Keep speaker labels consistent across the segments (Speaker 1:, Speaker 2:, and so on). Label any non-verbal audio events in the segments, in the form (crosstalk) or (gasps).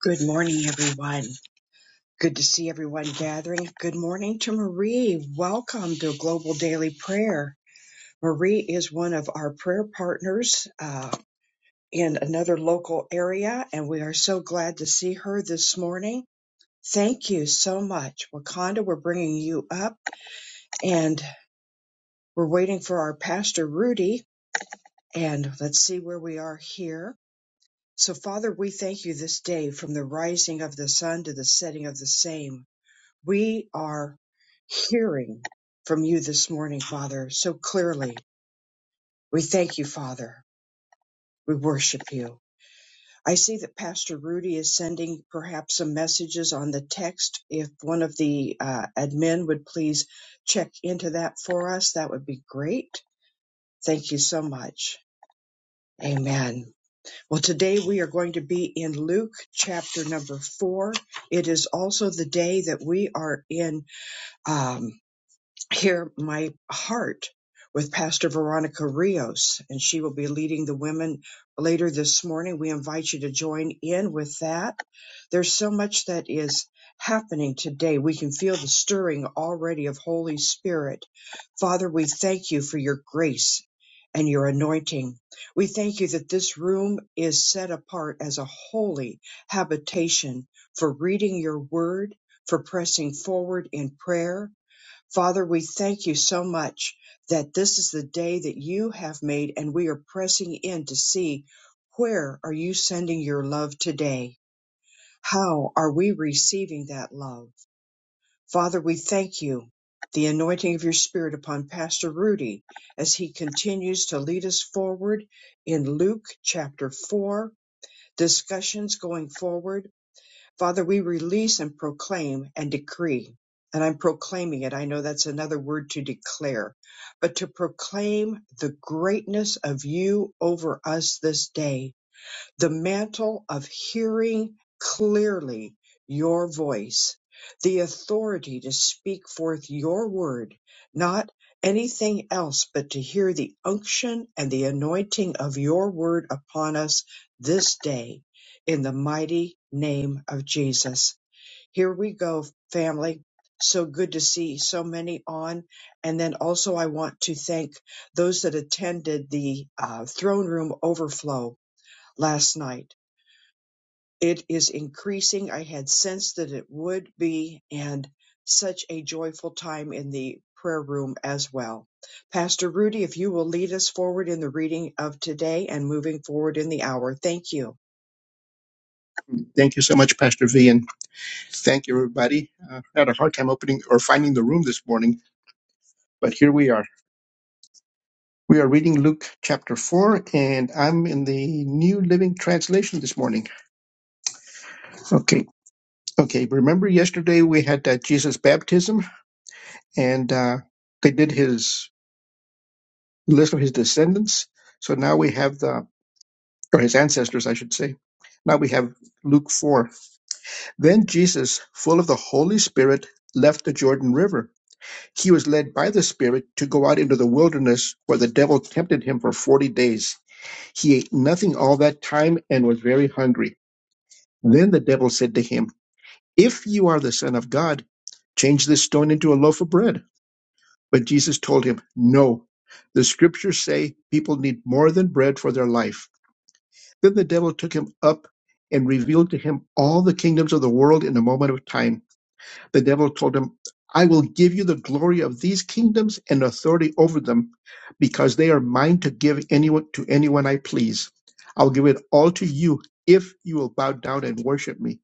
Speaker 1: Good morning, everyone. Good to see everyone gathering. Good morning to Marie. Welcome to Global Daily Prayer. Marie is one of our prayer partners uh, in another local area, and we are so glad to see her this morning. Thank you so much. Wakanda, we're bringing you up, and we're waiting for our Pastor Rudy. And let's see where we are here. So, Father, we thank you this day from the rising of the sun to the setting of the same. We are hearing from you this morning, Father, so clearly. We thank you, Father. We worship you. I see that Pastor Rudy is sending perhaps some messages on the text. If one of the uh, admin would please check into that for us, that would be great. Thank you so much. Amen. Well, today we are going to be in Luke chapter number four. It is also the day that we are in. um, hear my heart with Pastor Veronica Rios, and she will be leading the women later this morning. We invite you to join in with that. There's so much that is happening today. We can feel the stirring already of Holy Spirit. Father, we thank you for your grace and your anointing. We thank you that this room is set apart as a holy habitation for reading your word, for pressing forward in prayer, Father, we thank you so much that this is the day that you have made and we are pressing in to see where are you sending your love today? How are we receiving that love? Father, we thank you. The anointing of your spirit upon Pastor Rudy as he continues to lead us forward in Luke chapter 4, discussions going forward. Father, we release and proclaim and decree. And I'm proclaiming it. I know that's another word to declare, but to proclaim the greatness of you over us this day the mantle of hearing clearly your voice, the authority to speak forth your word, not anything else, but to hear the unction and the anointing of your word upon us this day in the mighty name of Jesus. Here we go, family. So good to see so many on. And then also, I want to thank those that attended the uh, throne room overflow last night it is increasing. I had sensed that it would be, and such a joyful time in the prayer room as well. Pastor Rudy, if you will lead us forward in the reading of today and moving forward in the hour, thank you.
Speaker 2: Thank you so much, Pastor V, and thank you, everybody. Uh, I had a hard time opening or finding the room this morning, but here we are. We are reading Luke chapter 4, and I'm in the New Living Translation this morning. Okay, okay. Remember yesterday we had that Jesus' baptism, and uh, they did his list of his descendants. So now we have the, or his ancestors, I should say. Now we have Luke 4. Then Jesus, full of the Holy Spirit, left the Jordan River He was led by the Spirit to go out into the wilderness where the devil tempted him for 40 days. He ate nothing all that time and was very hungry. Then the devil said to him, If you are the Son of God, change this stone into a loaf of bread. But Jesus told him, No. The scriptures say people need more than bread for their life. Then the devil took him up and revealed to him all the kingdoms of the world in a moment of time. The devil told him, I will give you the glory of these kingdoms and authority over them, because they are mine to give anyone to anyone I please. I'll give it all to you if you will bow down and worship me.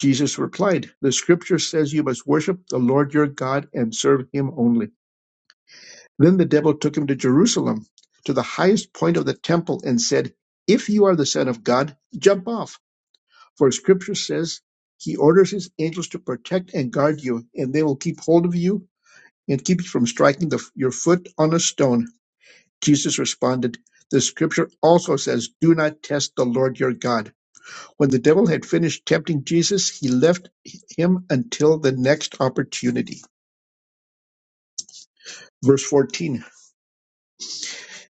Speaker 2: Jesus replied, The scripture says you must worship the Lord your God and serve him only. Then the devil took him to Jerusalem, to the highest point of the temple, and said, If you are the Son of God, jump off, for scripture says, He orders His angels to protect and guard you, and they will keep hold of you and keep you from striking the, your foot on a stone. Jesus responded, The scripture also says, Do not test the Lord your God. When the devil had finished tempting Jesus, he left him until the next opportunity. Verse 14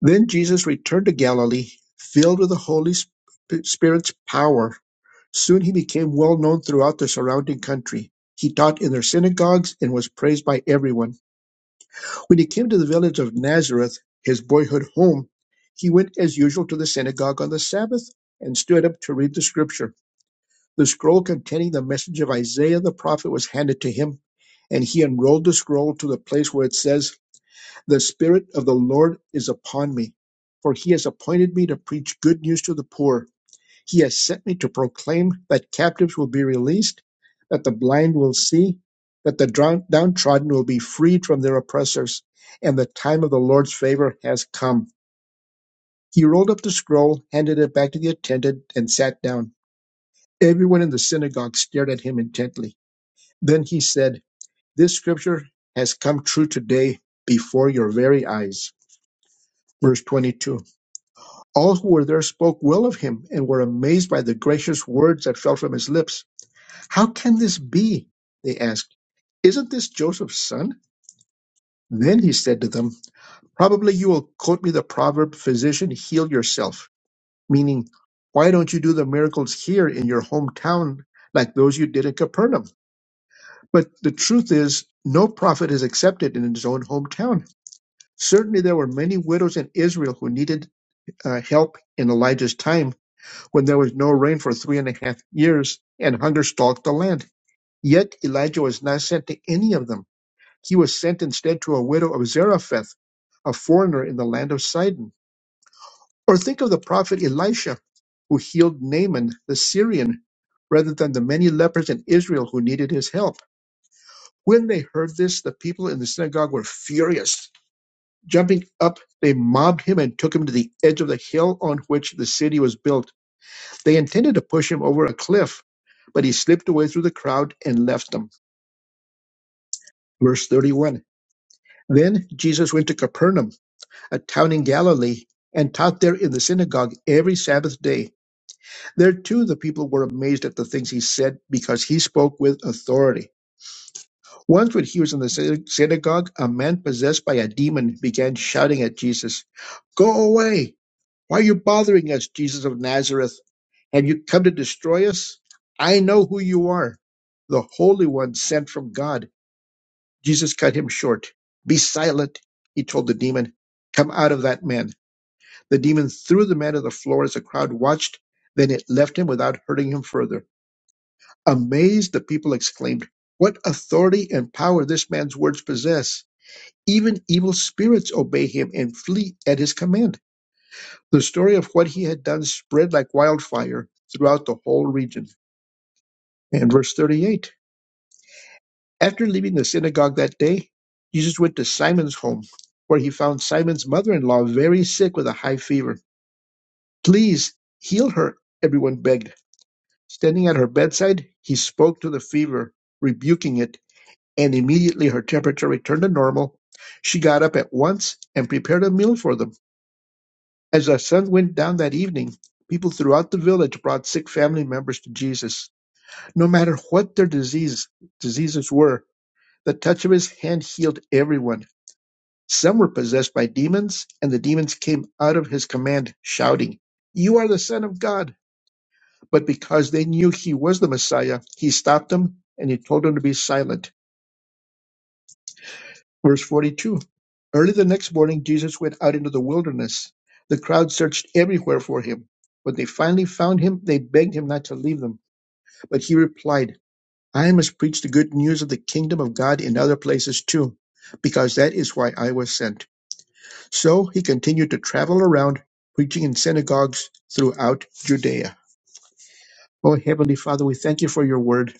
Speaker 2: Then Jesus returned to Galilee, filled with the Holy Spirit's power. Soon he became well known throughout the surrounding country. He taught in their synagogues and was praised by everyone. When he came to the village of Nazareth, his boyhood home, he went as usual to the synagogue on the Sabbath and stood up to read the scripture. The scroll containing the message of Isaiah the prophet was handed to him, and he unrolled the scroll to the place where it says, The Spirit of the Lord is upon me, for he has appointed me to preach good news to the poor he has sent me to proclaim that captives will be released, that the blind will see, that the drown- downtrodden will be freed from their oppressors, and the time of the Lord's favor has come. He rolled up the scroll, handed it back to the attendant, and sat down. Everyone in the synagogue stared at him intently. Then he said, This scripture has come true today before your very eyes. Verse 22. All who were there spoke well of him and were amazed by the gracious words that fell from his lips. How can this be? They asked. Isn't this Joseph's son? Then he said to them, Probably you will quote me the proverb, Physician, heal yourself, meaning, Why don't you do the miracles here in your hometown like those you did in Capernaum? But the truth is, no prophet is accepted in his own hometown. Certainly, there were many widows in Israel who needed uh, help in Elijah's time when there was no rain for three and a half years and hunger stalked the land. Yet Elijah was not sent to any of them He was sent instead to a widow of Zarephath, a foreigner in the land of Sidon. Or think of the prophet Elisha, who healed Naaman the Syrian rather than the many lepers in Israel who needed his help. When they heard this, the people in the synagogue were furious. Jumping up, they mobbed him and took him to the edge of the hill on which the city was built. They intended to push him over a cliff, but he slipped away through the crowd and left them. Verse 31. Then Jesus went to Capernaum a town in Galilee, and taught there in the synagogue every Sabbath day. There too the people were amazed at the things he said, because he spoke with authority. Once when he was in the syn- synagogue, a man possessed by a demon began shouting at Jesus, Go away! Why are you bothering us, Jesus of Nazareth? Have you come to destroy us? I know who you are, the Holy One sent from God. Jesus cut him short. Be silent, he told the demon. Come out of that man. The demon threw the man to the floor as the crowd watched. Then it left him without hurting him further. Amazed, the people exclaimed, What authority and power this man's words possess! Even evil spirits obey him and flee at his command. The story of what he had done spread like wildfire throughout the whole region. And verse 38 After leaving the synagogue that day, Jesus went to Simon's home, where he found Simon's mother in law very sick with a high fever. Please heal her, everyone begged. Standing at her bedside, he spoke to the fever, rebuking it, and immediately her temperature returned to normal. She got up at once and prepared a meal for them. As the sun went down that evening, people throughout the village brought sick family members to Jesus. No matter what their disease, diseases were, the touch of his hand healed everyone. Some were possessed by demons, and the demons came out of his command, shouting, You are the Son of God. But because they knew he was the Messiah, he stopped them and he told them to be silent. Verse 42 Early the next morning, Jesus went out into the wilderness. The crowd searched everywhere for him. When they finally found him, they begged him not to leave them. But he replied, I must preach the good news of the kingdom of God in other places too, because that is why I was sent. So he continued to travel around, preaching in synagogues throughout Judea. Oh, Heavenly Father, we thank you for your word.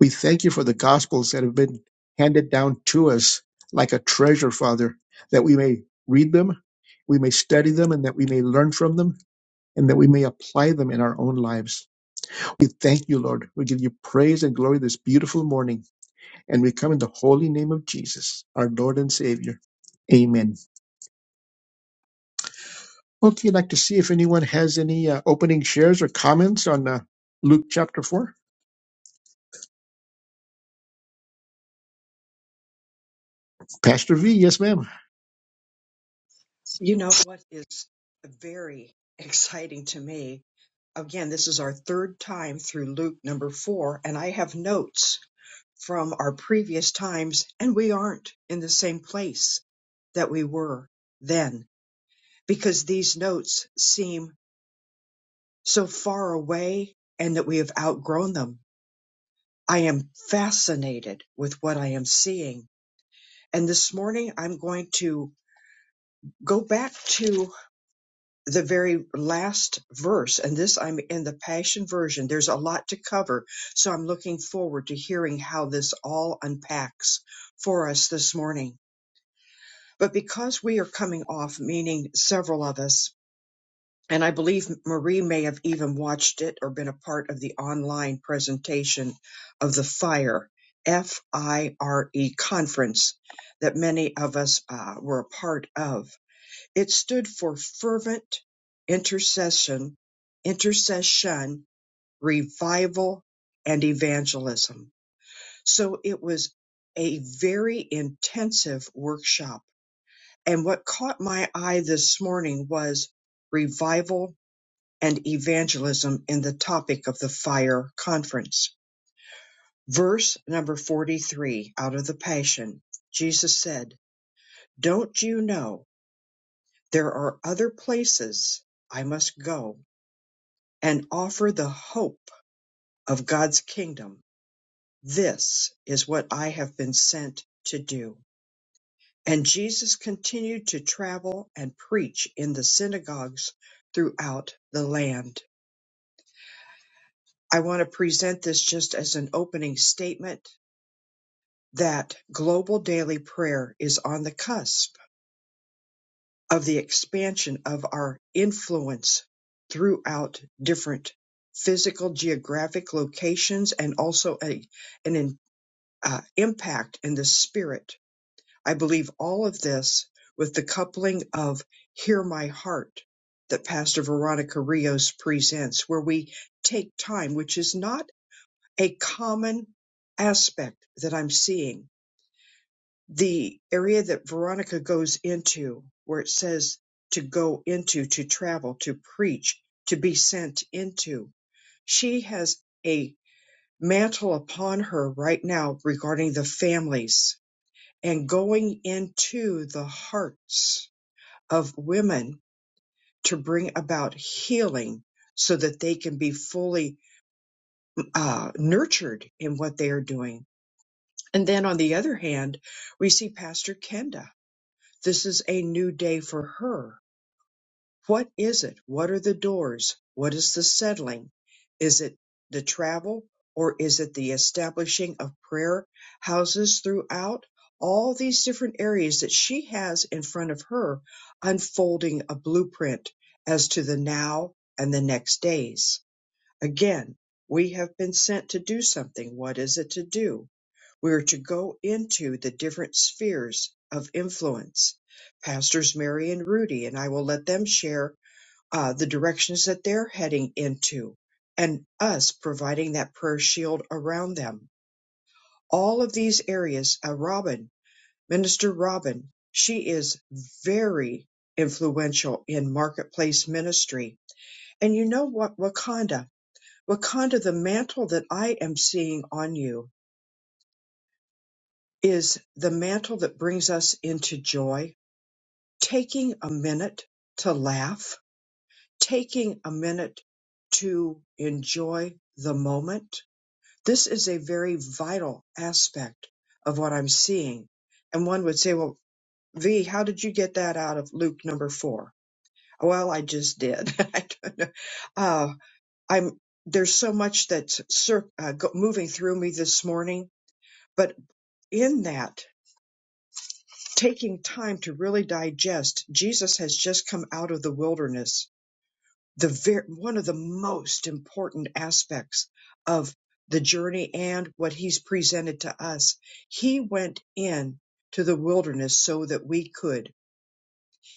Speaker 2: We thank you for the gospels that have been handed down to us like a treasure, Father, that we may read them, we may study them, and that we may learn from them, and that we may apply them in our own lives. We thank you, Lord. We give you praise and glory this beautiful morning, and we come in the holy name of Jesus, our Lord and Savior. Amen. Okay, I'd like to see if anyone has any uh, opening shares or comments on uh, Luke chapter 4. Pastor V, yes, ma'am.
Speaker 1: You know what is very exciting to me? Again, this is our third time through Luke number four, and I have notes from our previous times, and we aren't in the same place that we were then because these notes seem so far away and that we have outgrown them. I am fascinated with what I am seeing. And this morning I'm going to go back to the very last verse. And this I'm in the Passion Version. There's a lot to cover. So I'm looking forward to hearing how this all unpacks for us this morning. But because we are coming off, meaning several of us, And I believe Marie may have even watched it or been a part of the online presentation of the FIRE, F I R E conference that many of us uh, were a part of. It stood for Fervent Intercession, Intercession, Revival, and Evangelism. So it was a very intensive workshop. And what caught my eye this morning was revival and evangelism in the topic of the fire conference. Verse number 43 out of the Passion, Jesus said, Don't you know there are other places I must go and offer the hope of God's kingdom? This is what I have been sent to do. And Jesus continued to travel and preach in the synagogues throughout the land. I want to present this just as an opening statement that global daily prayer is on the cusp of the expansion of our influence throughout different physical geographic locations and also a, an in- uh, impact in the spirit. I believe all of this with the coupling of Hear My Heart that Pastor Veronica Rios presents, where we take time, which is not a common aspect that I'm seeing the area that Veronica goes into, where it says to go into, to travel, to preach, to be sent into, she has a mantle upon her right now regarding the families and going into the hearts of women to bring about healing so that they can be fully uh, nurtured in what they are doing. And then on the other hand, we see Pastor Kenda This is a new day for her. What is it? What are the doors? What is the settling? Is it the travel or is it the establishing of prayer houses throughout? All these different areas that she has in front of her, unfolding a blueprint as to the now and the next days. Again, we have been sent to do something. What is it to do? We are to go into the different spheres of influence. Pastors Mary and Rudy, and I will let them share uh, the directions that they're heading into and us providing that prayer shield around them. All of these areas, uh, Robin, Minister Robin, she is very influential in marketplace ministry. And you know what, Wakanda? Wakanda, the mantle that I am seeing on you is the mantle that brings us into joy, taking a minute to laugh, taking a minute to enjoy the moment. This is a very vital aspect of what I'm seeing. And one would say, well, V, how did you get that out of Luke number four? Well, I just did. (laughs) I don't know. Uh, I'm, there's so much that's cir- uh, go- moving through me this morning in that taking time to really digest jesus has just come out of the wilderness the ver- one of the most important aspects of the journey and what he's presented to us he went in to the wilderness so that we could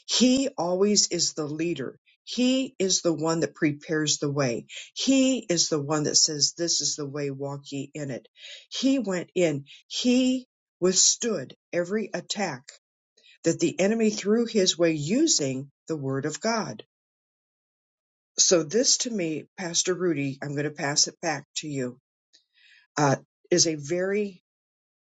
Speaker 1: he always is the leader he is the one that prepares the way. He is the one that says, This is the way, walk ye in it. He went in. He withstood every attack that the enemy threw his way using the word of God. So this to me, Pastor Rudy, I'm going to pass it back to you, uh, is a very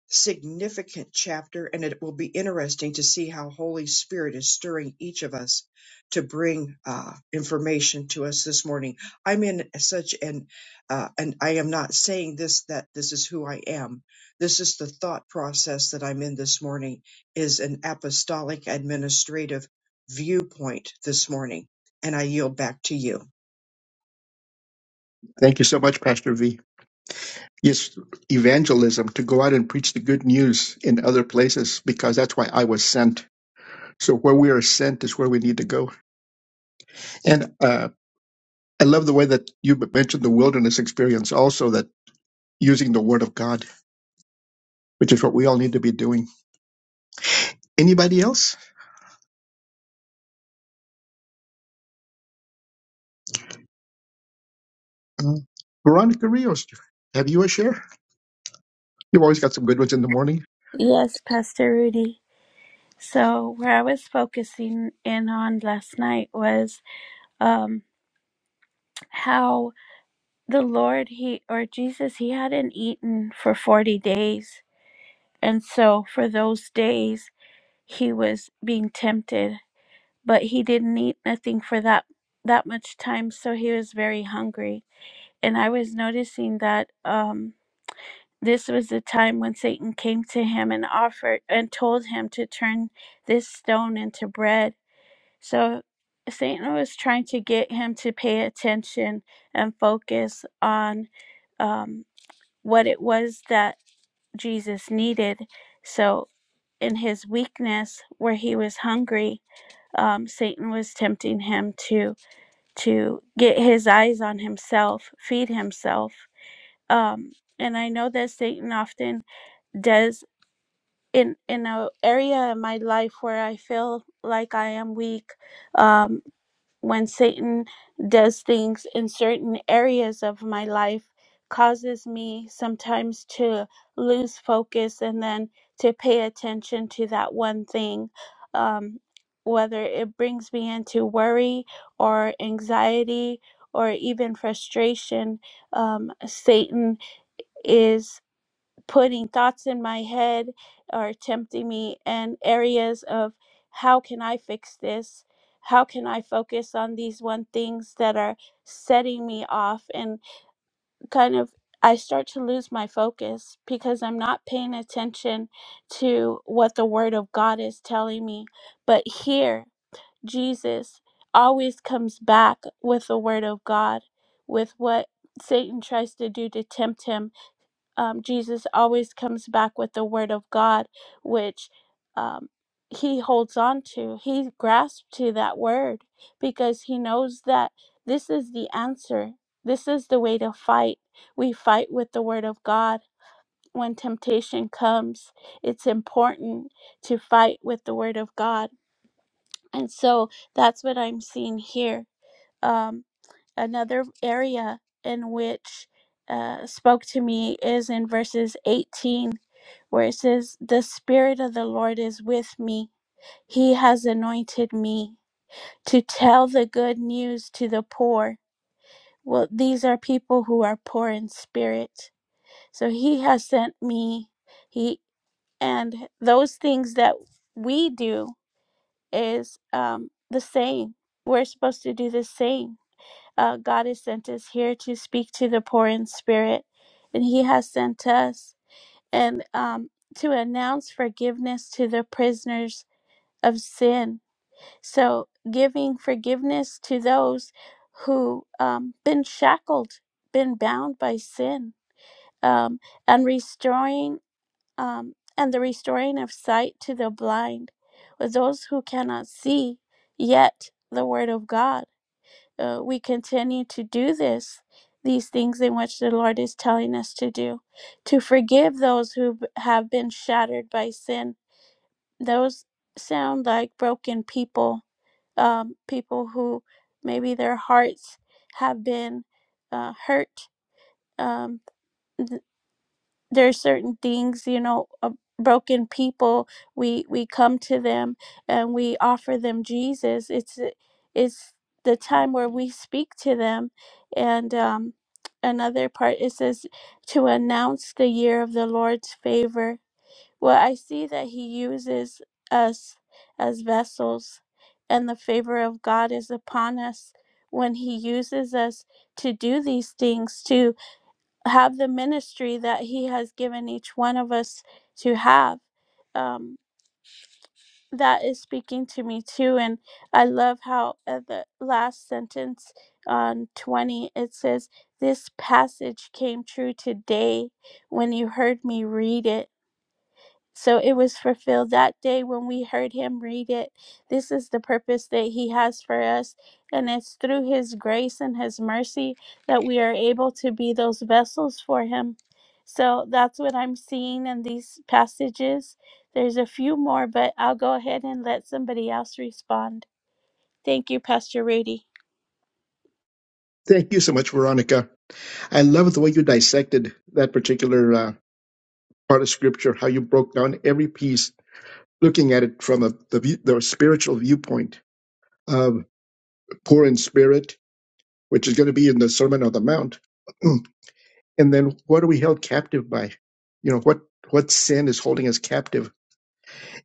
Speaker 1: significant chapter, and it will be interesting to see how Holy Spirit is stirring each of us to bring uh, information to us this morning. I'm in such an, uh, and I am not saying this that this is who I am. This is the thought process that I'm in this morning is an apostolic administrative viewpoint this morning, and I yield back to you.
Speaker 2: Thank you so much, Pastor V. Yes, evangelism, to go out and preach the good news in other places, because that's why I was sent. So where we are sent is where we need to go. And uh, I love the way that you mentioned the wilderness experience also, that using the word of God, which is what we all need to be doing. Anybody else? Uh, Veronica Rios, have you a share? You've always got some good ones in the morning.
Speaker 3: Yes, Pastor Rudy. So, where I was focusing in on last night was um, how the Lord, He or Jesus, He hadn't eaten for 40 days. And so, for those days, He was being tempted, but He didn't eat nothing for that that much time so he was very hungry and i was noticing that um this was the time when satan came to him and offered and told him to turn this stone into bread So Satan was trying to get him to pay attention and focus on um, what it was that Jesus needed. So, in his weakness, where he was hungry, um, Satan was tempting him to to get his eyes on himself, feed himself. Um, and I know that Satan often does in in an area in my life where I feel like I am weak. um. when Satan does things in certain areas of my life causes me sometimes to lose focus and then to pay attention to that one thing. Um, whether it brings me into worry or anxiety or even frustration, um, Satan is putting thoughts in my head or tempting me in areas of how can I fix this? How can I focus on these one things that are setting me off? And kind of, I start to lose my focus because I'm not paying attention to what the Word of God is telling me. But here, Jesus always comes back with the Word of God, with what Satan tries to do to tempt him um, Jesus always comes back with the Word of God, which um, he holds on to. He grasps to that Word because he knows that this is the answer. This is the way to fight. We fight with the Word of God. When temptation comes, it's important to fight with the Word of God. And so that's what I'm seeing here. Um, another area in which uh, spoke to me is in verses 18 where it says the spirit of the lord is with me he has anointed me to tell the good news to the poor well these are people who are poor in spirit so he has sent me he and those things that we do is um, the same we're supposed to do the same uh, God has sent us here to speak to the poor in spirit, and He has sent us and um, to announce forgiveness to the prisoners of sin. So, giving forgiveness to those who um, been shackled, been bound by sin, um, and restoring um, and the restoring of sight to the blind, with those who cannot see yet the word of God uh, we continue to do this these things in which the lord is telling us to do to forgive those who have been shattered by sin those sound like broken people um, people who maybe their hearts have been uh, hurt um, there's certain things you know uh, broken people we we come to them and we offer them jesus it's uh, it's the time where we speak to them and um another part it says to announce the year of the lord's favor well i see that he uses us as vessels and the favor of god is upon us when he uses us to do these things to have the ministry that He has given each one of us to have. Um, that is speaking to me too. And I love how at the last sentence on 20 it says, This passage came true today when you heard me read it. So it was fulfilled that day when we heard him read it. This is the purpose that he has for us, and it's through his grace and his mercy that we are able to be those vessels for him. So that's what I'm seeing in these passages. There's a few more, but I'll go ahead and let somebody else respond. Thank you, Pastor Rudy.
Speaker 2: Thank you so much, Veronica. I love the way you dissected that particular uh, part of scripture, how you broke down every piece, looking at it from a, the, view, the spiritual viewpoint of poor in spirit, which is going to be in the Sermon on the Mount. (clears throat) and then what are we held captive by? You know, what, what sin is holding us captive?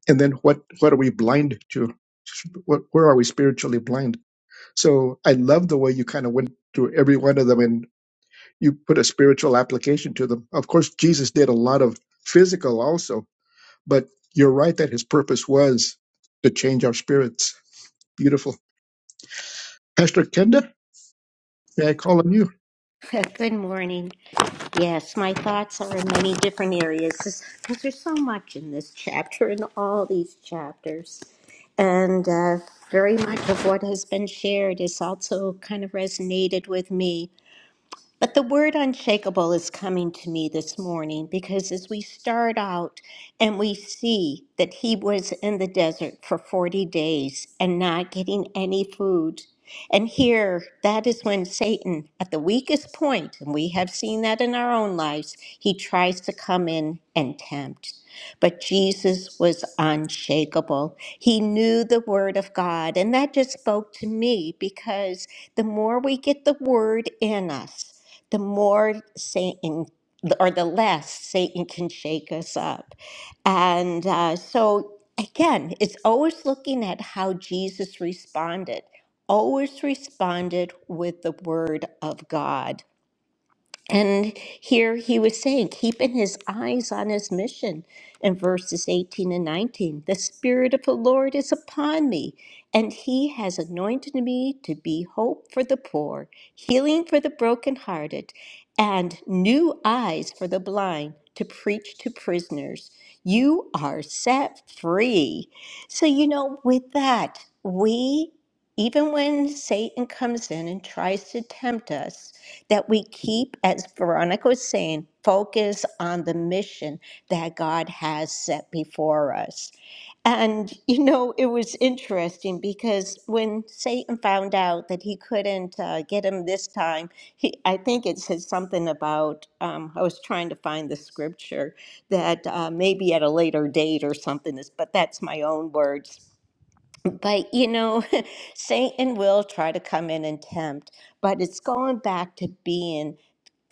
Speaker 2: And then what, what are we blind to? What, where are we spiritually blind? So I love the way you kind of went through every one of them you put a spiritual application to them. Of course, Jesus did a lot of physical also, but you're right that his purpose was to change our spirits. Beautiful. Pastor Kenda, may I call on you?
Speaker 4: (laughs) Good morning. Yes, my thoughts are in many different areas because there's so much in this chapter and all these chapters. And uh, very much of what has been shared is also kind of resonated with me. But the word unshakable is coming to me this morning because as we start out and we see that he was in the desert for 40 days and not getting any food. And here, that is when Satan, at the weakest point, and we have seen that in our own lives, he tries to come in and tempt. But Jesus was unshakable. He knew the word of God. And that just spoke to me because the more we get the word in us, the more Satan or the less Satan can shake us up. And uh, so, again, it's always looking at how Jesus responded, always responded with the word of God. And here he was saying, keeping his eyes on his mission in verses 18 and 19. The Spirit of the Lord is upon me, and he has anointed me to be hope for the poor, healing for the brokenhearted, and new eyes for the blind to preach to prisoners. You are set free. So, you know, with that, we, even when Satan comes in and tries to tempt us, that we keep, as Veronica was saying, focus on the mission that God has set before us. And, you know, it was interesting because when Satan found out that he couldn't uh, get him this time, he, I think it said something about, um, I was trying to find the scripture that uh, maybe at a later date or something, is, but that's my own words. But, you know, (laughs) Satan will try to come in and tempt, but it's going back to being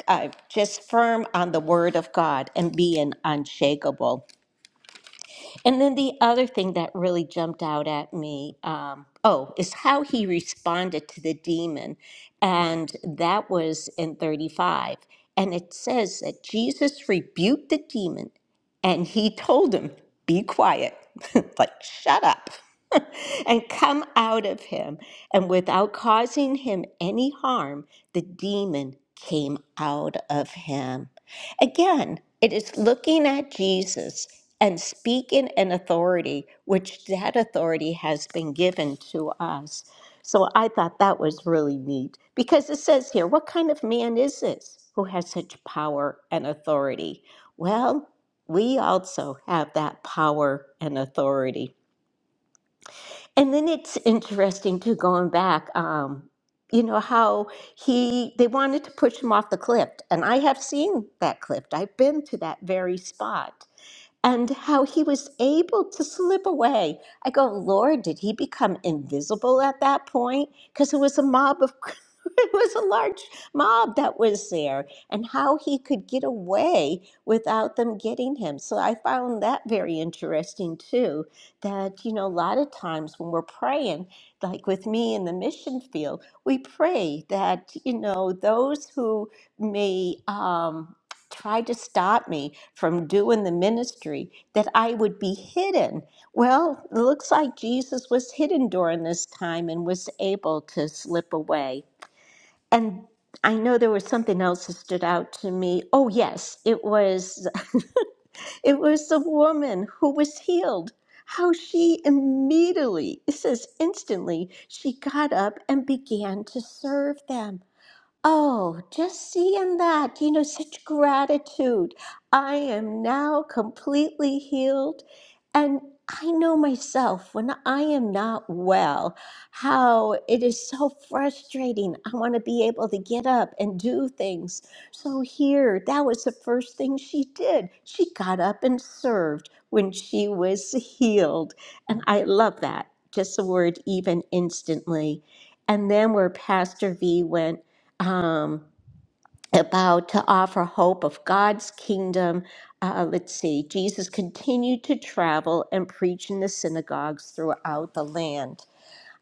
Speaker 4: uh, just firm on the word of God and being unshakable. And then the other thing that really jumped out at me, um, oh, is how he responded to the demon. And that was in 35. And it says that Jesus rebuked the demon and he told him, Be quiet, (laughs) like, shut up. (laughs) and come out of him. And without causing him any harm, the demon came out of him. Again, it is looking at Jesus and speaking in authority, which that authority has been given to us. So I thought that was really neat because it says here, what kind of man is this who has such power and authority? Well, we also have that power and authority. And then it's interesting to going back, um, you know, how he, they wanted to push him off the cliff. And I have seen that cliff, I've been to that very spot and how he was able to slip away. I go, Lord, did he become invisible at that point? Because it was a mob of, (laughs) it was a large mob that was there, and how he could get away without them getting him. So I found that very interesting too. That, you know, a lot of times when we're praying, like with me in the mission field, we pray that, you know, those who may, um, tried to stop me from doing the ministry that I would be hidden. Well, it looks like Jesus was hidden during this time and was able to slip away. And I know there was something else that stood out to me. Oh yes, it was (laughs) it was the woman who was healed. How she immediately, it says instantly, she got up and began to serve them. Oh, just seeing that, you know, such gratitude. I am now completely healed. And I know myself when I am not well, how it is so frustrating. I want to be able to get up and do things. So, here, that was the first thing she did. She got up and served when she was healed. And I love that. Just the word, even instantly. And then where Pastor V went um, about to offer hope of God's kingdom. Uh, let's see, Jesus continued to travel and preach in the synagogues throughout the land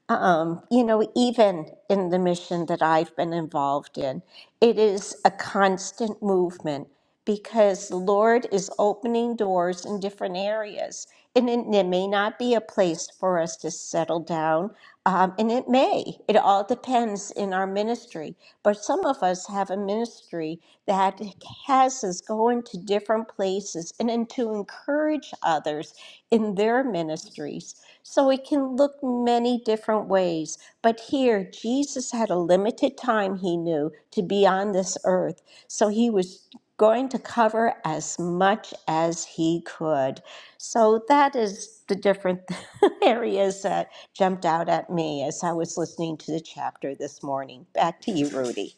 Speaker 4: um, you know, even in the mission that I've been involved in, it is a constant movement because the Lord is opening doors in different areas. And it, it may not be a place for us to settle down, um, and it may. It all depends in our ministry. But some of us have a ministry that has us going to different places and then to encourage others in their ministries. So it can look many different ways. But here, Jesus had a limited time, he knew, to be on this earth. So he was going to cover as much as he could. So that is the different (laughs) areas that jumped out at me as I was listening to the chapter this morning. Back to you, Rudy.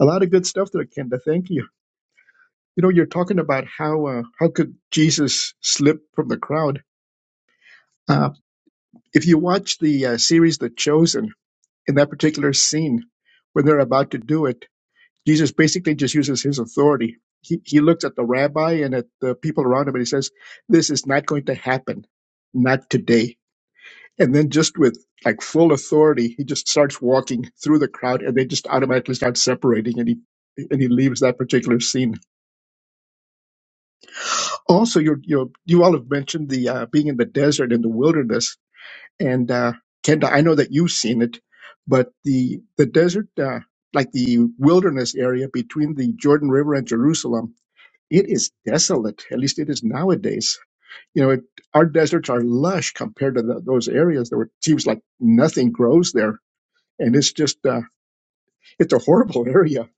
Speaker 2: A lot of good stuff there, Kenda. Thank you. You know, you're talking about how uh, how could Jesus slip from the crowd? Uh, if you watch the uh, series The Chosen, in that particular scene, when they're about to do it, Jesus basically just uses his authority. He, he looks at the rabbi and at the people around him and he says, This is not going to happen, not today. And then, just with like full authority, he just starts walking through the crowd and they just automatically start separating and he and he leaves that particular scene. Also, you you you all have mentioned the uh, being in the desert in the wilderness, and uh, Kenda, I know that you've seen it, but the the desert, uh, like the wilderness area between the Jordan River and Jerusalem, It is desolate. At least it is nowadays. You know, it, our deserts are lush compared to the, those areas. There were- it seems like nothing grows there, and it's just uh, it's a horrible (laughs) area.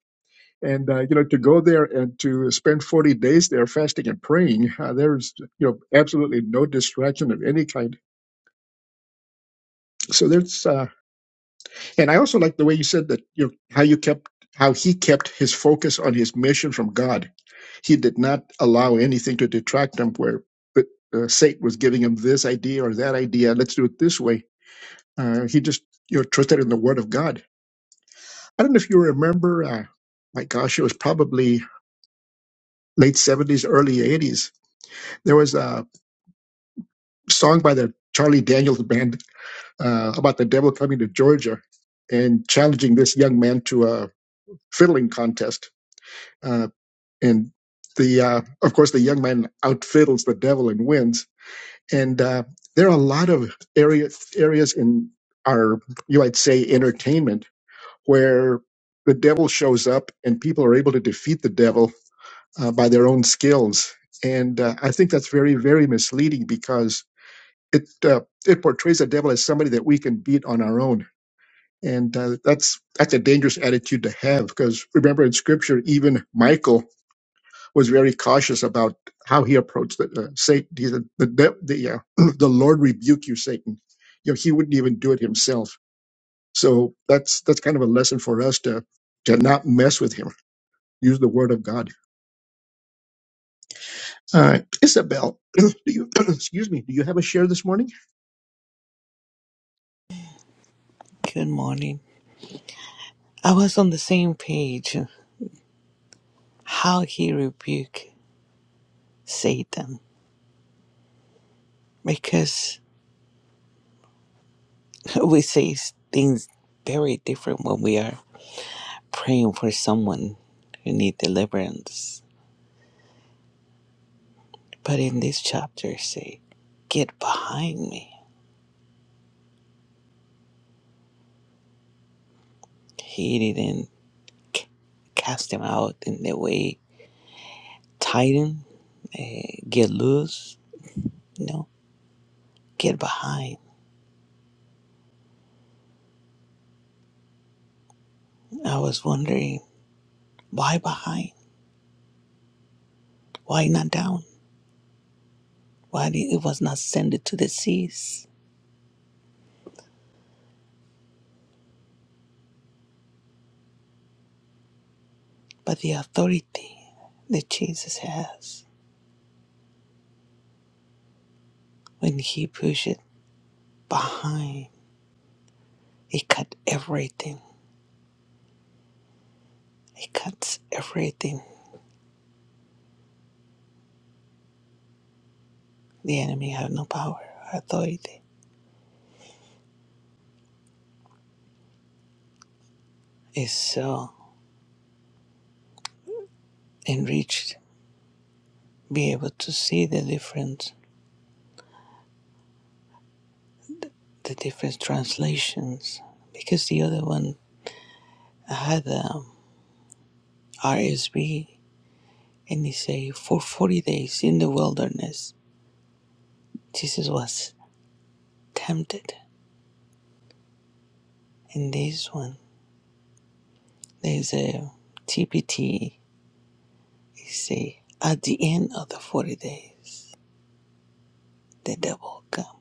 Speaker 2: And uh, you know, to go there and to spend forty days there fasting and praying, uh, there's you know absolutely no distraction of any kind. So there's, uh, and I also like the way you said that you know, how you kept how he kept his focus on his mission from God He did not allow anything to detract him where but, uh, Satan was giving him this idea or that idea. Let's do it this way. Uh, he just you know, trusted in the word of God. I don't know if you remember, uh, my gosh, it was probably late 70s, early 80s. There was a song by the Charlie Daniels band uh, about the devil coming to Georgia and challenging this young man to a fiddling contest. Uh, and the uh, of course the young man outfiddles the devil and wins and uh, there are a lot of areas areas in our you might say entertainment where the devil shows up and people are able to defeat the devil uh, by their own skills and uh, i think that's very very misleading because it uh, it portrays the devil as somebody that we can beat on our own and uh, that's that's a dangerous attitude to have because remember in scripture even michael was very cautious about how he approached the, uh, Satan. He said, "The the the, uh, (clears throat) the Lord rebuke you, Satan." You know, he wouldn't even do it himself. So that's that's kind of a lesson for us to to not mess with him. Use the word of God. All right, Isabel, (clears throat) do you (clears throat) excuse me? Do you have a share this morning?
Speaker 5: Good morning. I was on the same page how he rebuked Satan because (laughs) we say things very different when we are praying for someone who need deliverance. But in this chapter say, get behind me. He didn't c- cast him out in the way tighten, eh, get loose. No, get behind. I was wondering why behind? Why not down? Why it was not sent to the seas, but the authority that Jesus has when he pushed it behind, it cut everything. It cuts everything. The enemy have no power or authority. It's so enriched, be able to see the different, the different translations, because the other one had a RSV, and he say for forty days in the wilderness, Jesus was tempted In this one, there's a TPT. It say, at the end of the 40 days, the devil come.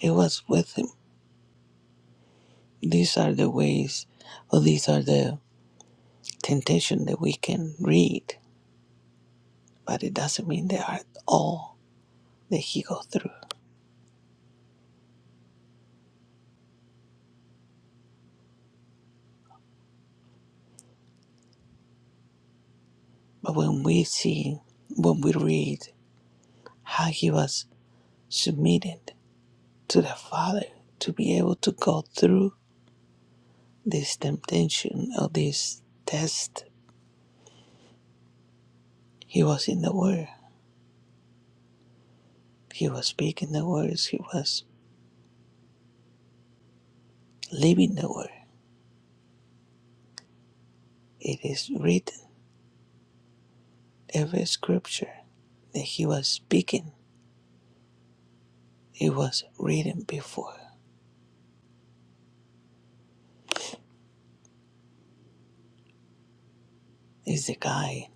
Speaker 5: It was with him. These are the ways, or these are the temptation that we can read, but it doesn't mean they are all that he go through. But when we see, when we read how he was submitted to the Father to be able to go through this temptation or this test, he was in the Word He was speaking the words, he was living the word. It is written, every scripture that he was speaking, it was written before. It's the guide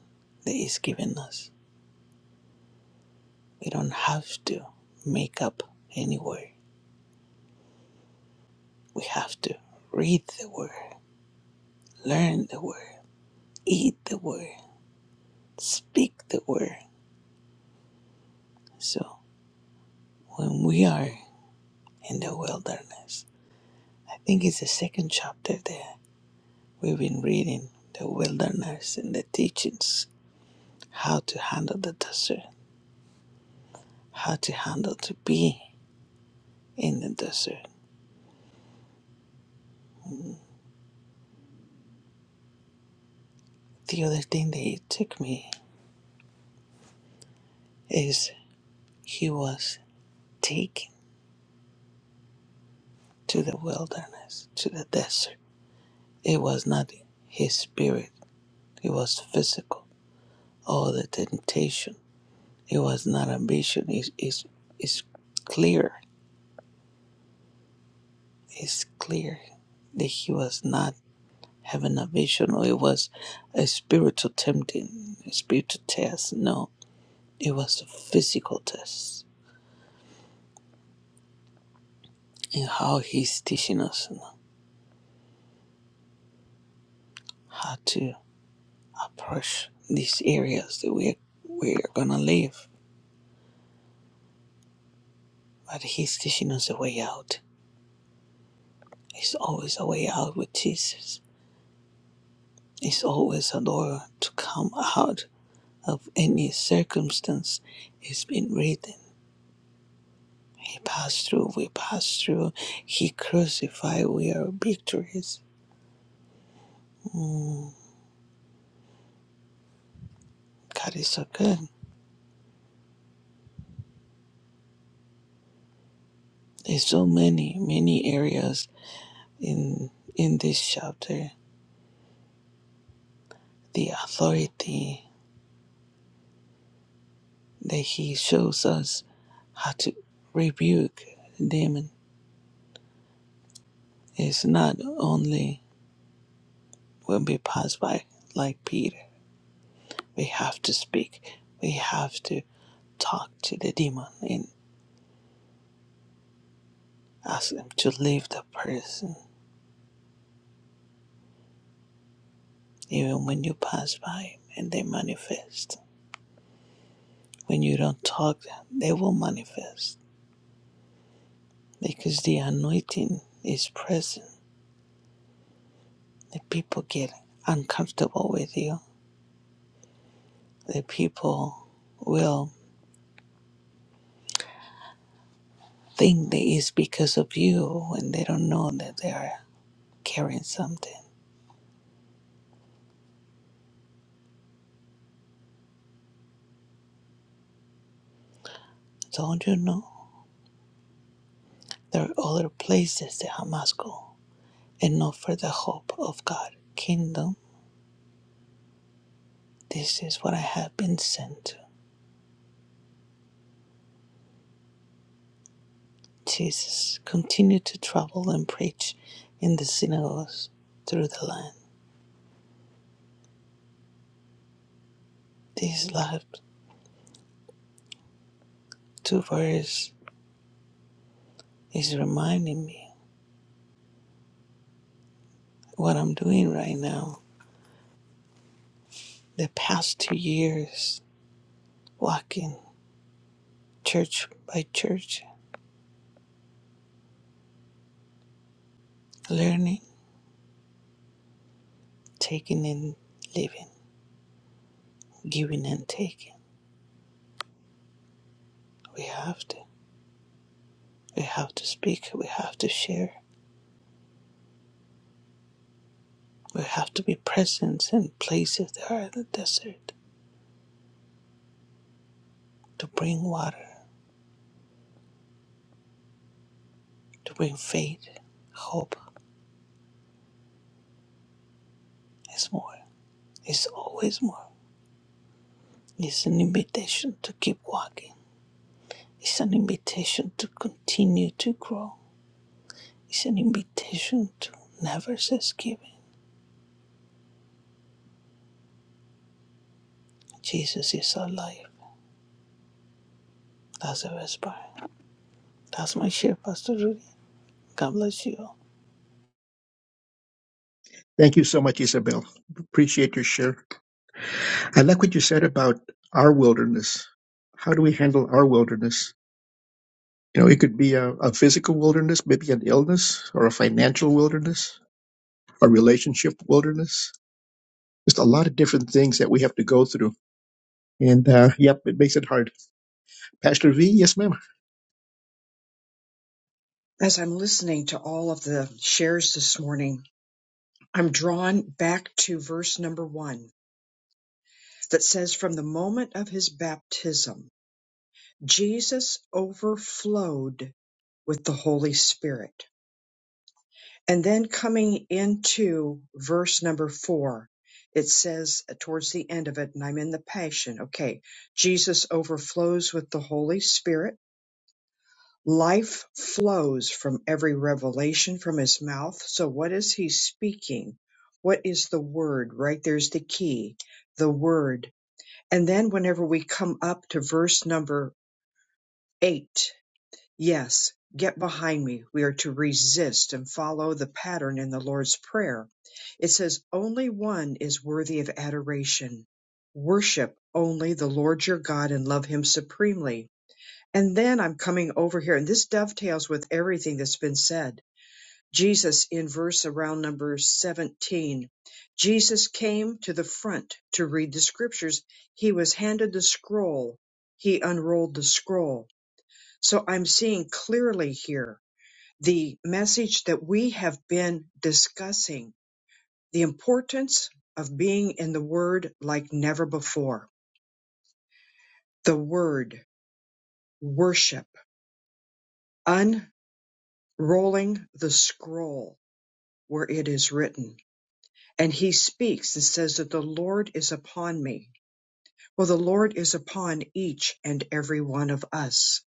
Speaker 5: that is given us. We don't have to make up any word. We have to read the word, learn the word, eat the word, speak the word. So when we are in the wilderness, I think it's the second chapter there We've been reading the wilderness and the teachings, how to handle the desert, how to handle to be in the desert. The other thing that he took me is he was taken to the wilderness, to the desert. It was not his spirit, it was physical. All the temptation, it was not ambition, it's, it's, it's clear, it's clear that he was not Have an vision or it was a spiritual tempting, a spiritual test. No, it was a physical test. And how he's teaching us how to approach these areas that we're, we're gonna live. But he's teaching us a way out. It's always a way out with Jesus. It's always a door to come out of any circumstance. It's been written. He passed through, we passed through. He crucified, we are victorious God is so good. There's so many, many areas in in this chapter. The authority that he shows us how to rebuke the demon is not only when we pass by like Peter. We have to speak. We have to talk to the demon and ask them to leave the person even when you pass by and they manifest. When you don't talk, they will manifest because the anointing is present. The people get uncomfortable with you. The people will think that it's because of you and they don't know that they are carrying something. Don't you know? There are other places that Hamas go and not for the hope of God. Kingdom, this is what I have been sent to. Jesus, continue to travel and preach in the synagogues through the land. These last two verses is reminding me what I'm doing right now. The past two years, walking church by church, learning, taking and living, giving and taking. We have to. We have to speak. We have to share. We have to be present in places that are in the desert to bring water, to bring faith, hope. It's more. It's always more. It's an invitation to keep walking. It's an invitation to continue to grow It's an invitation to never cease giving. Jesus is our alive. Lazarus is born. That's my share, Pastor Rudy. God bless you. all.
Speaker 2: Thank you so much, Isabel. Appreciate your share. I like what you said about our wilderness. How do we handle our wilderness? You know, it could be a, a physical wilderness, maybe an illness or a financial wilderness our relationship wilderness. Just a lot of different things that we have to go through. And uh, yep, it makes it hard. Pastor V, yes, ma'am.
Speaker 1: As I'm listening to all of the shares this morning, I'm drawn back to verse number one that says from the moment of his baptism, Jesus overflowed with the Holy Spirit. And then coming into verse number four, it says uh, towards the end of it, and I'm in the passion. Okay. Jesus overflows with the Holy Spirit. Life flows from every revelation from his mouth. So what is he speaking? What is the word? Right there's the key, the word. And then whenever we come up to verse number Eight. Yes, get behind me. We are to resist and follow the pattern in the Lord's Prayer. It says, Only one is worthy of adoration. Worship only the Lord your God and love him supremely. And then I'm coming over here, and this dovetails with everything that's been said. Jesus in verse around number 17. Jesus came to the front to read the scriptures. He was handed the scroll. He unrolled the scroll so I'm seeing clearly here the message that we have been discussing the importance of being in the Word like never before. The Word, worship, unrolling the scroll where it is written. And he speaks and says that the Lord is upon me. Well, the Lord is upon each and every one of us.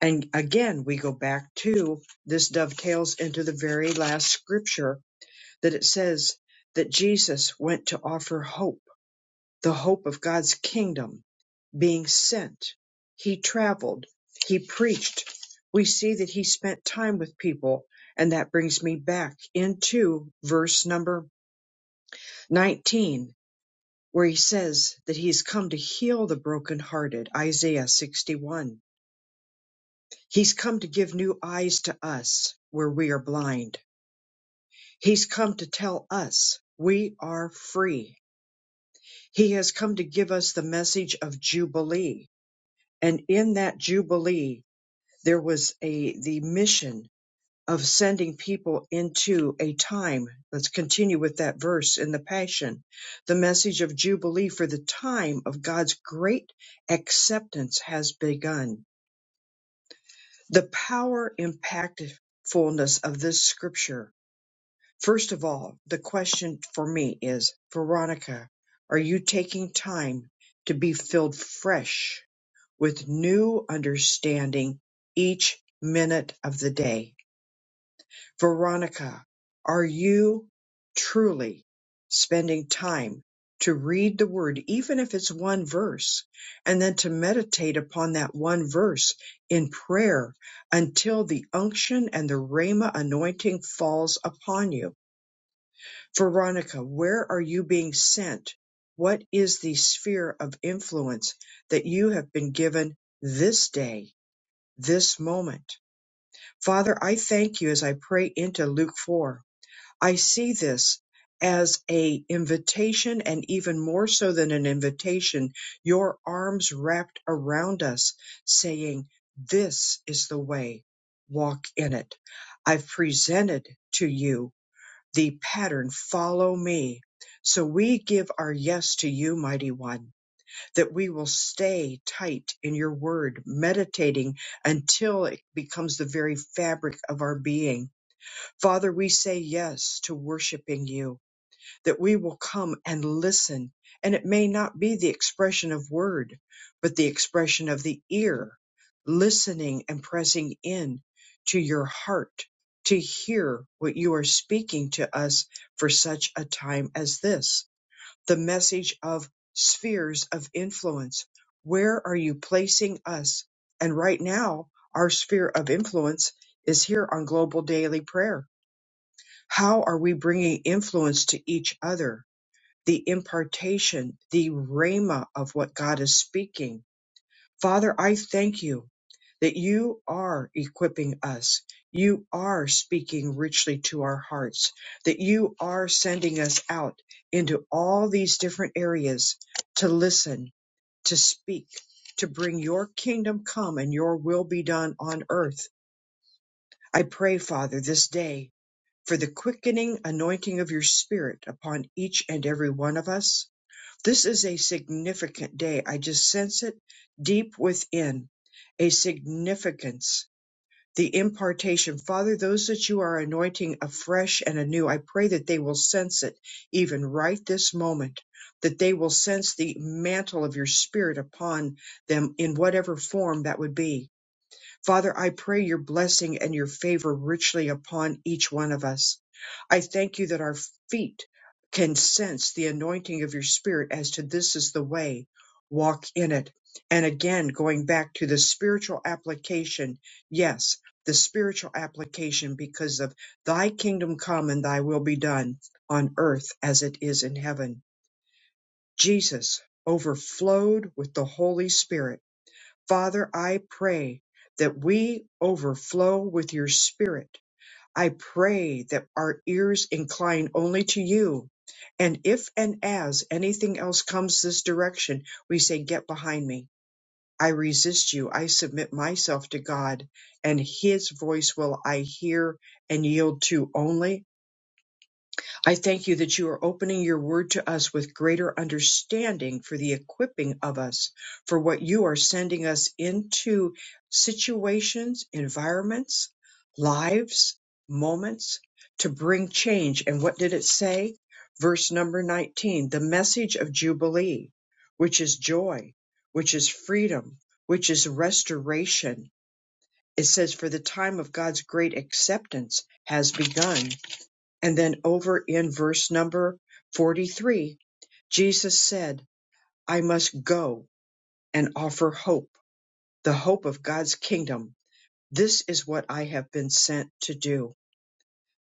Speaker 1: And again, we go back to this dovetails into the very last scripture that it says that Jesus went to offer hope, the hope of God's kingdom being sent. He traveled, he preached. We see that he spent time with people, and that brings me back into verse number 19, where he says that he's come to heal the brokenhearted, Isaiah 61. He's come to give new eyes to us where we are blind. He's come to tell us we are free. He has come to give us the message of Jubilee. And in that Jubilee, there was a, the mission of sending people into a time. Let's continue with that verse in the Passion. The message of Jubilee for the time of God's great acceptance has begun. The power impactfulness of this scripture First of all, the question for me is, Veronica, are you taking time to be filled fresh with new understanding each minute of the day? Veronica, are you truly spending time to read the word, even if it's one verse, and then to meditate upon that one verse in prayer until the unction and the Rhema anointing falls upon you? Veronica, where are you being sent? What is the sphere of influence that you have been given this day, this moment? Father, I thank you as I pray into Luke 4. I see this as a invitation and even more so than an invitation, your arms wrapped around us saying, this is the way, walk in it. I've presented to you the pattern follow me. So we give our yes to you, mighty one, that we will stay tight in your word, meditating until it becomes the very fabric of our being. Father, we say yes to worshiping you that we will come and listen. And it may not be the expression of word, but the expression of the ear, listening and pressing in to your heart to hear what you are speaking to us for such a time as this. The message of spheres of influence. Where are you placing us? And right now, our sphere of influence is here on Global Daily Prayer. How are we bringing influence to each other? the impartation, the rhema of what God is speaking. Father, I thank you that you are equipping us. You are speaking richly to our hearts, that you are sending us out into all these different areas to listen, to speak, to bring your kingdom come and your will be done on earth. I pray, Father, this day for the quickening anointing of your spirit upon each and every one of us this is a significant day. I just sense it deep within a significance, the impartation. Father, those that you are anointing afresh and anew, I pray that they will sense it even right this moment, that they will sense the mantle of your spirit upon them in whatever form that would be Father, I pray your blessing and your favor richly upon each one of us. I thank you that our feet can sense the anointing of your spirit as to this is the way, walk in it. And again, going back to the spiritual application, yes, the spiritual application because of thy kingdom come and thy will be done on earth as it is in heaven. Jesus overflowed with the Holy Spirit Father, I pray that we overflow with your spirit. I pray that our ears incline only to you. And if and as anything else comes this direction, we say, Get behind me. I resist you. I submit myself to God, and his voice will I hear and yield to only. I thank you that you are opening your word to us with greater understanding for the equipping of us for what you are sending us into situations, environments, lives, moments to bring change. And what did it say? Verse number 19, the message of Jubilee, which is joy, which is freedom, which is restoration. It says, for the time of God's great acceptance has begun and then over in verse number 43, Jesus said, I must go and offer hope, the hope of God's kingdom. This is what I have been sent to do.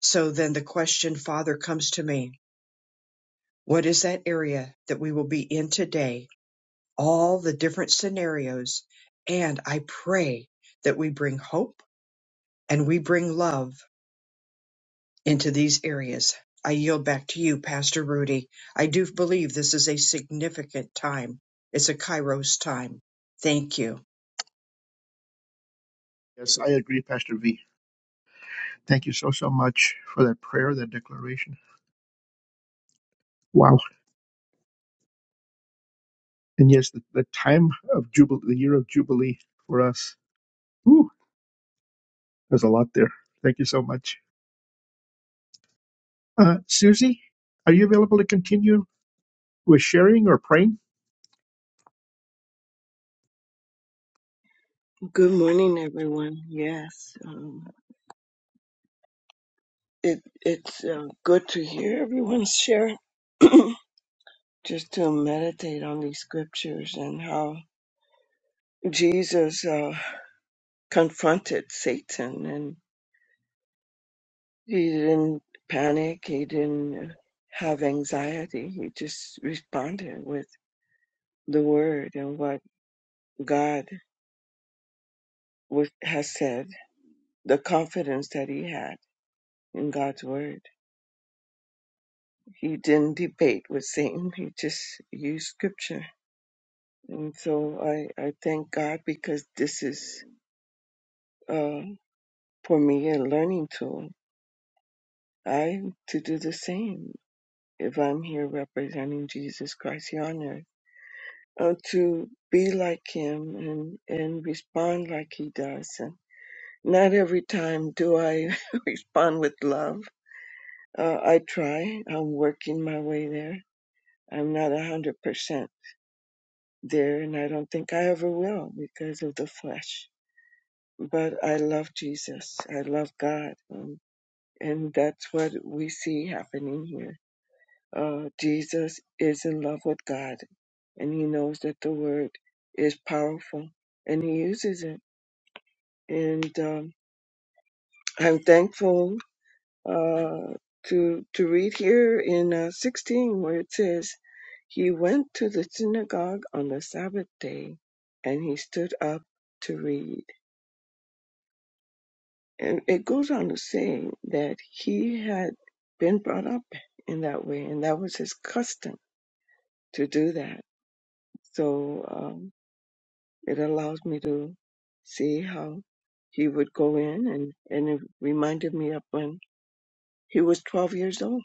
Speaker 1: So then the question, Father, comes to me What is that area that we will be in today? All the different scenarios. And I pray that we bring hope and we bring love into these areas. I yield back to you, Pastor Rudy. I do believe this is a significant time. It's a Kairos time. Thank you.
Speaker 2: Yes, I agree, Pastor V. Thank you so, so much for that prayer, that declaration. Wow. And yes, the, the time of Jubilee, the year of Jubilee for us. Ooh, there's a lot there. Thank you so much. Uh, Susie, are you available to continue with sharing or praying?
Speaker 6: Good morning, everyone. Yes, um, it, it's uh, good to hear everyone's share, (clears throat) just to meditate on these scriptures and how Jesus uh, confronted Satan and he didn't panic, he didn't have anxiety, he just responded with the word and what God was, has said, the confidence that he had in God's word. He didn't debate with Satan, he just used scripture And so I, I thank God because this is uh, for me a learning tool. I to do the same if I'm here representing Jesus Christ here on earth, uh, to be like Him and, and respond like He does. And not every time do I (laughs) respond with love. Uh, I try. I'm working my way there. I'm not a hundred percent there, and I don't think I ever will because of the flesh but I love Jesus. I love God. Um, and that's what we see happening here. Uh, Jesus is in love with God, and he knows that the word is powerful, and he uses it. And um, I'm thankful uh, to to read here in uh, 16 where it says, "He went to the synagogue on the Sabbath day, and he stood up to read." And it goes on to say that he had been brought up in that way, and that was his custom to do that. So um, it allows me to see how he would go in, and, and it reminded me of when he was 12 years old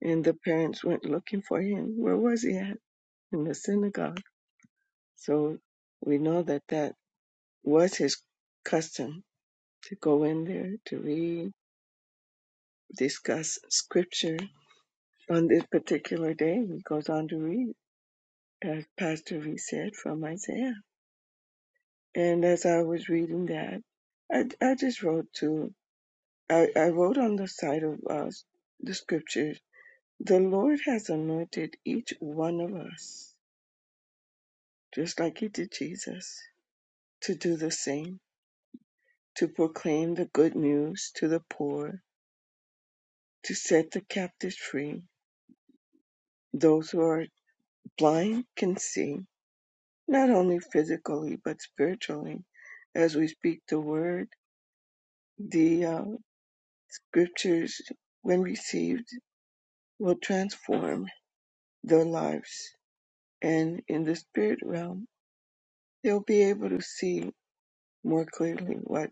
Speaker 6: and the parents went looking for him. Where was he at? In the synagogue. So we know that that was his custom to go in there to read, discuss scripture, on this particular day, he goes on to read, as Pastor Reed said, from Isaiah. And as I was reading that, I, I just wrote to, I, I wrote on the side of uh, the scriptures, the Lord has anointed each one of us, just like he did Jesus, to do the same, to proclaim the good news to the poor, to set the captives free. Those who are blind can see, not only physically but spiritually as we speak the word the uh, scriptures when received will transform their lives and in the spirit realm they'll be able to see more clearly what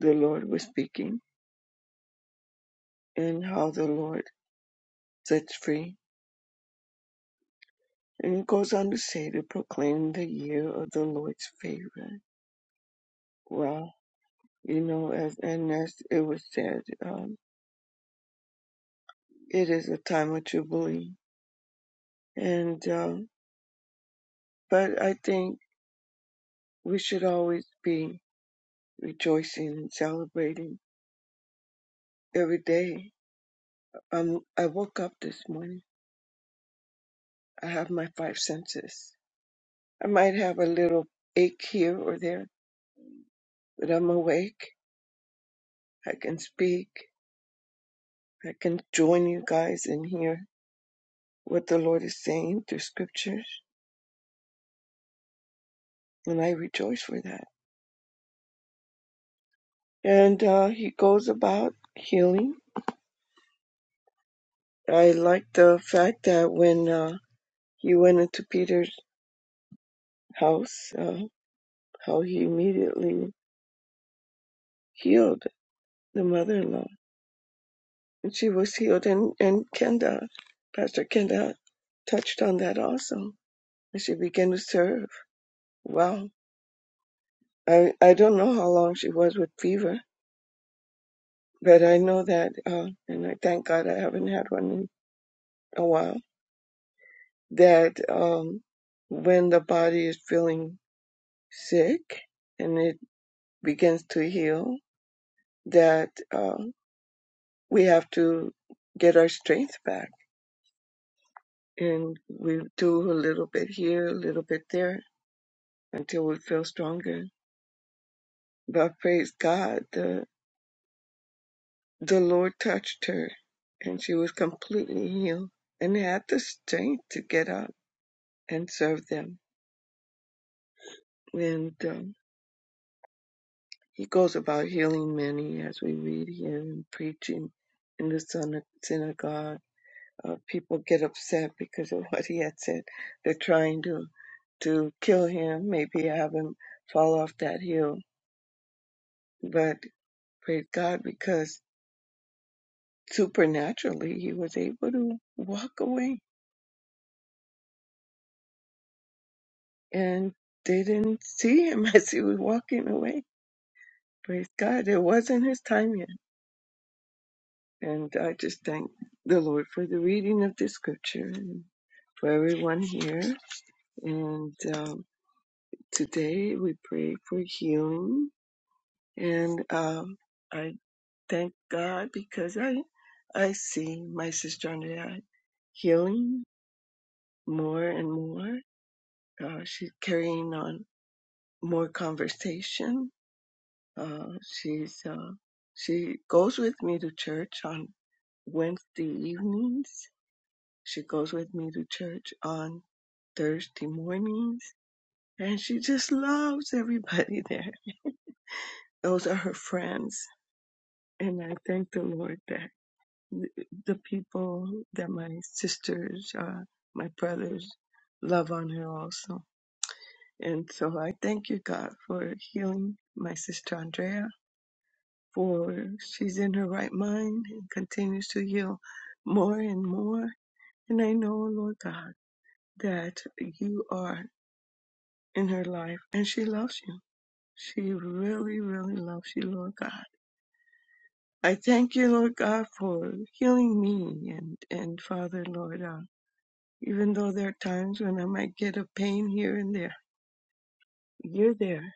Speaker 6: the lord was speaking and how the lord sets free and it goes on to say to proclaim the year of the lord's favor well you know as and as it was said um, it is a time of jubilee And uh, but I think we should always be rejoicing and celebrating every day. Um, I woke up this morning. I have my five senses. I might have a little ache here or there, but I'm awake. I can speak. I can join you guys and hear what the Lord is saying through scriptures, and I rejoice for that. And uh, he goes about healing. I like the fact that when uh, he went into Peter's House, so, how he immediately healed the mother-in-law, and she was healed. And and Kenda, Pastor Kenda, touched on that also, and she began to serve. Wow, I I don't know how long she was with fever, but I know that, uh, and I thank God I haven't had one in a while. That um, when the body is feeling sick and it begins to heal, that uh, we have to get our strength back and we do a little bit here, a little bit there until we feel stronger. But praise God, the the Lord touched her and she was completely healed and had the strength to get up and serve them. And um, he goes about healing many as we read here and preaching in the syn- synagogue. Uh, people get upset because of (laughs) what he had said. They're trying to to kill him, maybe have him fall off that hill. But Praise God because supernaturally he was able to walk away and they didn't see him (laughs) as he was walking away. Praise God. It wasn't his time yet. And I just thank the Lord for the reading of this scripture and for everyone here. And um, today we pray for healing. And um, I thank God because I I see my sister Andrea healing more and more. Uh, she's carrying on more conversation. Uh, she's uh, she goes with me to church on Wednesday evenings. She goes with me to church on Thursday mornings, and she just loves everybody (laughs) there. Those are her friends, and I thank the Lord that th- the people that my sisters, uh, my brothers, love on her also. And so I thank you, God, for healing my sister Andrea, for she's in her right mind and continues to heal more and more. And I know, Lord God, that you are in her life and she loves you. She really, really loves you, Lord God. I thank you, Lord God, for healing me and, and Father, Lord, uh, even though there are times when I might get a pain here and there, you're there.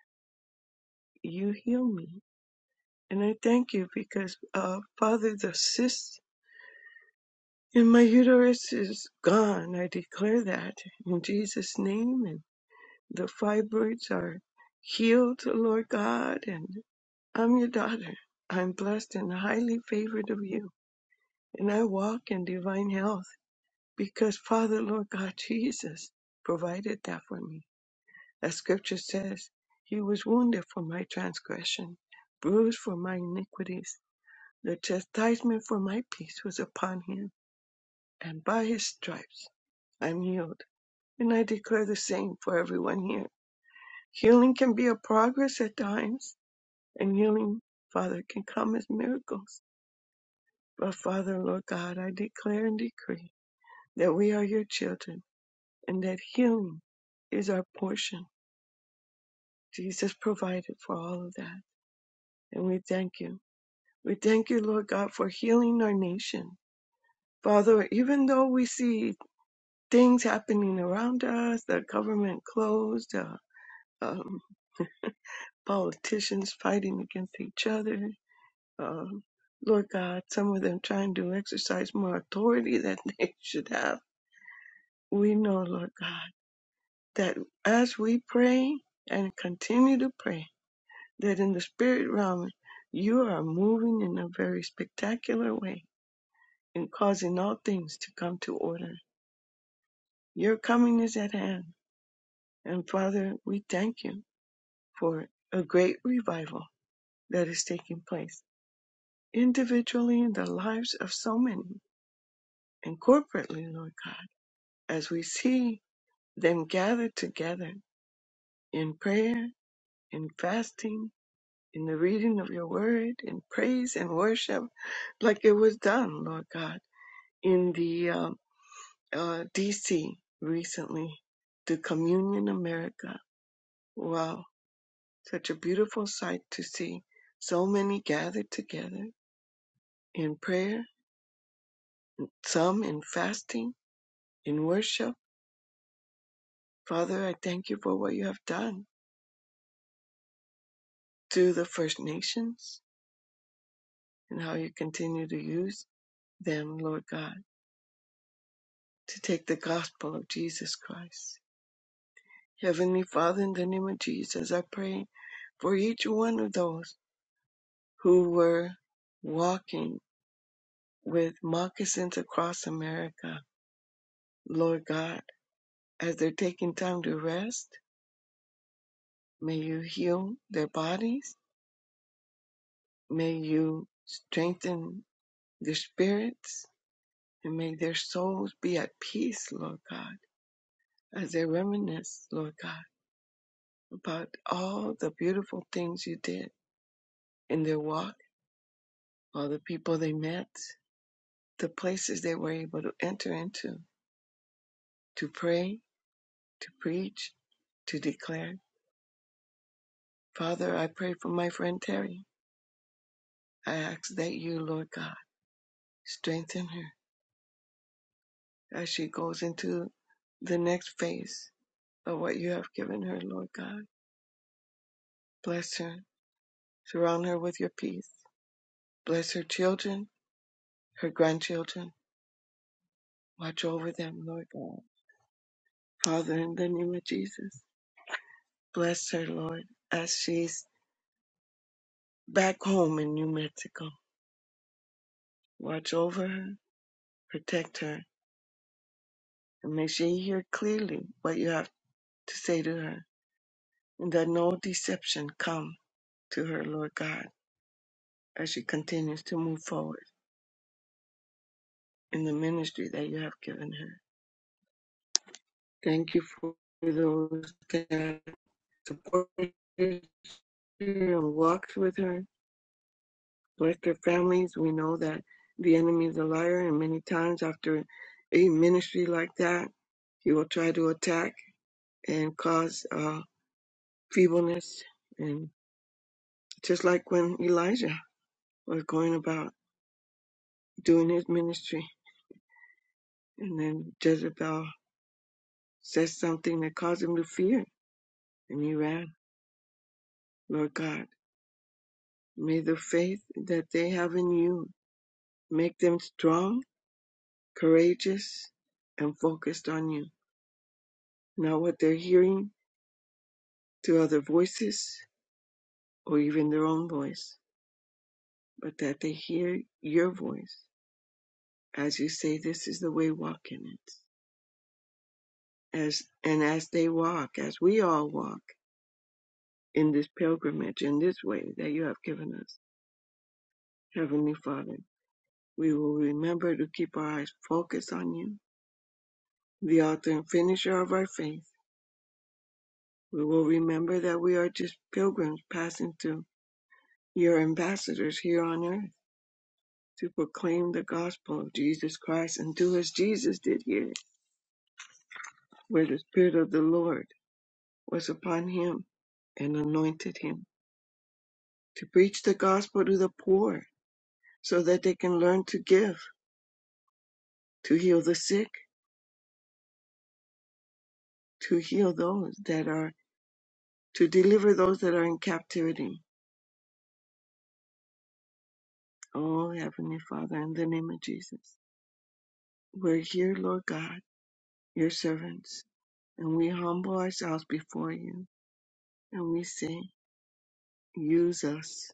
Speaker 6: You heal me. And I thank you because, uh, Father, the cyst in my uterus is gone. I declare that in Jesus' name. And the fibroids are healed, Lord God. And I'm your daughter. I'm blessed and highly favored of you. And I walk in divine health because, Father, Lord God, Jesus provided that for me. As scripture says, He was wounded for my transgression, bruised for my iniquities The chastisement for my peace was upon him, and by his stripes I'm healed. And I declare the same for everyone here. Healing can be a progress at times, and healing, Father, can come as miracles. But Father, Lord God, I declare and decree that we are your children and that healing is our portion. Jesus provided for all of that, and we thank you. We thank you, Lord God, for healing our nation. Father, even though we see things happening around us, the government closed, uh, um, politicians fighting against each other. Um, Lord God, some of them trying to exercise more authority than (laughs) they should have. We know, Lord God, that as we pray and continue to pray, that in the spirit realm, you are moving in a very spectacular way and causing all things to come to order. Your coming is at hand. And Father, we thank you for a great revival that is taking place individually in the lives of so many and corporately, Lord God, as we see them gathered together in prayer, in fasting, in the reading of your word, in praise and worship, like it was done, Lord God, in the um, uh, DC recently, the Communion America. Wow, such a beautiful sight to see so many gathered together in prayer some in fasting, in worship. Father, I thank you for what you have done to the First Nations and how you continue to use them, Lord God, to take the gospel of Jesus Christ. Heavenly Father, in the name of Jesus, I pray for each one of those who were walking with moccasins across America, Lord God, as they're taking time to rest. May you heal their bodies. May you strengthen their spirits, and may their souls be at peace, Lord God, as they reminisce, Lord God, about all the beautiful things you did in their walk, all the people they met, the places they were able to enter into, to pray, to preach, to declare. Father, I pray for my friend Terry. I ask that you, Lord God, strengthen her as she goes into the next phase of what you have given her, Lord God. Bless her Surround her with your peace. Bless her children, her grandchildren. Watch over them, Lord God. Father, in the name of Jesus, bless her, Lord, as she's back home in New Mexico. Watch over her, protect her, and may she hear clearly what you have to say to her, and that no deception come to her, Lord God, as she continues to move forward in the ministry that you have given her. Thank you for those that support her, you know, walks with her, with their families. We know that the enemy is a liar, and many times after a ministry like that, he will try to attack and cause uh, feebleness. And just like when Elijah was going about doing his ministry, and then Jezebel says something that caused him to fear, and he ran. Lord God, may the faith that they have in you make them strong, courageous, and focused on you not what they're hearing through other voices or even their own voice, but that they hear your voice as you say, This is the way, walk in it. As, and as they walk, as we all walk in this pilgrimage, in this way that you have given us, Heavenly Father, we will remember to keep our eyes focused on you, the author and finisher of our faith. We will remember that we are just pilgrims passing through your ambassadors here on earth to proclaim the gospel of Jesus Christ and do as Jesus did here, where the Spirit of the Lord was upon him and anointed him, to preach the gospel to the poor so that they can learn to give, to heal the sick, to heal those that are, to deliver those that are in captivity. Oh, Heavenly Father, in the name of Jesus, we're here, Lord God, your servants, and we humble ourselves before you and we say, use us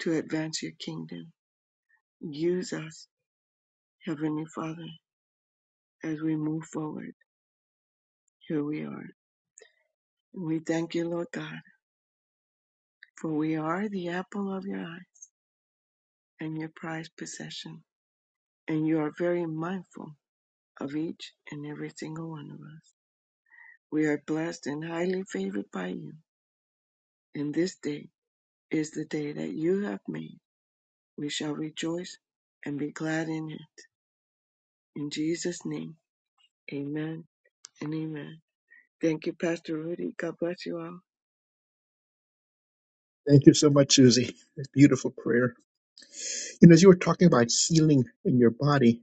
Speaker 6: to advance your kingdom Use us, Heavenly Father, as we move forward. Here we are. And we thank you, Lord God, for we are the apple of your eyes and your prized possession. And you are very mindful of each and every single one of us. We are blessed and highly favored by you. And this day is the day that you have made. We shall rejoice and be glad in it. In Jesus' name, amen and amen. Thank you, Pastor Rudy. God bless you all.
Speaker 2: Thank you so much, Susie. Beautiful prayer. And as you were talking about healing in your body,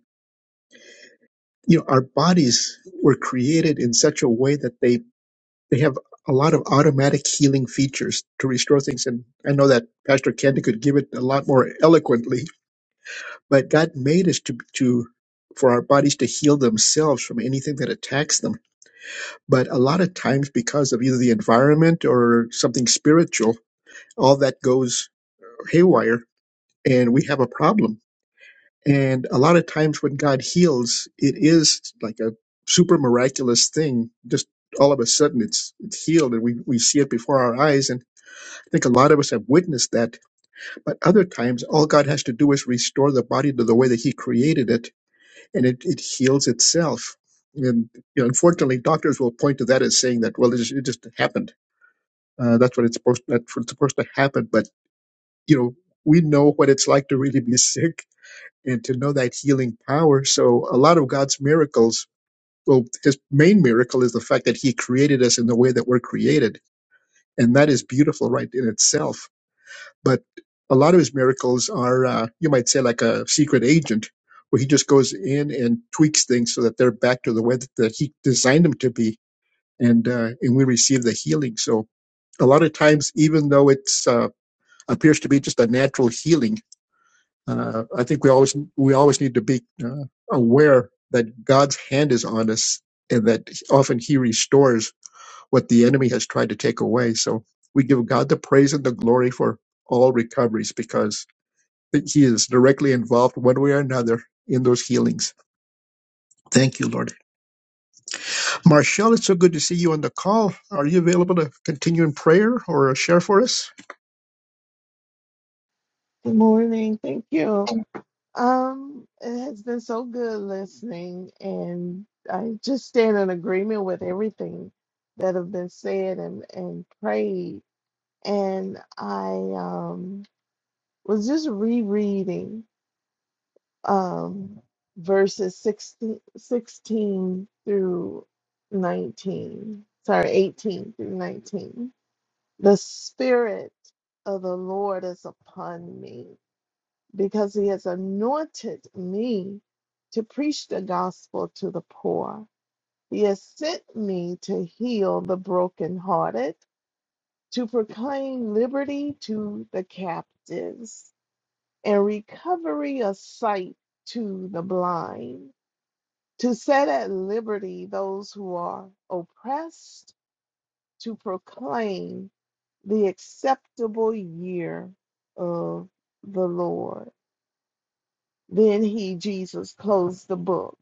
Speaker 2: you know, our bodies were created in such a way that they they have a lot of automatic healing features to restore things. And I know that Pastor Candy could give it a lot more eloquently, but God made us to to for our bodies to heal themselves from anything that attacks them. But a lot of times, because of either the environment or something spiritual, all that goes haywire, and we have a problem And a lot of times when God heals, it is like a super miraculous thing. Just all of a sudden it's it's healed and we, we see it before our eyes. And I think a lot of us have witnessed that. But other times all God has to do is restore the body to the way that He created it and it, it heals itself. And you know, unfortunately, doctors will point to that as saying that, well, it just, it just happened. Uh, that's what it's supposed that's what's supposed to happen. But you know, we know what it's like to really be (laughs) sick and to know that healing power. So a lot of God's miracles, well, his main miracle is the fact that he created us in the way that we're created. And that is beautiful right in itself. But a lot of his miracles are, uh, you might say like a secret agent where he just goes in and tweaks things so that they're back to the way that, that he designed them to be. And, uh, and we receive the healing. So a lot of times, even though it's, uh, appears to be just a natural healing, Uh, I think we always we always need to be uh, aware that God's hand is on us, and that often He restores what the enemy has tried to take away. So we give God the praise and the glory for all recoveries because He is directly involved one way or another in those healings. Thank you, Lord. Marshall, it's so good to see you on the call. Are you available to continue in prayer or share for us?
Speaker 7: Good morning. Thank you. Um, it has been so good listening, and I just stand in agreement with everything that have been said and and prayed. And I um was just rereading um verses 16 16 through 19. Sorry, 18 through 19. The spirit of the Lord is upon me because he has anointed me to preach the gospel to the poor. He has sent me to heal the brokenhearted, to proclaim liberty to the captives, and recovery of sight to the blind, to set at liberty those who are oppressed, to proclaim the acceptable year of the Lord. Then he, Jesus, closed the book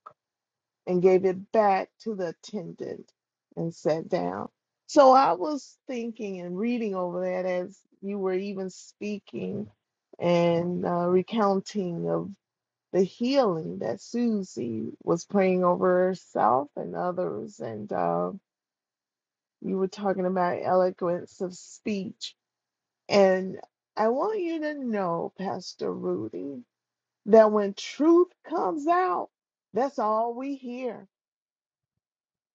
Speaker 7: and gave it back to the attendant and sat down. So I was thinking and reading over that as you were even speaking and uh, recounting of the healing that Susie was praying over herself and others. And uh, you were talking about eloquence of speech. And I want you to know, Pastor Rudy, that when truth comes out, that's all we hear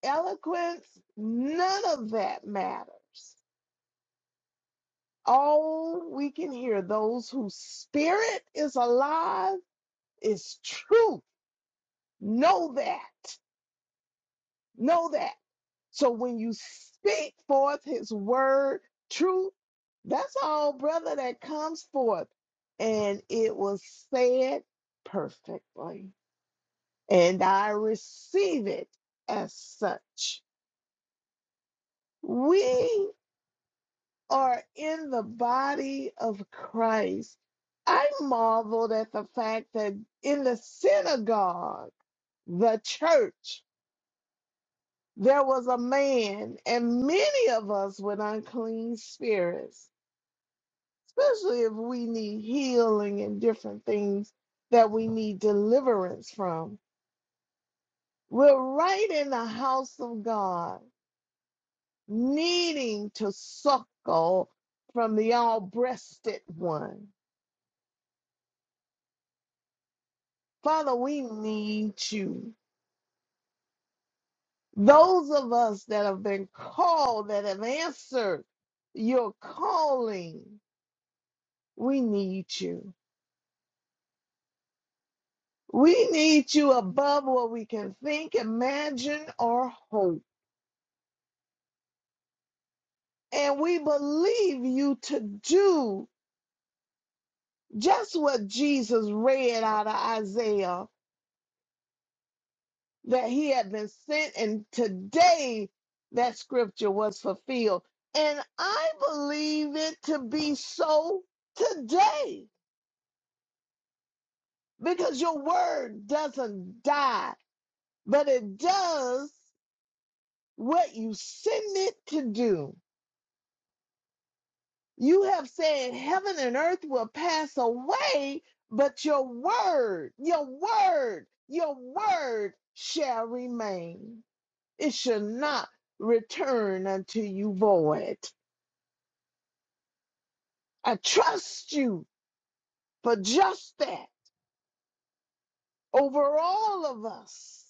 Speaker 7: eloquence, none of that matters. All we can hear, those whose spirit is alive, is truth. Know that. Know that. So when you speak forth his word, truth, that's all, brother, that comes forth. And it was said perfectly. And I receive it as such. We are in the body of Christ. I marveled at the fact that in the synagogue, the church, there was a man, and many of us with unclean spirits, especially if we need healing and different things that we need deliverance from. We're right in the house of God, needing to suckle from the all breasted one. Father, we need you. Those of us that have been called, that have answered your calling, we need you. We need you above what we can think, imagine, or hope. And we believe you to do just what Jesus read out of Isaiah that he had been sent, and today that scripture was fulfilled. And I believe it to be so today because your word doesn't die, but it does what you send it to do. You have said heaven and earth will pass away, but your word, your word, your word shall remain. It shall not return unto you void. I trust you for just that over all of us.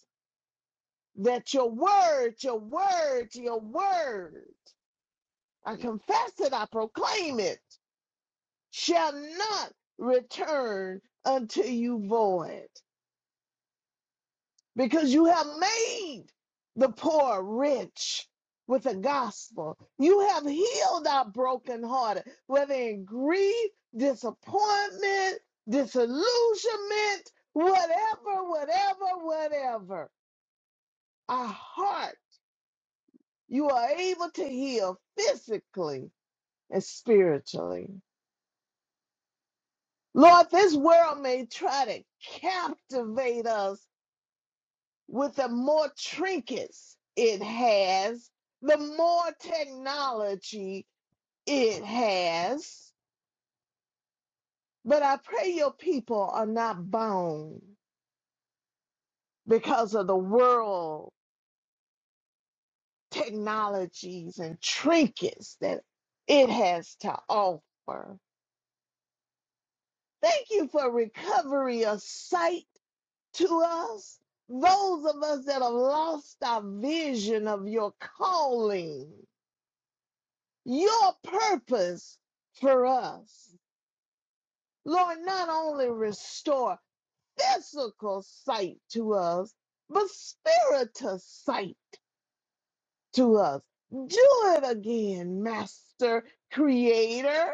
Speaker 7: That your word, your word, your word, I confess it, I proclaim it, shall not return unto you void. because you have made the poor rich with the gospel. You have healed our brokenhearted, whether in grief, disappointment, disillusionment, whatever, whatever, whatever. Our heart, you are able to heal physically and spiritually. Lord, this world may try to captivate us with the more trinkets it has, the more technology it has. But I pray your people are not bound because of the world technologies and trinkets that it has to offer. Thank you for recovery of sight to us, those of us that have lost our vision of your calling your purpose for us. Lord, not only restore physical sight to us, but spiritual sight to us. Do it again, Master Creator,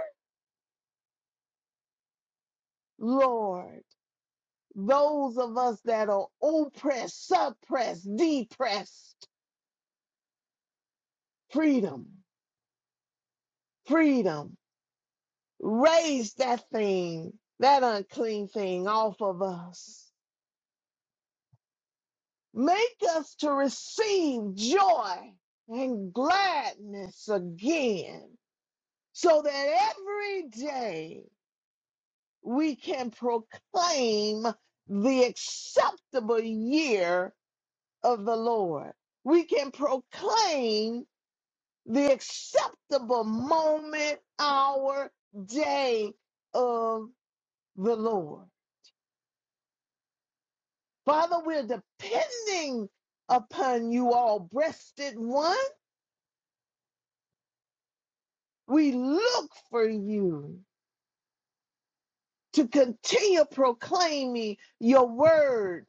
Speaker 7: Lord. Those of us that are oppressed, suppressed, depressed, freedom, freedom. Raise that thing, that unclean thing off of us Make us to receive joy and gladness again, so that every day we can proclaim the acceptable year of the Lord. We can proclaim the acceptable moment, hour, day of the Lord. Father, we're depending upon you, all breasted one. We look for you to continue proclaiming your word,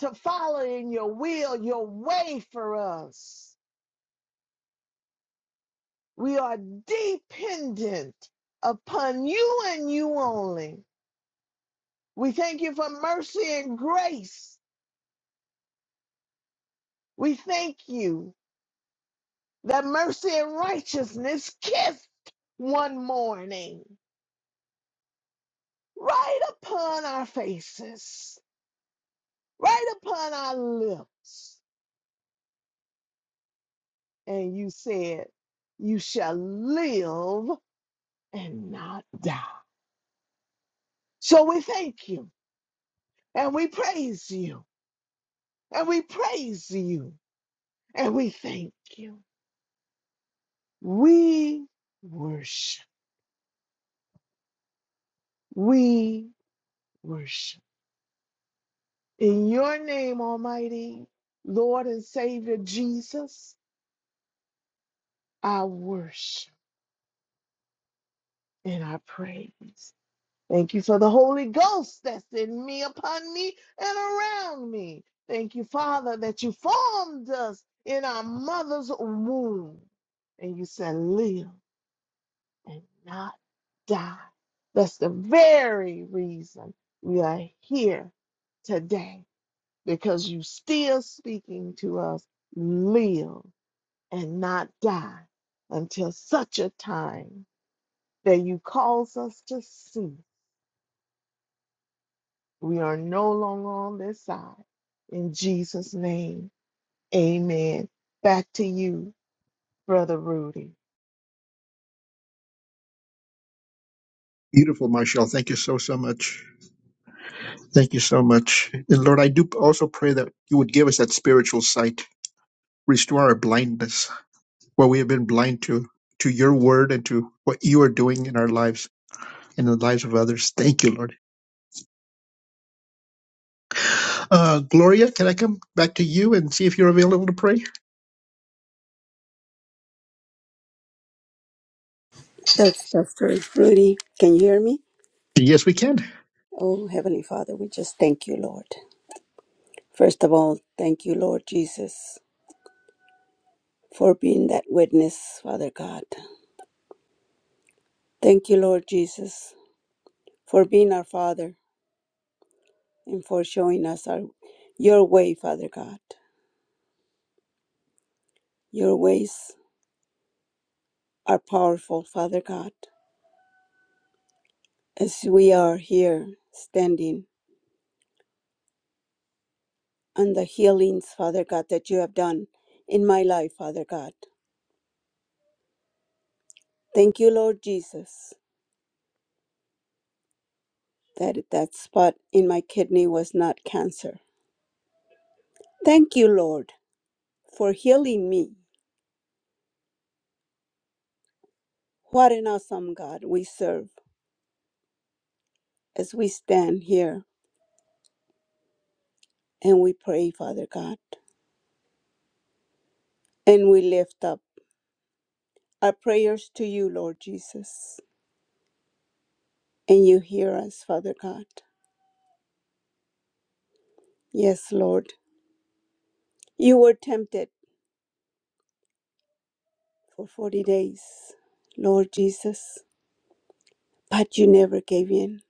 Speaker 7: to follow in your will, your way for us. We are dependent upon you and you only. We thank you for mercy and grace. We thank you that mercy and righteousness kissed one morning right upon our faces, right upon our lips. and you said, You shall live and not die. So we thank you and we praise you and we praise you and we thank you. We worship. We worship. In your name, Almighty Lord and Savior Jesus, I worship and I praise. Thank you for the Holy Ghost that's in me, upon me, and around me. Thank you, Father, that you formed us in our mother's womb. And you said, live and not die. That's the very reason we are here today, because you still speaking to us, live and not die until such a time that you cause us to see We are no longer on this side. In Jesus' name, amen. Back to you, Brother Rudy.
Speaker 2: Beautiful, Marshall. Thank you so so much. Thank you so much. And Lord, I do also pray that you would give us that spiritual sight, restore our blindness, what we have been blind to, to your word and to what you are doing in our lives and in the lives of others. Thank you, Lord. Uh, Gloria, can I come back to you and see if you're available to pray?
Speaker 3: That's Pastor Rudy. Can you hear me?
Speaker 2: Yes, we can.
Speaker 3: Oh, Heavenly Father, we just thank you, Lord. First of all, thank you, Lord Jesus. for being that witness, Father God. Thank you, Lord Jesus, for being our Father and for showing us our your way, Father God. Your ways are powerful, Father God. As we are here standing on the healings, Father God, that you have done in my life, Father God. Thank you, Lord Jesus, that that spot in my kidney was not cancer. Thank you, Lord, for healing me. What an awesome God we serve. as we stand here and we pray, Father God, and we lift up our prayers to you, Lord Jesus, and you hear us, Father God. Yes, Lord, you were tempted for 40 days, Lord Jesus, but you never gave in.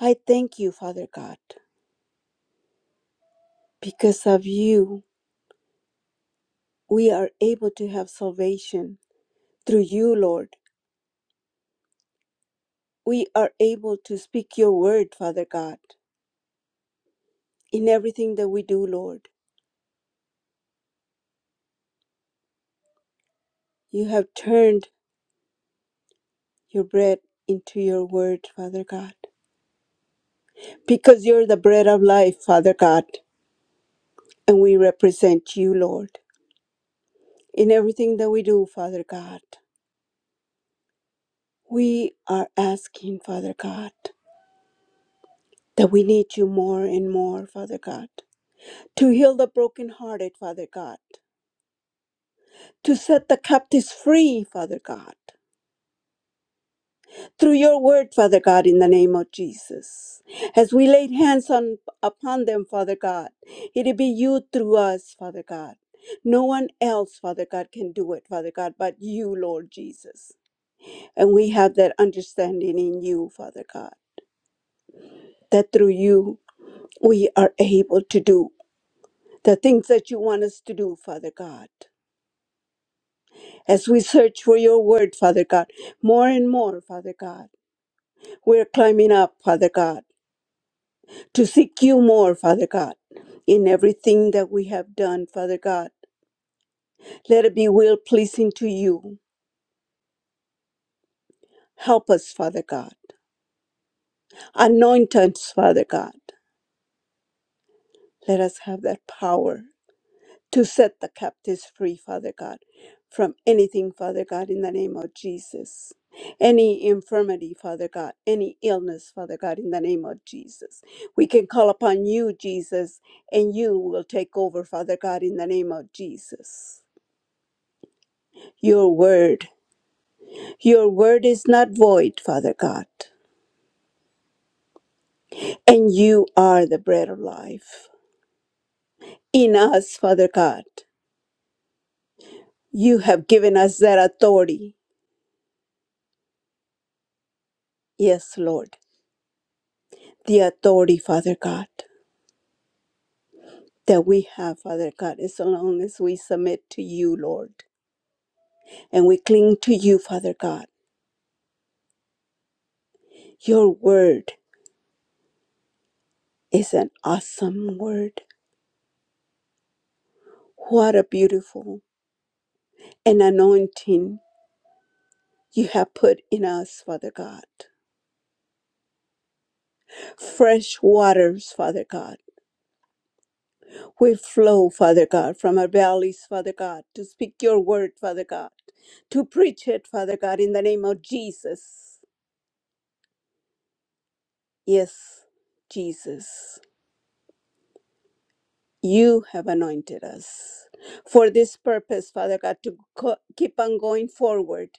Speaker 3: I thank you, Father God, because of you, we are able to have salvation. Through you, Lord, we are able to speak your word, Father God, in everything that we do, Lord. You have turned your bread into your word, Father God, because you're the bread of life, Father God, and we represent you, Lord, in everything that we do, Father God. We are asking, Father God, that we need you more and more, Father God, to heal the brokenhearted, Father God, to set the captives free, Father God, through your word, Father God, in the name of Jesus. As we laid hands on upon them, Father God, it'll be you through us, Father God. No one else, Father God, can do it, Father God, but you, Lord Jesus. And we have that understanding in you, Father God, that through you we are able to do the things that you want us to do, Father God. As we search for your word, Father God, more and more, Father God, we're climbing up, Father God to seek you more, Father God, in everything that we have done, Father God. Let it be well pleasing to you. Help us, Father God. Anoint us, Father God. Let us have that power to set the captives free, Father God, from anything, Father God, in the name of Jesus. Any infirmity, Father God, any illness, Father God, in the name of Jesus. We can call upon you, Jesus, and you will take over, Father God, in the name of Jesus. your word. Your word is not void, Father God. And you are the bread of life. In us, Father God, you have given us that authority. Yes, Lord. The authority, Father God, that we have, Father God, as long as we submit to you, Lord, and we cling to you, Father God. Your word is an awesome word. What a beautiful an anointing you have put in us, Father God. Fresh waters, Father God, we flow, Father God, from our bellies, Father God, to speak your word, Father God, to preach it, Father God, in the name of Jesus. Yes, Jesus, you have anointed us for this purpose, Father God, to co- keep on going forward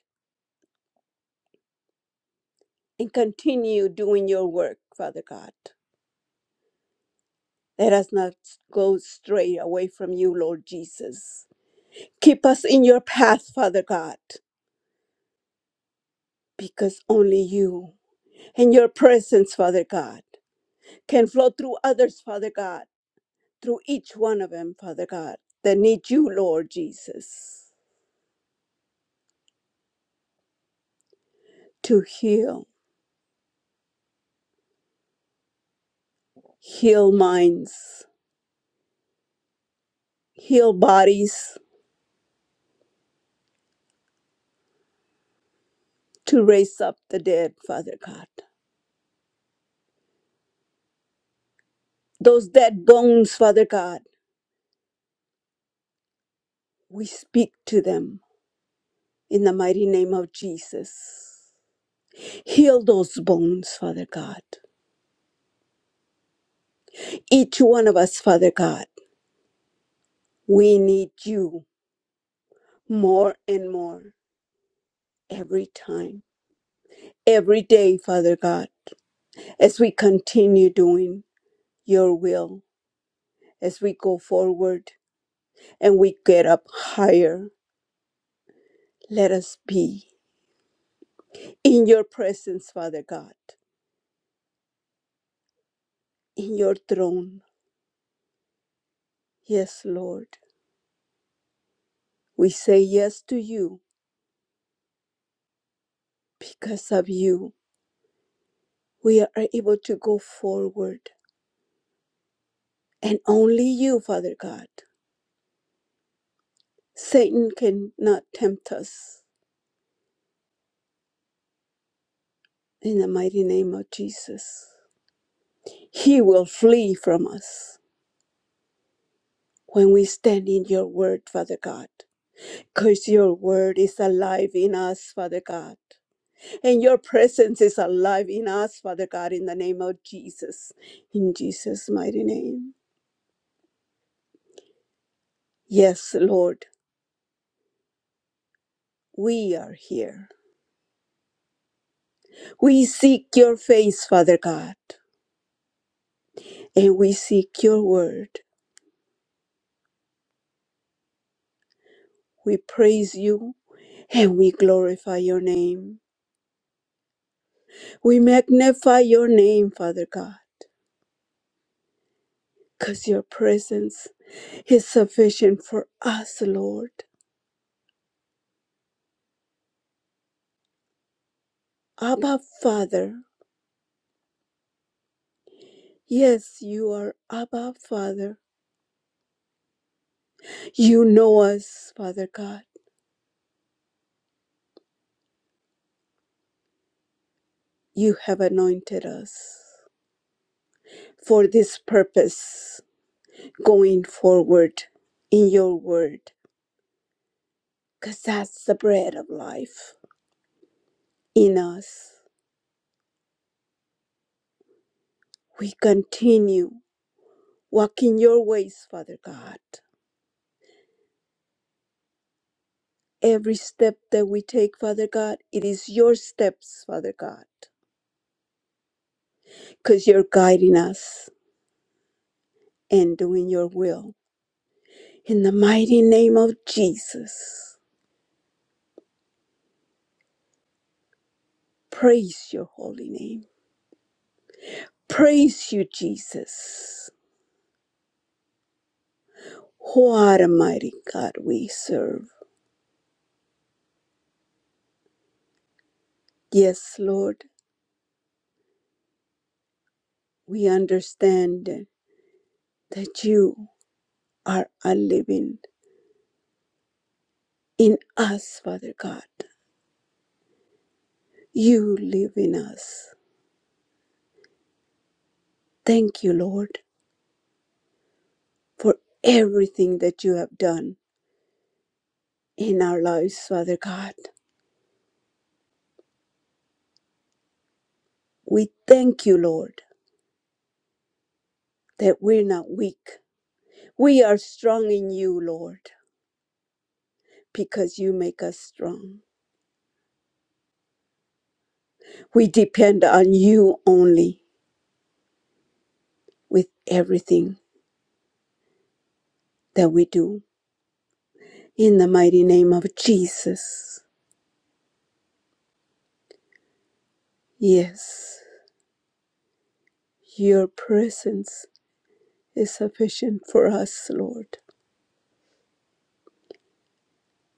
Speaker 3: and continue doing your work, Father God. Let us not go stray away from you, Lord Jesus. Keep us in your path, Father God. because only you and your presence, Father God, can flow through others, Father God, through each one of them, Father God, that need you, Lord Jesus, to heal, heal minds, heal bodies, to raise up the dead, Father God. Those dead bones, Father God, we speak to them in the mighty name of Jesus. Heal those bones, Father God. Each one of us, Father God, we need you more and more every time, every day, Father God, as we continue doing your will, as we go forward and we get up higher. Let us be in your presence, Father God, in your throne. Yes, Lord, we say yes to you because of you. We are able to go forward, and only you, Father God. Satan cannot tempt us in the mighty name of Jesus. He will flee from us when we stand in your word, Father God, because your word is alive in us, Father God. And your presence is alive in us, Father God, in the name of Jesus. In Jesus' mighty name. Yes, Lord, we are here. We seek your face, Father God, and we seek your word. We praise you and we glorify your name. We magnify your name, Father God, because your presence is sufficient for us, Lord. Abba, Father. Yes, you are Abba, Father. You know us, Father God. You have anointed us for this purpose going forward in your word, because that's the bread of life in us. We continue walking your ways, Father God. Every step that we take, Father God, it is your steps, Father God, because you're guiding us and doing your will. In the mighty name of Jesus, praise your holy name. Praise you, Jesus. What a mighty God we serve. Yes, Lord, we understand that you are a living in us, Father God. You live in us. Thank you, Lord. for everything that you have done in our lives, Father God. We thank you, Lord, that we're not weak. We are strong in you, Lord, because you make us strong. We depend on you only with everything that we do. In the mighty name of Jesus. Yes, your presence is sufficient for us, Lord.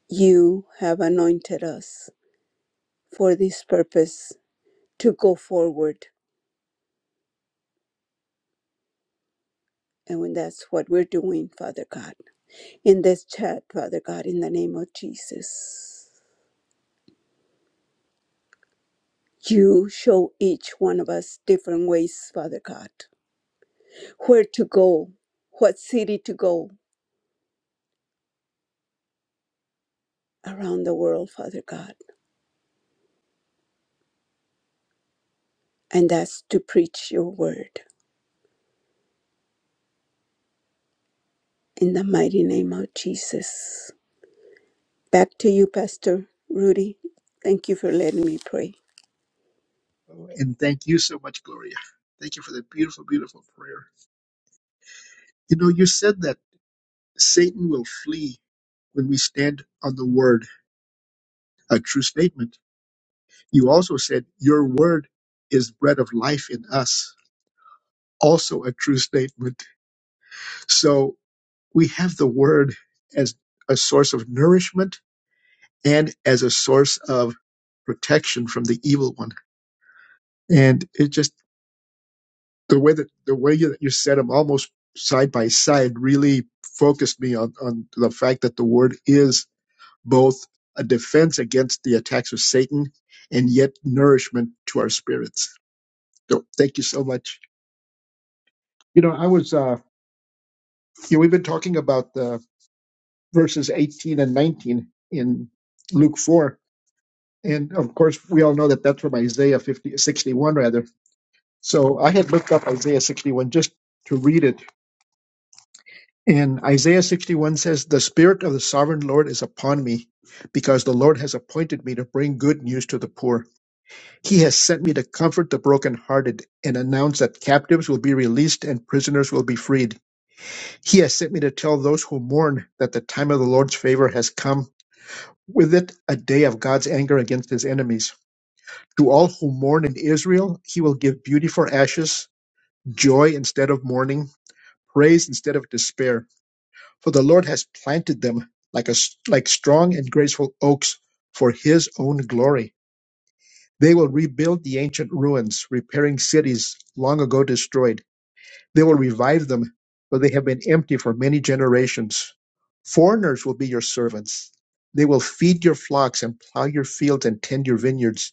Speaker 3: You have anointed us for this purpose to go forward And when that's what we're doing, Father God, in this chat, Father God, in the name of Jesus, you show each one of us different ways, Father God, where to go, what city to go around the world, Father God. And that's to preach your word in the mighty name of Jesus. Back to you, Pastor Rudy. Thank you for letting me pray.
Speaker 2: And thank you so much, Gloria. Thank you for that beautiful, beautiful prayer. You know, you said that Satan will flee when we stand on the word, a true statement. You also said, Your word is bread of life in us. Also a true statement. So we have the word as a source of nourishment and as a source of protection from the evil one. And it just, the way that, the way that you said them almost side by side really focused me on, on the fact that the word is both a defense against the attacks of Satan and yet nourishment to our spirits. So thank you so much. You know, I was, uh, Yeah, we've been talking about the verses 18 and 19 in Luke 4. And of course, we all know that that's from Isaiah 50 61 rather. So I had looked up Isaiah 61 just to read it. And Isaiah 61 says, The Spirit of the Sovereign Lord is upon me, because the Lord has appointed me to bring good news to the poor. He has sent me to comfort the brokenhearted and announce that captives will be released and prisoners will be freed. He has sent me to tell those who mourn that the time of the Lord's favor has come With it a day of God's anger against his enemies. To all who mourn in Israel, he will give beauty for ashes, joy instead of mourning, praise instead of despair. For the Lord has planted them like a like strong and graceful oaks for his own glory. They will rebuild the ancient ruins, repairing cities long ago destroyed. They will revive them, for they have been empty for many generations. Foreigners will be your servants. They will feed your flocks and plow your fields and tend your vineyards.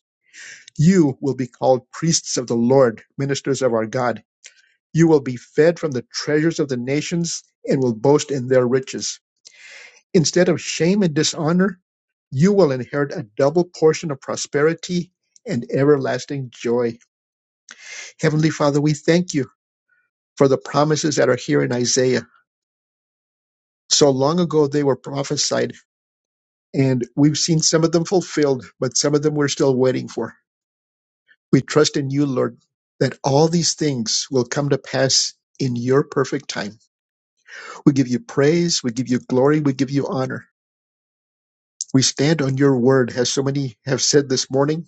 Speaker 2: You will be called priests of the Lord, ministers of our God. You will be fed from the treasures of the nations and will boast in their riches. Instead of shame and dishonor, you will inherit a double portion of prosperity and everlasting joy. Heavenly Father, we thank you for the promises that are here in Isaiah. So long ago they were prophesied, and we've seen some of them fulfilled, but some of them we're still waiting for. We trust in you, Lord, that all these things will come to pass in your perfect time. We give you praise, we give you glory, we give you honor. We stand on your word, as so many have said this morning.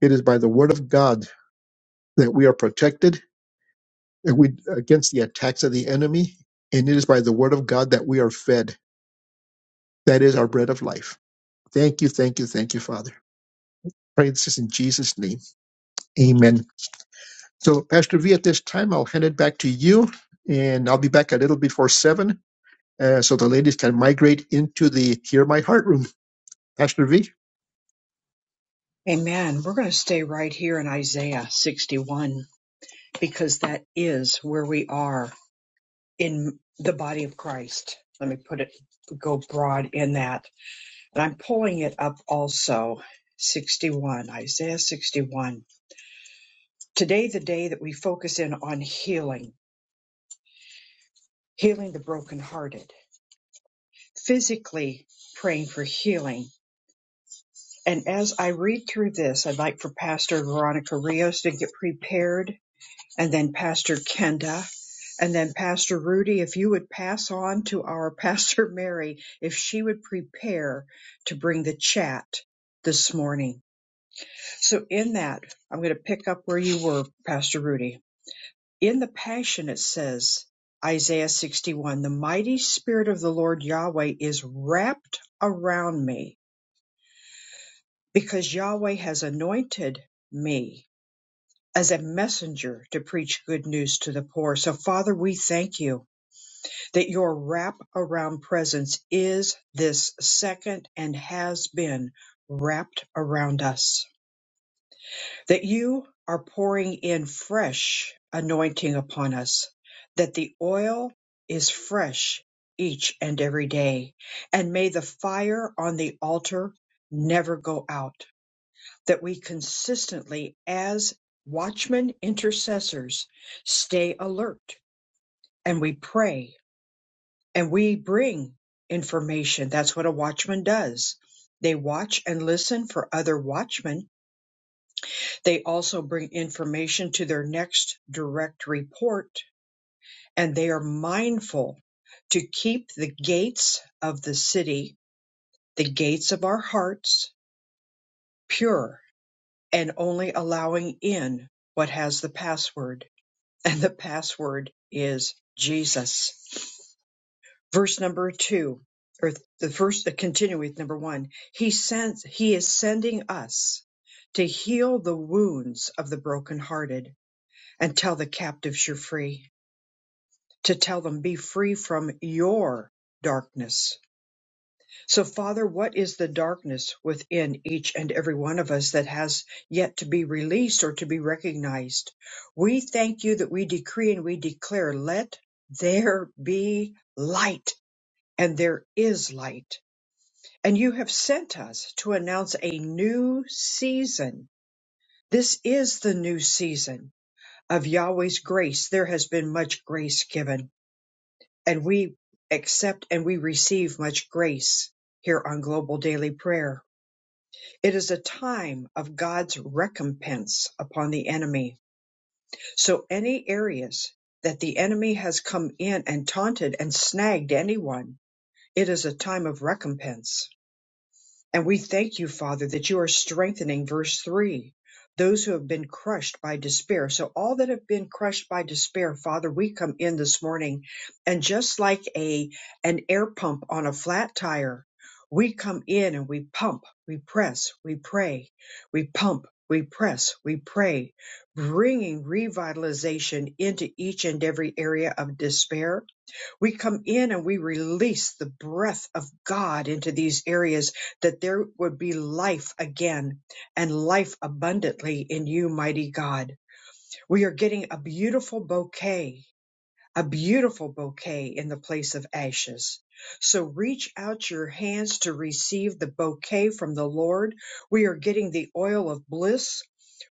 Speaker 2: It is by the word of God that we are protected and we against the attacks of the enemy, and it is by the word of God that we are fed. That is our bread of life. Thank you, thank you, thank you, Father. Pray this is in Jesus' name. Amen. So, Pastor V, at this time, I'll hand it back to you, and I'll be back a little before seven Uh, so the ladies can migrate into the Hear My Heart room. (laughs) Pastor V, it's
Speaker 1: Amen. We're going to stay right here in Isaiah 61 because that is where we are in the body of Christ. Let me put it, go broad in that. And I'm pulling it up also. 61, Isaiah 61. Today, the day that we focus in on healing, healing the brokenhearted physically praying for healing. And as I read through this, I'd like for Pastor Veronica Rios to get prepared, and then Pastor Kenda, and then Pastor Rudy, if you would pass on to our (laughs) Pastor Mary, if she would prepare to bring the chat this morning. So, in that, I'm going to pick up where you were, Pastor Rudy. In the Passion, it says, Isaiah 61, the mighty spirit of the Lord Yahweh is wrapped around me because Yahweh has anointed me as a messenger to preach good news to the poor. So, Father, we thank you that your wrap around presence is this second and has been wrapped around us, that you are pouring in fresh anointing upon us, that the oil is fresh each and every day. And may the fire on the altar never go out that we consistently, as watchmen intercessors, stay alert and we pray and we bring information. That's what a watchman does. They watch and listen for other watchmen. They also bring information to their next direct report, and they are mindful to keep the gates of the city, the gates of our hearts, pure and only allowing in what has the password and the password is Jesus. Verse number two, or the first, continue with number one. He sends, he is sending us to heal the wounds of the brokenhearted and tell the captives you're free, to tell them be free from your darkness so, Father, what is the darkness within each and every one of us that has yet to be released or to be recognized? We thank you that we decree and we declare, let there be light, and there is light. And you have sent us to announce a new season. This is the new season of Yahweh's grace. There has been much grace given, and we accept and we receive much grace here on Global Daily Prayer It is a time of God's recompense upon the enemy. So any areas that the enemy has come in and taunted and snagged anyone, it is a time of recompense. And we thank you, Father, that you are strengthening verse 3 those who have been crushed by despair. So, all that have been crushed by despair, Father, we come in this morning and just like a an air pump on a flat tire, we come in and we pump, we press, we pray, we pump, we press, we pray, bringing revitalization into each and every area of despair we come in and we release the breath of God into these areas that there would be life again and life abundantly in you, mighty God. We are getting a beautiful bouquet, a beautiful bouquet in the place of ashes. So reach out your hands to receive the bouquet from the Lord. We are getting the oil of bliss,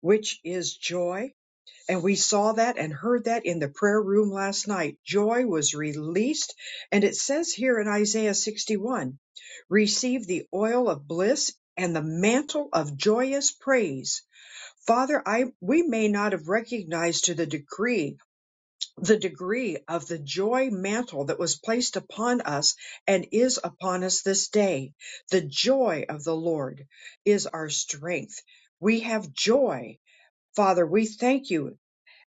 Speaker 1: which is joy and we saw that and heard that in the prayer room last night. Joy was released. And it says here in Isaiah 61 receive the oil of bliss and the mantle of joyous praise. Father, I, we may not have recognized to the degree, the degree of the joy mantle that was placed upon us and is upon us this day. The joy of the Lord is our strength. We have joy. Father, we thank you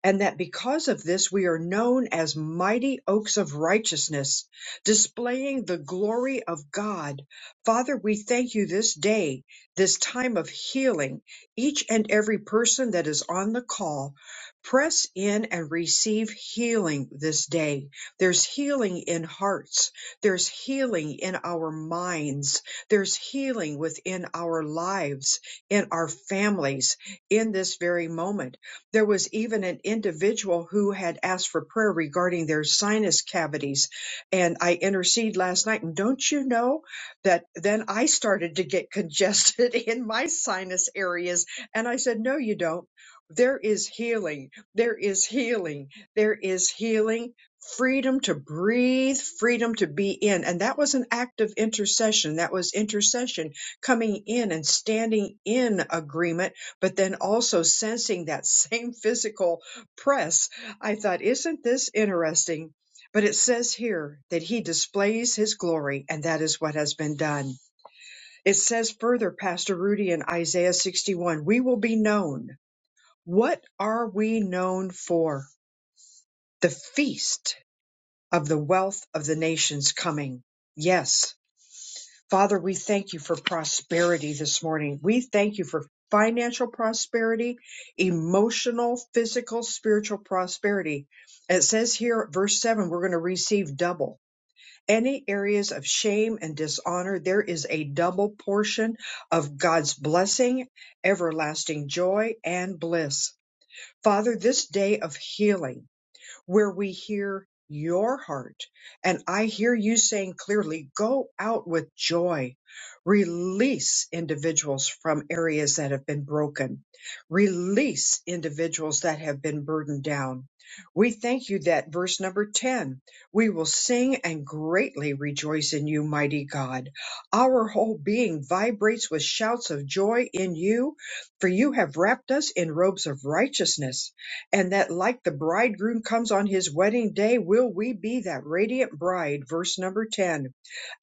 Speaker 1: and that because of this we are known as mighty oaks of righteousness, displaying the glory of God. Father, we thank you this day, this time of healing, each and every person that is on the call. Press in and receive healing this day. There's healing in hearts. There's healing in our minds. There's healing within our lives, in our families, in this very moment there was even an individual who had asked for prayer regarding their sinus cavities. And I interceded last night. And don't you know that then I started to get congested (laughs) in my sinus areas? And I said, No, you don't. There is healing. There is healing. There is healing. Freedom to breathe, freedom to be in. And that was an act of intercession. That was intercession coming in and standing in agreement but then also sensing that (laughs) same physical press, I thought, isn't this interesting? But it says here that he displays his glory, and that is what has been done. It says further, Pastor Rudy in Isaiah 61, we will be known. What are we known for? The feast of the wealth of the nations coming. Yes, Father, we thank you for prosperity this morning. We thank you for financial prosperity, emotional, physical, spiritual prosperity. It says here at verse 7, we're going to receive double. Any areas of shame and dishonor, there is a double portion of God's blessing, everlasting joy, and bliss. Father, this day of healing where we hear your heart. And I hear you saying clearly, go out with joy. Release individuals from areas that have been broken. Release individuals that have been burdened down. We thank you that verse number 10, we will sing and greatly rejoice in you, mighty God. Our whole being vibrates with shouts of joy in you, for you have wrapped us in robes of righteousness and that like the bridegroom comes on his wedding day, will we be that radiant bride? Verse number 10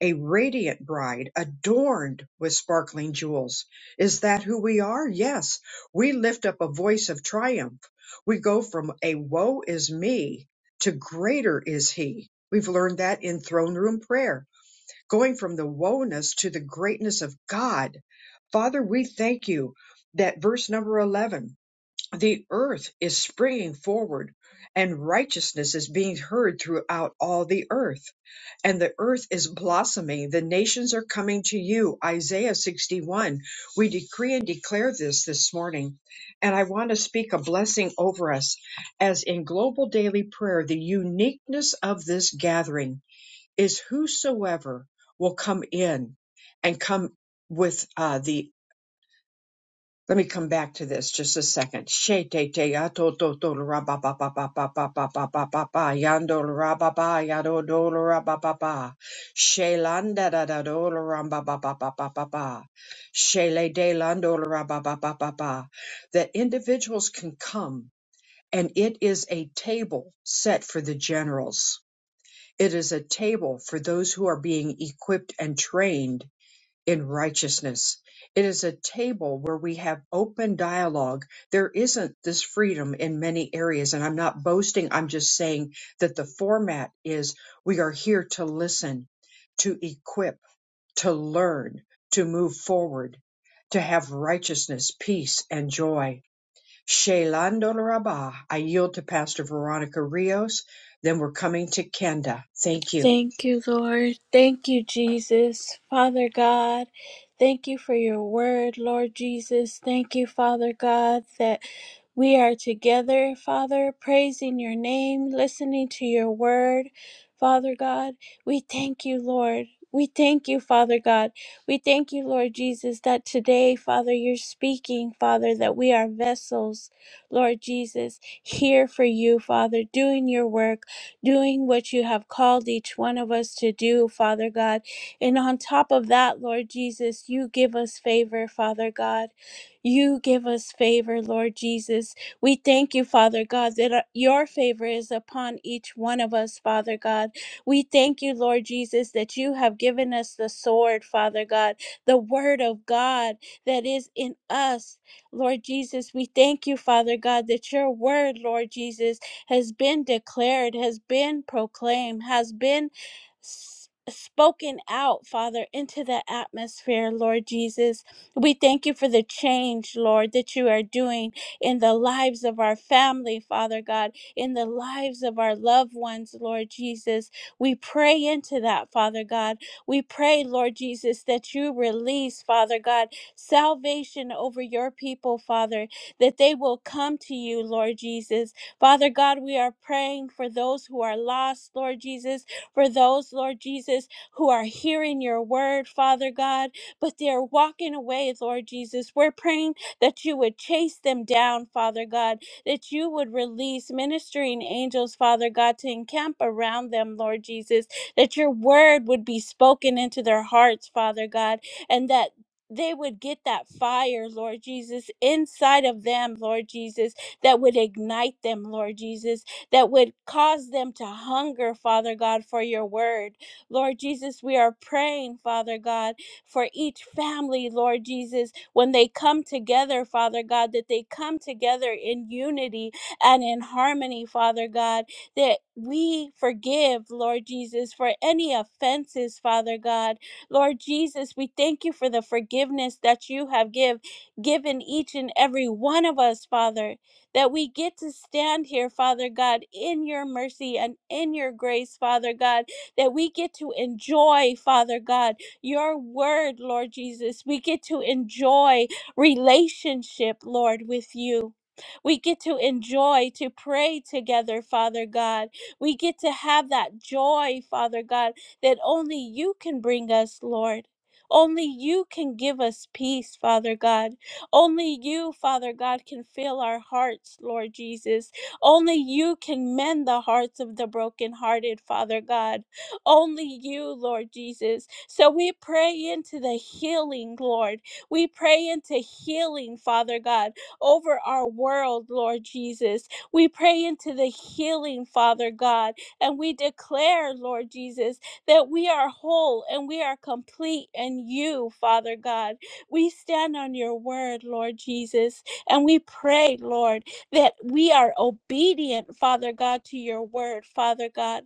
Speaker 1: a radiant bride adorned with sparkling jewels. Is that who we are? Yes. We lift up a voice of triumph. We go from a woe is me to greater is he. We've learned that in throne room prayer, going from the woeness to the greatness of God. Father, we thank you that verse number 11. The earth is springing forward, and righteousness is being heard throughout all the earth. And the earth is blossoming. The nations are coming to you. Isaiah 61. We decree and declare this this morning. And I want to speak a blessing over us as in global daily prayer, the uniqueness of this gathering is whosoever will come in and come with uh, the let me come back to this just a second. She te te ato to to to ra ba ba ba ba ba ba ba ba ba ba ba yando ra ba ba ya do do ra ba ba ba. She landa da da do ra ba ba ba ba ba ba ba. She le de lando ra ba ba ba ba ba. That individuals can come and it is a table set for the generals. It is a table for those who are being equipped and trained in righteousness. It is a table where we have open dialogue. There isn't this freedom in many areas, and I'm not boasting. I'm just saying that the format is we are here to listen, to equip, to learn, to move forward, to have righteousness, peace, and joy. Shelando Rabba, I yield to Pastor Veronica Rios. Then we're coming to Kenda. Thank you.
Speaker 3: Thank you, Lord. Thank you, Jesus. Father God, thank you for your word, Lord Jesus. Thank you, Father God, that we are together, Father, praising your name, listening to your word. Father God, we thank you, Lord. We thank you, Father God. We thank you, Lord Jesus, that today, Father, you're speaking, Father, that we are vessels, Lord Jesus, here for you, Father, doing your work doing what you have called each one of us to do, Father God. And on top of that, Lord Jesus, you give us favor, Father God. You give us favor, Lord Jesus. We thank you, Father God, that uh, your favor is upon each one of us, Father God. We thank you, Lord Jesus, that you have given us the sword, Father God, the word of God that is in us. Lord Jesus, we thank you, Father God, that your word, Lord Jesus, has been declared, has been proclaimed, has been s- spoken out, Father, into the atmosphere, Lord Jesus. We thank you for the change, Lord, that you are doing in the lives of our family, Father God, in the lives of our loved ones, Lord Jesus. We pray into that, Father God. We pray, Lord Jesus, that you release, Father God, salvation over your people, Father, that they will come to you, Lord Jesus, Father God, we are praying for those who are lost, Lord Jesus, for those, Lord Jesus, who are hearing your word, Father God, but they're walking away, Lord Jesus. We're praying that you would chase them down, Father God, that you would release ministering angels, Father God, to encamp around them, Lord Jesus, that your word would be spoken into their hearts, Father God, and that they would get that fire, Lord Jesus, inside of them, Lord Jesus, that would ignite them, Lord Jesus, that would cause them to hunger, Father God, for your word. Lord Jesus, we are praying, Father God, for each family, Lord Jesus, when they come together, Father God, that they come together in unity and in harmony, Father God, that we forgive, Lord Jesus, for any offenses, Father God. Lord Jesus, we thank you for the forgiveness that you have give, given each and every one of us, Father that we get to stand here, Father God, in your mercy and in your grace, Father God, that we get to enjoy, Father God, your word, Lord Jesus. We get to enjoy relationship, Lord, with you. We get to enjoy to pray together, Father God. We get to have that joy, Father God, that only you can bring us, Lord. Only you can give us peace, Father God. Only you, Father God, can fill our hearts, Lord Jesus. Only you can mend the hearts of the brokenhearted, Father God. Only you, Lord Jesus. So we pray into the healing, Lord. We pray into healing, Father God, over our world, Lord Jesus. We pray into the healing, Father God, and we declare, Lord Jesus, that we are whole and we are complete in you, Father God. We stand on your word, Lord Jesus, and we pray, Lord, that we are obedient, Father God, to your word, Father God.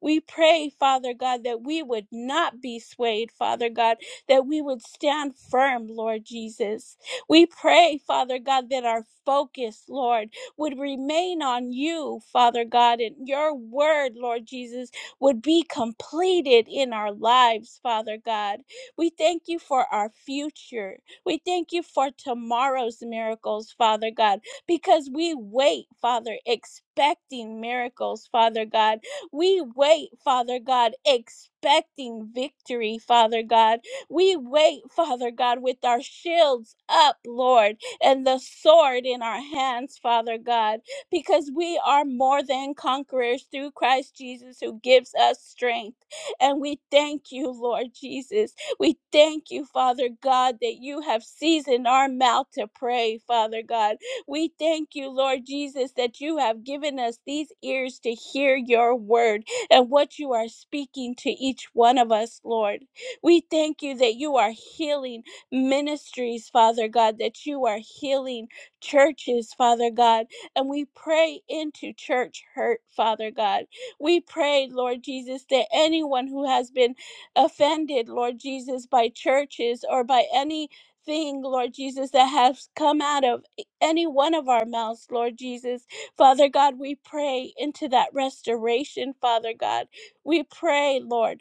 Speaker 3: We pray, Father God, that we would not be swayed, Father God, that we would stand firm, Lord Jesus. We pray, Father God, that our focus, Lord, would remain on you, Father God, and your word, Lord Jesus, would be completed in our lives, Father God. We thank you for our future. We thank you for tomorrow's miracles, Father God, because we wait, Father, expecting miracles, Father God. We wait, Father God, expecting victory, Father God. We wait, Father God, with our shields up, Lord, and the sword in our hands, Father God, because we are more than conquerors through Christ Jesus who gives us strength. And we thank you, Lord Jesus. We thank you, Father God, that you have seasoned our mouth to pray, Father God. We thank you, Lord Jesus, that you have given us these ears to hear your word and what you are speaking to each one of us, Lord. We thank you that you are healing ministries, Father God, that you are healing churches, Father God. And we pray into church hurt, Father God. We pray, Lord Jesus, that anyone who has been offended, Lord Jesus, by churches or by anything, Lord Jesus, that has come out of any one of our mouths, Lord Jesus. Father God, we pray into that restoration, Father God. We pray, Lord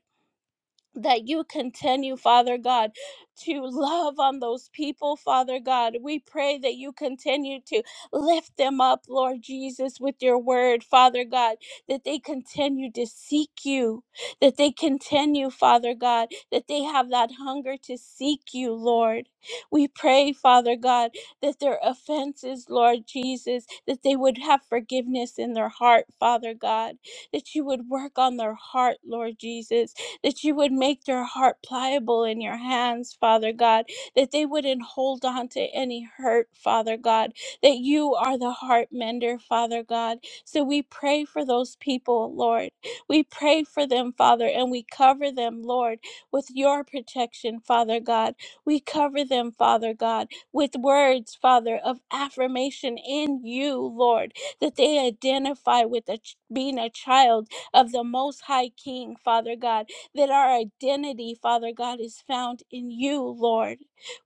Speaker 3: that you continue, Father God, to love on those people, Father God. We pray that you continue to lift them up, Lord Jesus, with your word, Father God, that they continue to seek you, that they continue, Father God, that they have that hunger to seek you, Lord. We pray, Father God, that their offenses, Lord Jesus, that they would have forgiveness in their heart, Father God, that you would work on their heart, Lord Jesus, that you would make their heart pliable in your hands, Father God, that they wouldn't hold on to any hurt, Father God, that you are the heart mender, Father God. So we pray for those people, Lord. We pray for them, Father, and we cover them, Lord, with your protection, Father God. We cover them, Father God, with words, Father, of affirmation in you, Lord, that they identify with a ch- being a child of the Most High King, Father God that our identity, Father God, is found in you, Lord.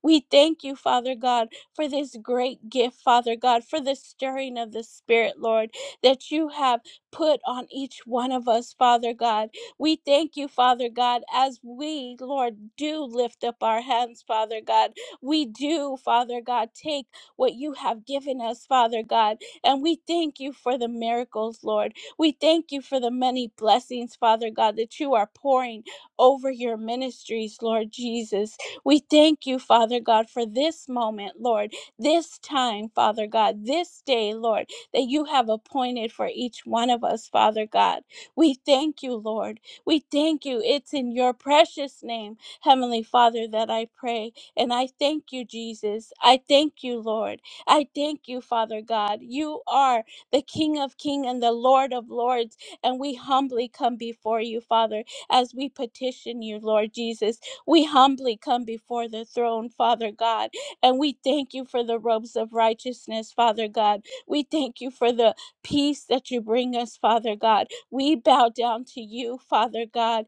Speaker 3: We thank you, Father God, for this great gift, Father God, for the stirring of the Spirit, Lord, that you have put on each one of us, Father God. We thank you, Father God, as we, Lord, do lift up our hands, Father God. We do, Father God, take what you have given us, Father God, and we thank you for the miracles, Lord. We thank you for the many blessings, Father God, that you are pouring over your ministries, Lord Jesus. We thank you, Father God, for this moment, Lord, this time, Father God, this day, Lord, that you have appointed for each one of us, Father God. We thank you, Lord. We thank you. It's in your precious name, Heavenly Father, that I pray. And I thank you, Jesus. I thank you, Lord. I thank you, Father God. You are the King of Kings and the Lord of Lords. And we humbly come before you, Father, as we petition you, Lord Jesus. We humbly come before the throne, Father God, and we thank you for the robes of righteousness, Father God. We thank you for the peace that you bring us, Father God. We bow down to you, Father God.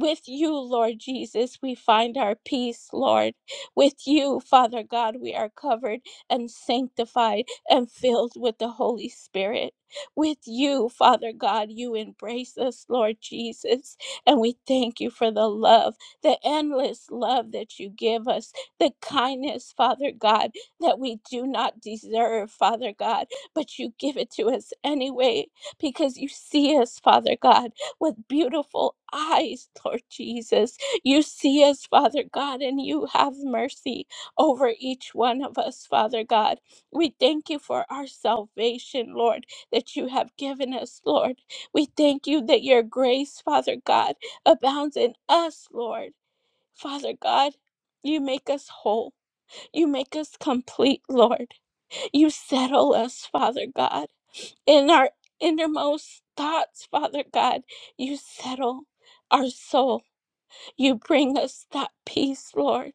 Speaker 3: With you, Lord Jesus, we find our peace, Lord. With you, Father God, we are covered and sanctified and filled with the Holy Spirit. With you, Father God, you embrace us, Lord Jesus. And we thank you for the love, the endless love that you give us, the kindness, Father God, that we do not deserve, Father God, but you give it to us anyway because you see us, Father God, with beautiful eyes, Lord Jesus. You see us, Father God, and you have mercy over each one of us, Father God. We thank you for our salvation, Lord, that you have given us, Lord. We thank you that your grace, Father God, abounds in us, Lord. Father God, you make us whole. You make us complete, Lord. You settle us, Father God. In our innermost thoughts, Father God, you settle our soul. You bring us that peace, Lord.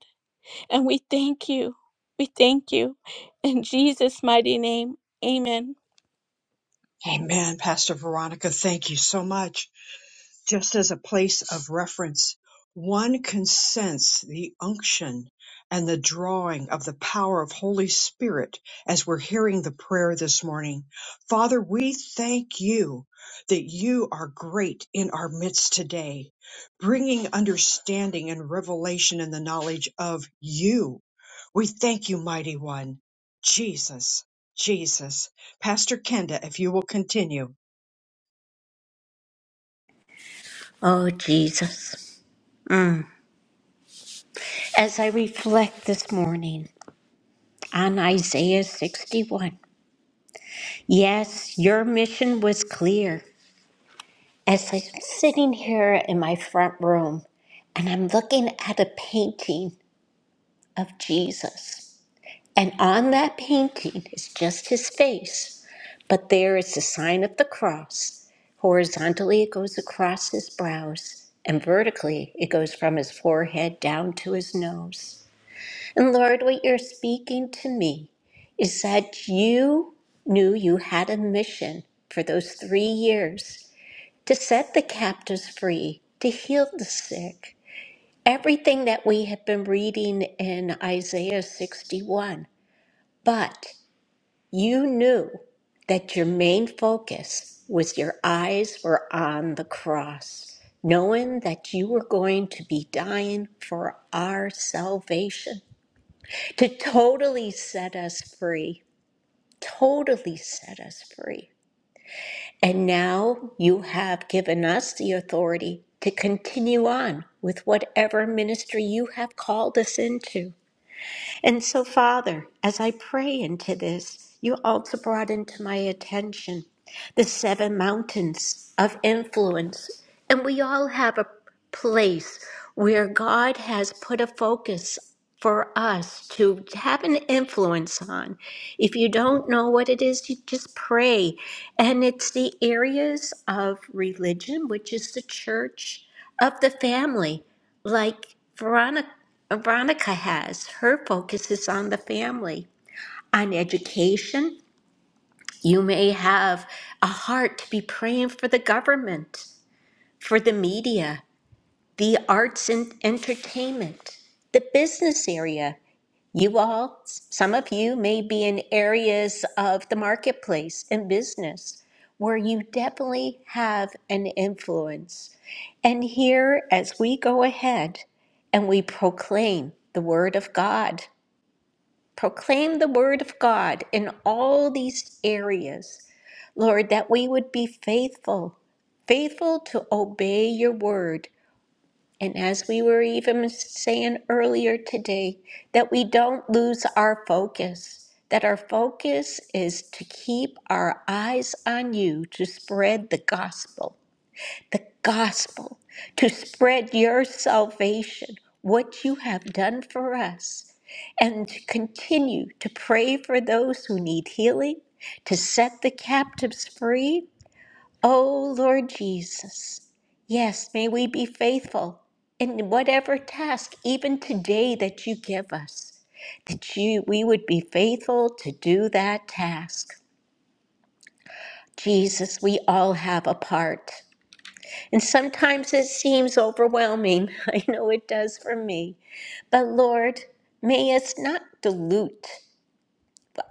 Speaker 3: And we thank you. We thank you. In Jesus' mighty name, amen.
Speaker 1: Amen, Pastor Veronica. Thank you so much. just as a place of reference, one can sense the unction and the drawing of the power of Holy Spirit as we're hearing the prayer this morning. Father, we thank you that you are great in our midst today, bringing understanding and revelation and the knowledge of you. We thank you, mighty one, Jesus, Jesus. Pastor Kenda, if you will continue.
Speaker 4: Oh, Jesus. Mm. As I reflect this morning on Isaiah 61, Yes, your mission was clear. As I'm sitting here in my front room and I'm looking at a painting of Jesus, and on that painting is just his face, but there is the sign of the cross. Horizontally, it goes across his brows, and vertically, it goes from his forehead down to his nose. And Lord, what you're speaking to me is that you knew you had a mission for those three years to set the captives free, to heal the sick. Everything that we have been reading in Isaiah 61. But you knew that your main focus was your eyes were on the cross, knowing that you were going to be dying for our salvation to totally set us free, totally set us free. And now you have given us the authority to continue on with whatever ministry you have called us into. And so, Father, as I pray into this, you also brought into my attention the seven mountains of influence. And we all have a place where God has put a focus for us to have an influence on. If you don't know what it is, you just pray. And it's the areas of religion, which is the church, of the family like Veronica, Veronica has. Her focus is on the family, on education. You may have a heart to be praying for the government, for the media, the arts and entertainment, the business area. You all, some of you may be in areas of the marketplace and business where you definitely have an influence. And here, as we go ahead and we proclaim the Word of God, proclaim the Word of God in all these areas, Lord, that we would be faithful, faithful to obey your Word and as we were even saying earlier today, that we don't lose our focus, that our focus is to keep our eyes on you to spread the gospel, the gospel, to spread your salvation, what you have done for us, and to continue to pray for those who need healing, to set the captives free, Oh, Lord Jesus, yes, may we be faithful in whatever task, even today, that you give us, that you, we would be faithful to do that task. Jesus, we all have a part. And sometimes it seems overwhelming. (laughs) I know it does for me. But Lord, may us not dilute.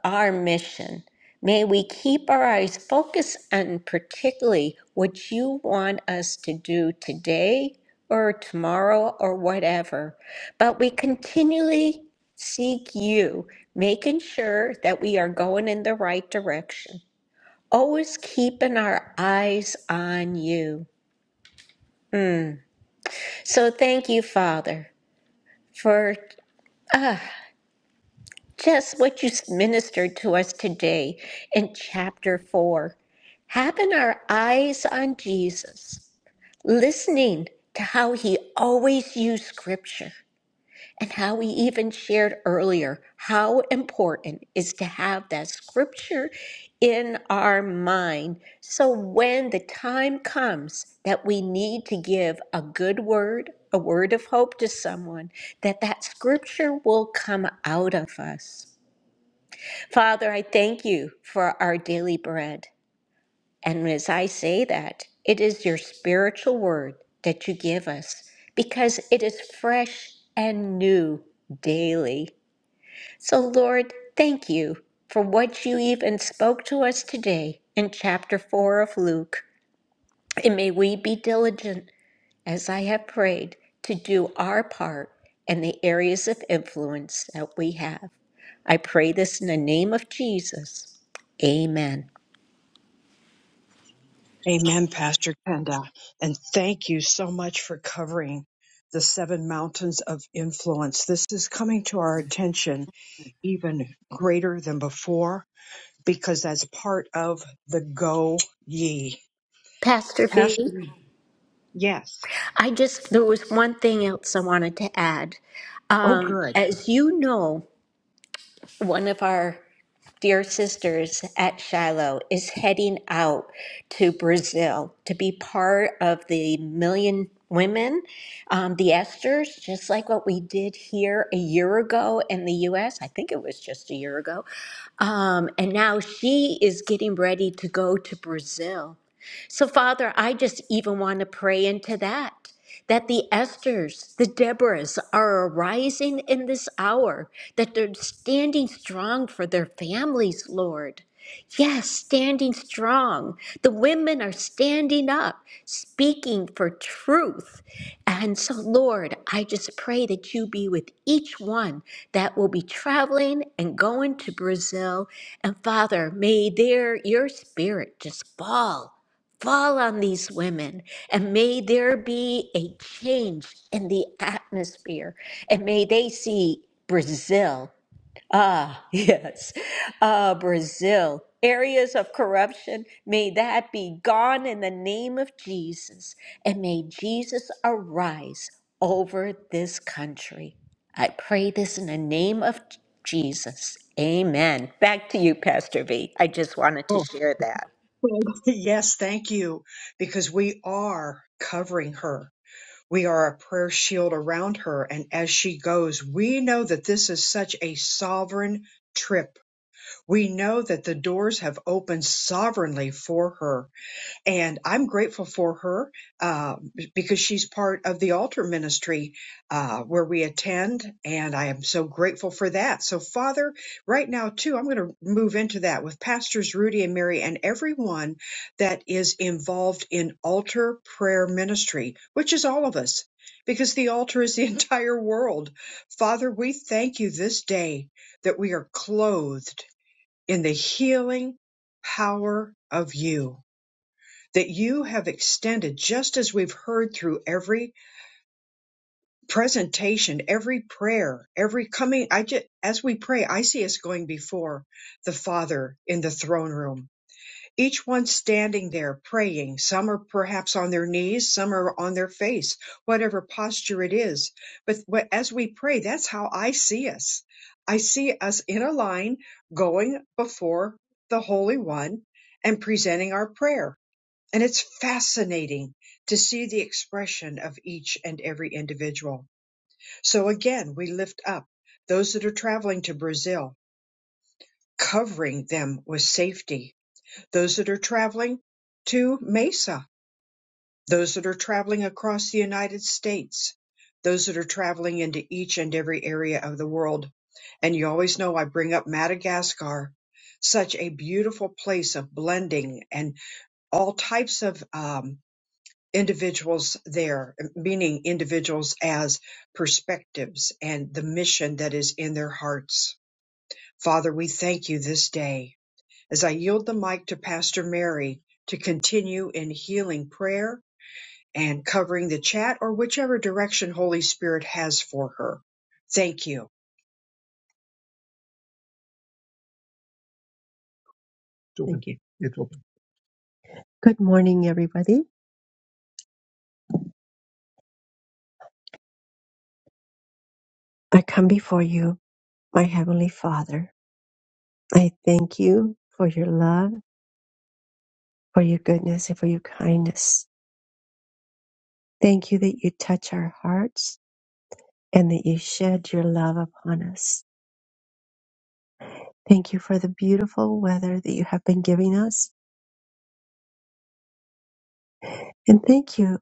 Speaker 4: our mission. May we keep our eyes focused on particularly what you want us to do today or tomorrow or whatever. But we continually seek you, making sure that we are going in the right direction. Always keeping our eyes on you. So thank you, Father, for Just what you ministered to us today in chapter 4. Having our eyes on Jesus, listening to how he always used scripture and how we even shared earlier how important is to have that scripture in our mind. So when the time comes that we need to give a good word, a word of hope to someone, that that scripture will come out of us. Father, I thank you for our daily bread. And as I say that, it is your spiritual word that you give us because it is fresh and new daily. So, Lord, thank you for what you even spoke to us today in chapter 4 of Luke. And may we be diligent as I have prayed, to do our part and the areas of influence that we have. I pray this in the name of Jesus. Amen.
Speaker 1: Amen, Pastor Kenda. And thank you so much for covering the seven mountains of influence. This is coming to our attention even greater than before because that's part of the go ye.
Speaker 4: Pastor V,
Speaker 1: Pastor, yes.
Speaker 4: I just, there was one thing else I wanted to add.
Speaker 1: Oh,
Speaker 4: Um,
Speaker 1: good.
Speaker 4: as you know, one of our Dear Sisters at Shiloh is heading out to Brazil to be part of the Million Women, um, the Esters, just like what we did here a year ago in the US. I think it was just a year ago. Um, and now she is getting ready to go to Brazil. So, Father, I just even want to pray into that. That the Esthers, the Deborahs are arising in this hour, that they're standing strong for their families, Lord. Yes, standing strong. The women are standing up, speaking for truth. And so, Lord, I just pray that you be with each one that will be traveling and going to Brazil. And Father, may there your spirit just fall. Fall on these women and may there be a change in the atmosphere and may they see Brazil. Ah, (laughs) yes. Ah, Brazil. Areas of corruption, may that be gone in the name of Jesus and may Jesus arise over this country. I pray this in the name of Jesus. Amen. Back to you, Pastor V. I just wanted to
Speaker 1: Oh,
Speaker 4: share that.
Speaker 1: good. (laughs) yes, thank you. Because we are covering her. We are a prayer shield around her. And as she goes, we know that this is such a sovereign trip We know that the doors have opened sovereignly for her. And I'm grateful for her uh, because she's part of the altar ministry uh, where we attend. And I am so grateful for that. So, Father, right now, too, I'm going to move into that with Pastors Rudy and Mary and everyone that is involved in altar prayer ministry, which is all of us. Because the altar is the (laughs) entire world. Father, we thank you this day that we are clothed in the healing power of you that you have extended just as we've heard through every presentation every prayer every coming i just as we pray i see us going before the father in the throne room each one standing there praying. Some are perhaps on their knees, some are on their face, whatever posture it is. But wh- as we pray, that's how I see us. I see us in a line going before the Holy One and presenting our prayer. And it's fascinating to see the expression of each and every individual. So again, we lift up those that are traveling to Brazil, covering them with safety those that are traveling to Mesa, those that are traveling across the United States, those that are traveling into each and every area of the world. And you always know I bring up Madagascar, such a beautiful place of blending and all types of um, individuals there, meaning individuals as perspectives and the mission that is in their hearts. Father, we thank you this day as I yield the mic to Pastor Mary to continue in healing prayer and covering the chat or whichever direction Holy Spirit has for her. Thank you.
Speaker 2: open. Thank you. It's open. Good morning, everybody. I come before you, my Heavenly Father. I thank you for your love, for your goodness, and for your kindness. Thank you that you touch our hearts and that you shed your love upon us. Thank you for the beautiful weather that you have been giving us. And thank you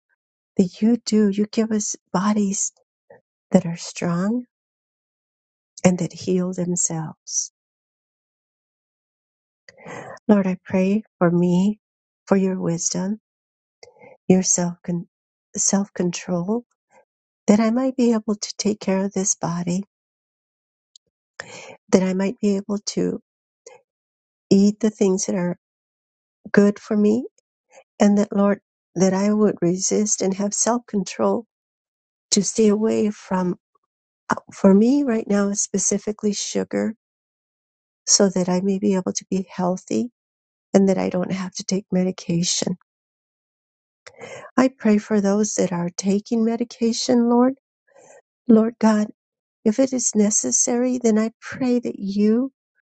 Speaker 2: that you do, you give us bodies that are strong and that heal themselves. Lord, I pray for me, for your wisdom, your self con- self control, that I might be able to take care of this body, that I might be able to eat the things that are good for me, and that Lord, that I would resist and have self control to stay away from, uh, for me right now, specifically sugar, so that I may be able to be healthy and that I don't have to take medication. I pray for those that are taking medication, Lord. Lord God, If it is necessary, then I pray that you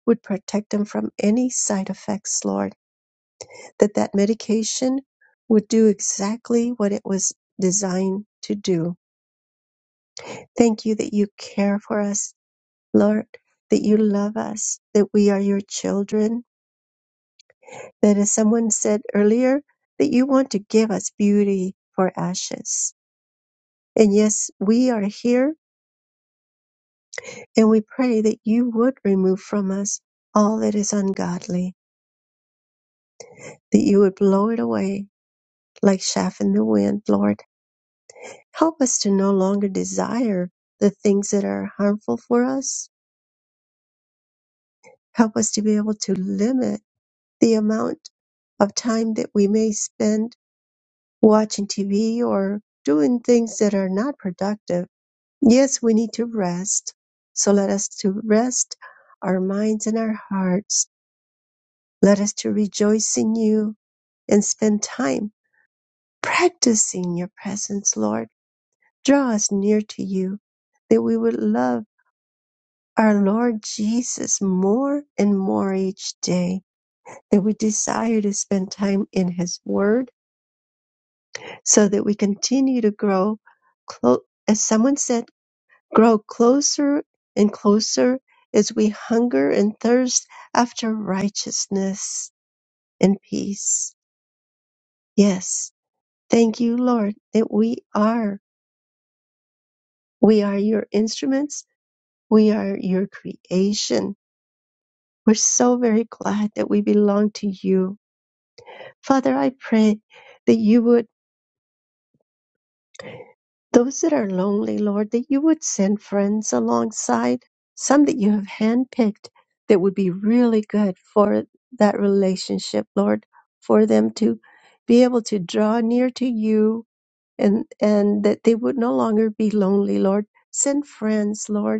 Speaker 2: would protect him from any side effects, Lord, that that medication would do exactly what it was designed to do. Thank you that you care for us, Lord, that you love us, that we are your children, that as someone said earlier, that you want to give us beauty for ashes. And yes, we are here and we pray that you would remove from us all that is ungodly that you would blow it away like chaff in the wind, Lord. Help us to no longer desire the things that are harmful for us. Help us to be able to limit the amount of time that we may spend watching TV or doing things that are not productive. Yes, we need to rest. So let us to rest our minds and our hearts. Let us to rejoice in you and spend time practicing your presence, Lord Draw us near to you, that we would love our Lord Jesus more and more each day, that we desire to spend time in His Word so that we continue to grow, clo- as someone said, grow closer and closer as we hunger and thirst after righteousness and peace. Yes, thank you, Lord, that we are. We are your instruments. We are your creation We're so very glad that we belong to you. Father, I pray that you would, those that are lonely, Lord, that you would send friends alongside, some that you have handpicked that would be really good for that relationship, Lord, for them to be able to draw near to you and, and that they would no longer be lonely, Lord. Send friends, Lord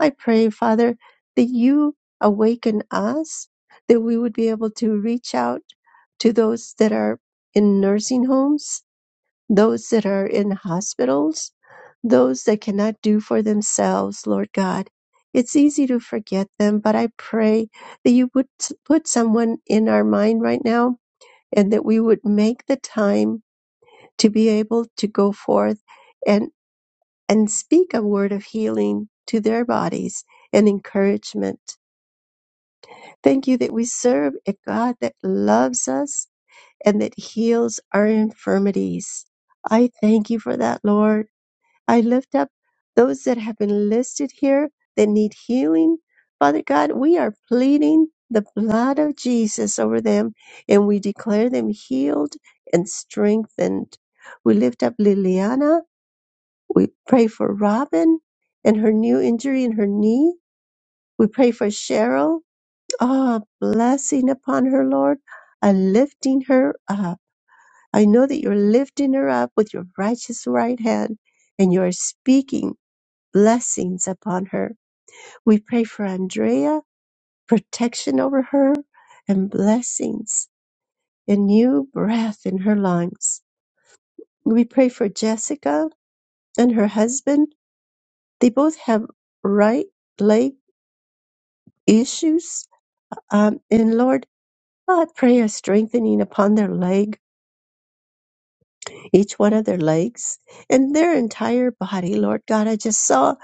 Speaker 2: I pray, Father, that you awaken us, that we would be able to reach out to those that are in nursing homes, those that are in hospitals, those that cannot do for themselves, Lord God. It's easy to forget them, but I pray that you would s- put someone in our mind right now and that we would make the time to be able to go forth and speak a word of healing to their bodies and encouragement. Thank you that we serve a God that loves us and that heals our infirmities. I thank you for that, Lord. I lift up those that have been listed here that need healing. Father God, we are pleading the blood of Jesus over them and we declare them healed and strengthened. We lift up Liliana we pray for Robin and her new injury in her knee. We pray for Cheryl. Ah, blessing upon her, Lord. I lifting her up. I know that you're lifting her up with your righteous right hand and you are speaking blessings upon her. We pray for Andrea, protection over her and blessings and new breath in her lungs. We pray for Jessica and her husband. They both have right leg. issues. Um, and Lord, I pray a strengthening upon their leg, each one of their legs, and their entire body. Lord God, I just saw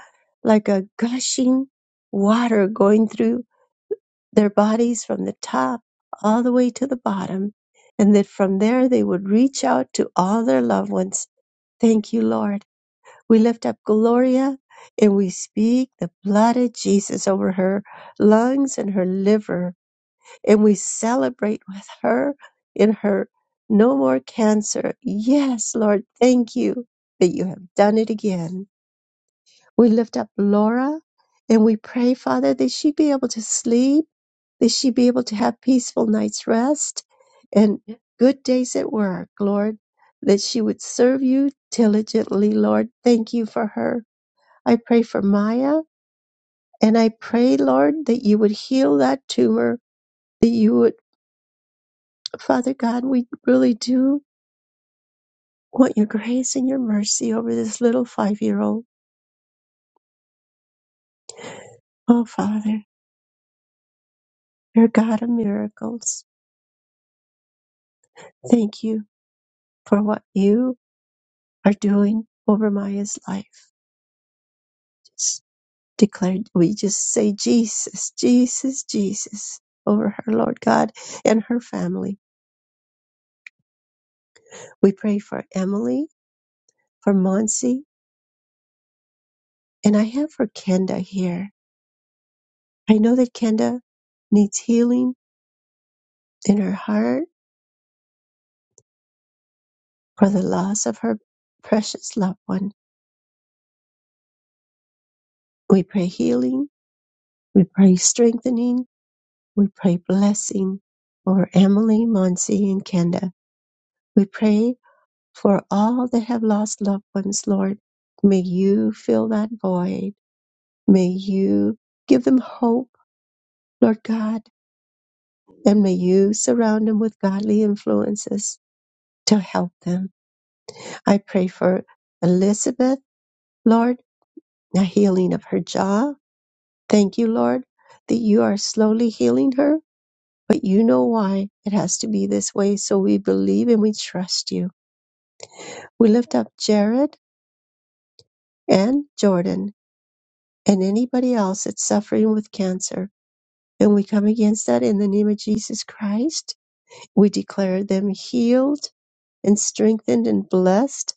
Speaker 2: like a gushing water going through their bodies from the top all the way to the bottom. And that from there they would reach out to all their loved ones. Thank you, Lord. We lift up Gloria and we speak the blood of Jesus over her lungs and her liver and we celebrate with her in her no more cancer. Yes, Lord, thank you that you have done it again. We lift up Laura and we pray, Father, that she be able to sleep, that she be able to have peaceful night's rest and good days at work, Lord, that she would serve you diligently, Lord. Thank you for her. I pray for Maya and I pray, Lord, that you would heal that tumor, that you would Father God, we really do want your grace and your mercy over this little five year old. Oh, Father, you're God of miracles. Thank you for what you are doing over Maya's life. Just declare, we just say Jesus, Jesus, Jesus over her, Lord God, and her family. We pray for Emily, for Monsi, and I have for Kenda here. I know that Kenda needs healing in her heart For the loss of her precious loved one, we pray healing, we pray strengthening, we pray blessing over Emily, Monsi, and Kenda. We pray for all that have lost loved ones, Lord. May you fill that void. May you give them hope, Lord God, and may you surround them with godly influences to help them. I pray for Elizabeth, Lord, a healing of her jaw Thank you, Lord, that you are slowly healing her, but you know why it has to be this way. So we believe and we trust you. We lift up Jared and Jordan and anybody else that's suffering with cancer. And we come against that in the name of Jesus Christ. We declare them healed and strengthened and blessed.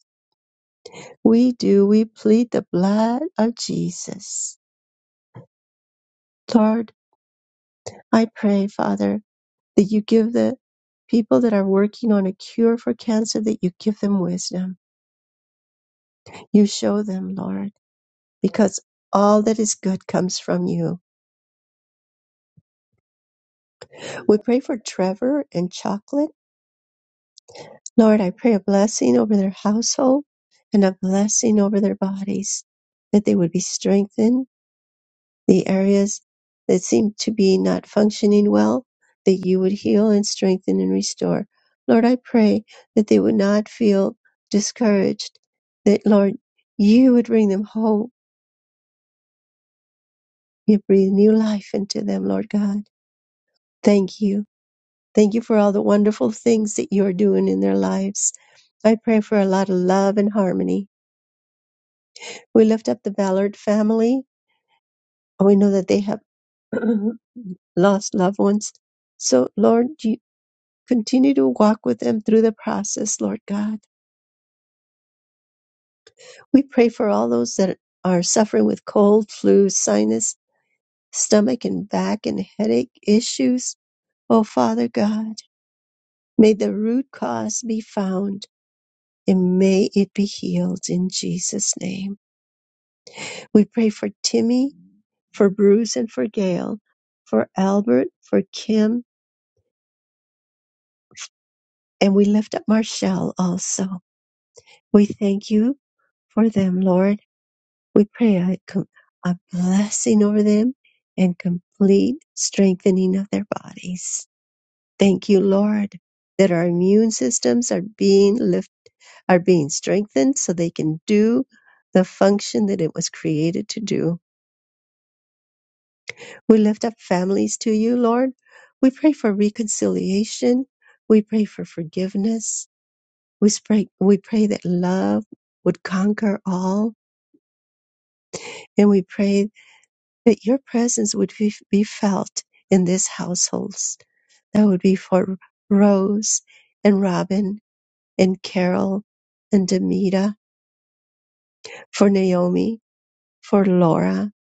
Speaker 2: We do. We plead the blood of Jesus. Lord, I pray, Father, that you give the people that are working on a cure for cancer that you give them wisdom. You show them, Lord, because all that is good comes from you. We pray for Trevor and Chocolate. Lord, I pray a blessing over their household and a blessing over their bodies, that they would be strengthened The areas that seem to be not functioning well, that you would heal and strengthen and restore. Lord, I pray that they would not feel discouraged, that, Lord, you would bring them hope. You breathe new life into them, Lord God. Thank you. Thank you for all the wonderful things that you are doing in their lives. I pray for a lot of love and harmony. We lift up the Ballard family. We know that they have (clears throat) lost loved ones. So, Lord, Continue to walk with them through the process, Lord God. We pray for all those that are suffering with cold, flu, sinus, stomach and back and headache issues. Oh, Father God, may the root cause be found and may it be healed in Jesus' name. We pray for Timmy, for Bruce and for Gail, for Albert, for Kim, and we lift up Marshall also. We thank you for them, Lord We pray a, com- a blessing over them and complete strengthening of their bodies. Thank you, Lord, that our immune systems are being lift, are being strengthened so they can do the function that it was created to do. We lift up families to you, Lord. We pray for reconciliation. We pray for forgiveness. We, spray, we pray that love would conquer all. And we pray that your presence would be be felt in these households. That would be for Rose and Robin and Carol and Demita, for Naomi, for Laura,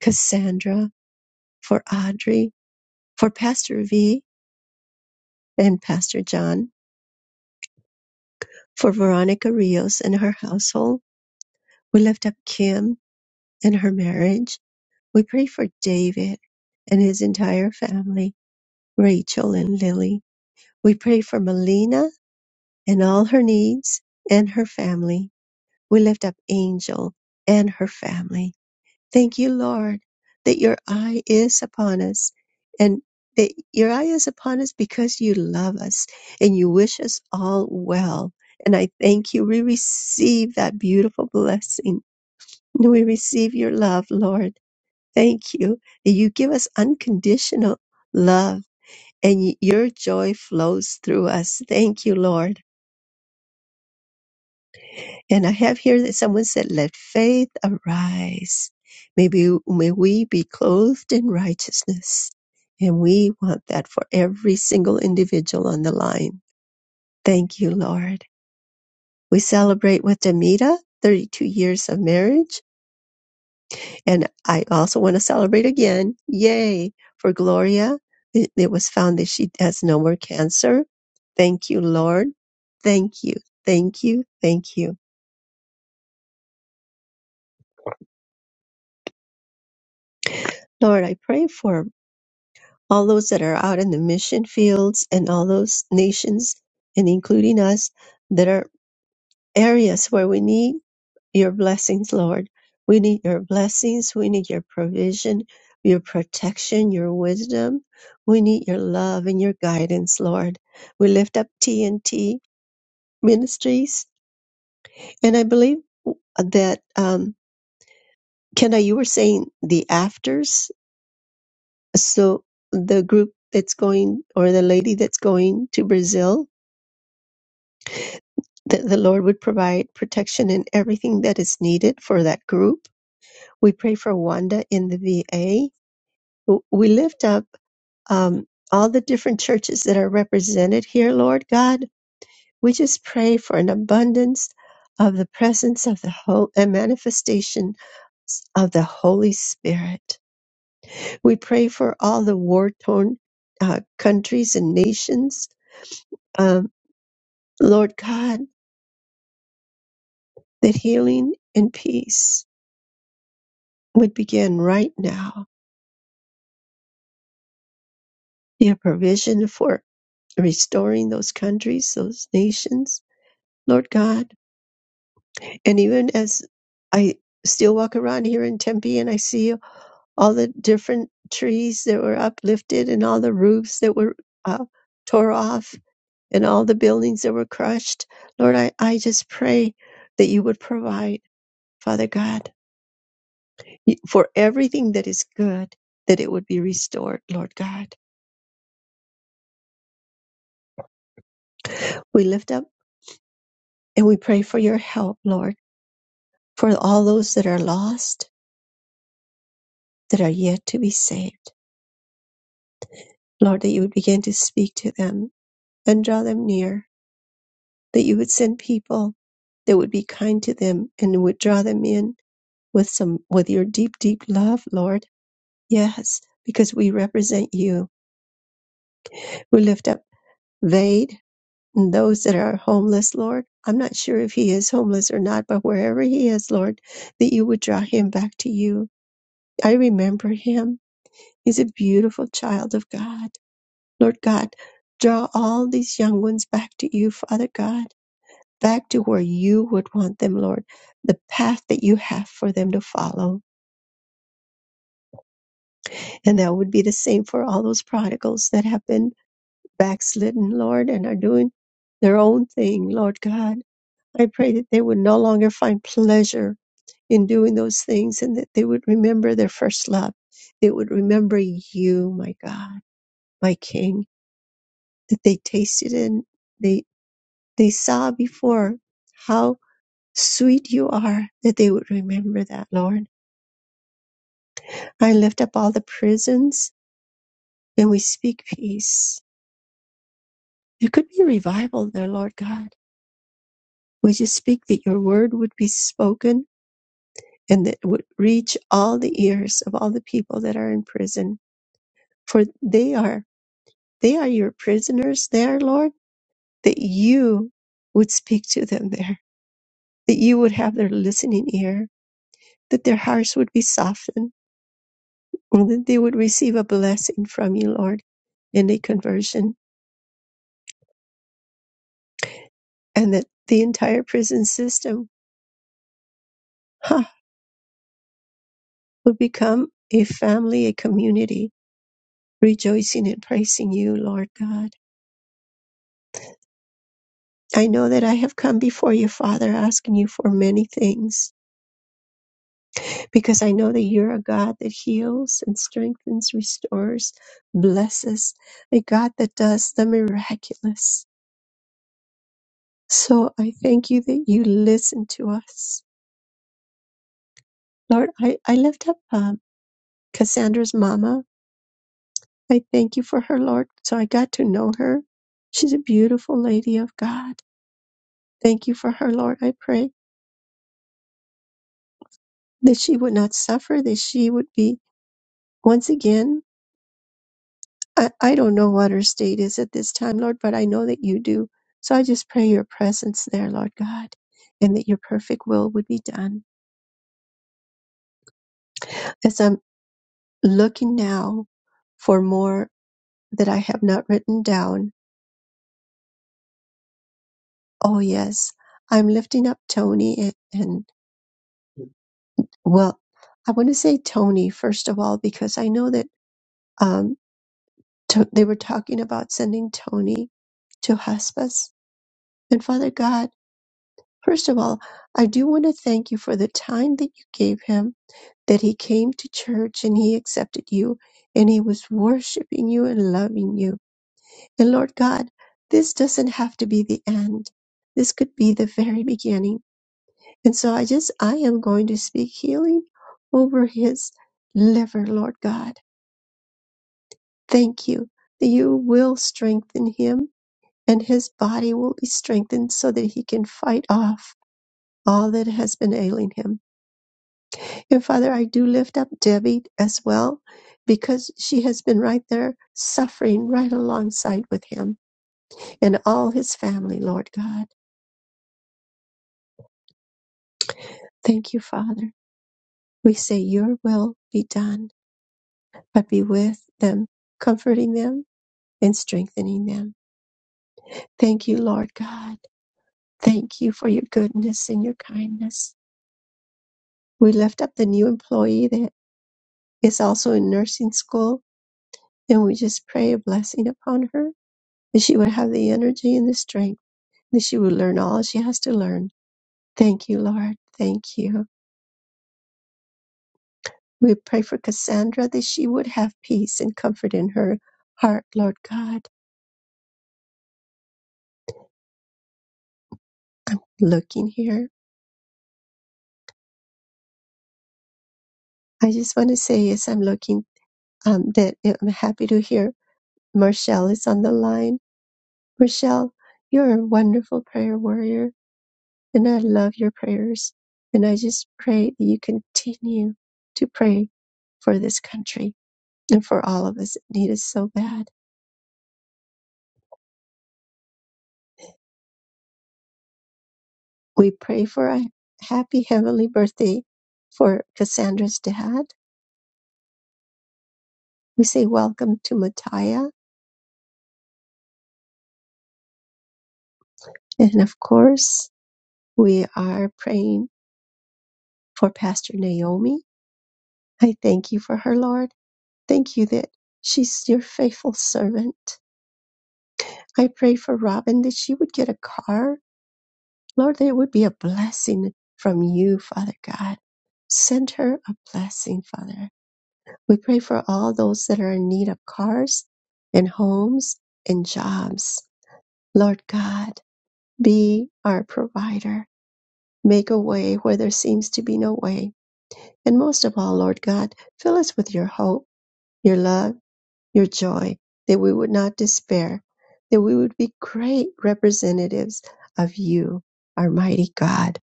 Speaker 2: Cassandra, for Audrey, for Pastor V and Pastor John, for Veronica Rios and her household. We lift up Kim and her marriage. We pray for David and his entire family, Rachel and Lily. We pray for Melina and all her needs and her family. We lift up Angel and her family. Thank you, Lord, that your eye is upon us and that your eye is upon us because you love us and you wish us all well. And I thank you. We receive that beautiful blessing. We receive your love, Lord. Thank you that you give us unconditional love and your joy flows through us. Thank you, Lord. And I have here that someone said, Let faith arise. Maybe may we be clothed in righteousness. And we want that for every single individual on the line. Thank you, Lord. We celebrate with Demita 32 years of marriage. And I also want to celebrate again. Yay for Gloria. It, it was found that she has no more cancer. Thank you, Lord. Thank you. Thank you. Thank you. Lord, I pray for all those that are out in the mission fields and all those nations and including us that are areas where we need your blessings, Lord. We need your blessings. We need your provision, your protection, your wisdom. We need your love and your guidance, Lord. We lift up TNT ministries. And I believe that, um, Kenna, you were saying the afters. So the group that's going or the lady that's going to Brazil that the Lord would provide protection and everything that is needed for that group. We pray for Wanda in the VA. We lift up um, all the different churches that are represented here, Lord God. We just pray for an abundance of the presence of the whole and manifestation of the Holy Spirit. We pray for all the war torn uh, countries and nations, um, Lord God, that healing and peace would begin right now your provision for restoring those countries, those nations, Lord God. And even as I still walk around here in Tempe and I see all the different trees that were uplifted and all the roofs that were uh, tore off and all the buildings that were crushed, Lord, I, I just pray that you would provide, Father God, for everything that is good, that it would be restored, Lord God. We lift up and we pray for your help, Lord for all those that are lost, that are yet to be saved. Lord, that you would begin to speak to them and draw them near, that you would send people that would be kind to them and would draw them in with some, with your deep, deep love, Lord. Yes, because we represent you. We lift up Vade and those that are homeless, Lord. I'm not sure if he is homeless or not, but wherever he is, Lord, that you would draw him back to you. I remember him. He's a beautiful child of God Lord God, draw all these young ones back to you, Father God, back to where you would want them, Lord, the path that you have for them to follow. And that would be the same for all those prodigals that have been backslidden, Lord, and are doing their own thing, Lord God. I pray that they would no longer find pleasure in doing those things and that they would remember their first love. They would remember you, my God, my King, that they tasted and they they saw before how sweet you are that they would remember that lord i lift up all the prisons and we speak peace there could be revival there lord god we just speak that your word would be spoken and that it would reach all the ears of all the people that are in prison for they are they are your prisoners there lord that you would speak to them there that you would have their listening ear that their hearts would be softened and that they would receive a blessing from you, Lord, in a conversion, and that the entire prison system ha, would become a family, a community, rejoicing and praising you, Lord God. I know that I have come before you, Father, asking you for many things, because I know that you're a God that heals and strengthens, restores, blesses, a God that does the miraculous. So I thank you that you listen to us. Lord, I, I lift up um, Cassandra's mama. I thank you for her, Lord. So I got to know her. She's a beautiful lady of God. Thank you for her, Lord. I pray that she would not suffer, that she would be once again. I, I don't know what her state is at this time, Lord, but I know that you do. So I just pray your presence there, Lord God, and that your perfect will would be done. As I'm looking now for more that I have not written down, oh yes, I'm lifting up Tony and, and Well, I want to say Tony, first of all, because I know that um, to- they were talking about sending Tony to hospice. And Father God, first of all, I do want to thank you for the time that you gave him, that he came to church and he accepted you and he was worshiping you and loving you. And Lord God, this doesn't have to be the end. This could be the very beginning. And so I just, I am going to speak healing over his liver, Lord God. Thank you that you will strengthen him and his body will be strengthened so that he can fight off all that has been ailing him. And Father, I do lift up Debbie as well because she has been right there suffering right alongside with him and all his family, Lord God. Thank you, Father. We say, Your will be done, but be with them, comforting them and strengthening them. Thank you, Lord God. Thank you for your goodness and your kindness. we lift up the new employee that is also in nursing school and we just pray a blessing upon her that she would have the energy and the strength that she would learn all she has to learn thank you lord thank you we pray for cassandra that she would have peace and comfort in her heart lord god looking here i just want to say as i'm looking um, that i'm happy to hear marshall is on the line marshall you're a wonderful prayer warrior And I love your prayers. And I just pray that you continue to pray for this country and for all of us that need us so bad. We pray for a happy heavenly birthday for Cassandra's dad. We say welcome to Mattia. And of course, we are praying for Pastor Naomi. I thank you for her, Lord. Thank you that she's your faithful servant. I pray for Robin that she would get a car Lord, that it would be a blessing from you, Father God. Send her a blessing, Father. We pray for all those that are in need of cars and homes and jobs. Lord God, be our provider. Make a way where there seems to be no way. And most of all, Lord God, fill us with your hope, your love, your joy, that we would not despair, that we would be great representatives of you, our mighty God.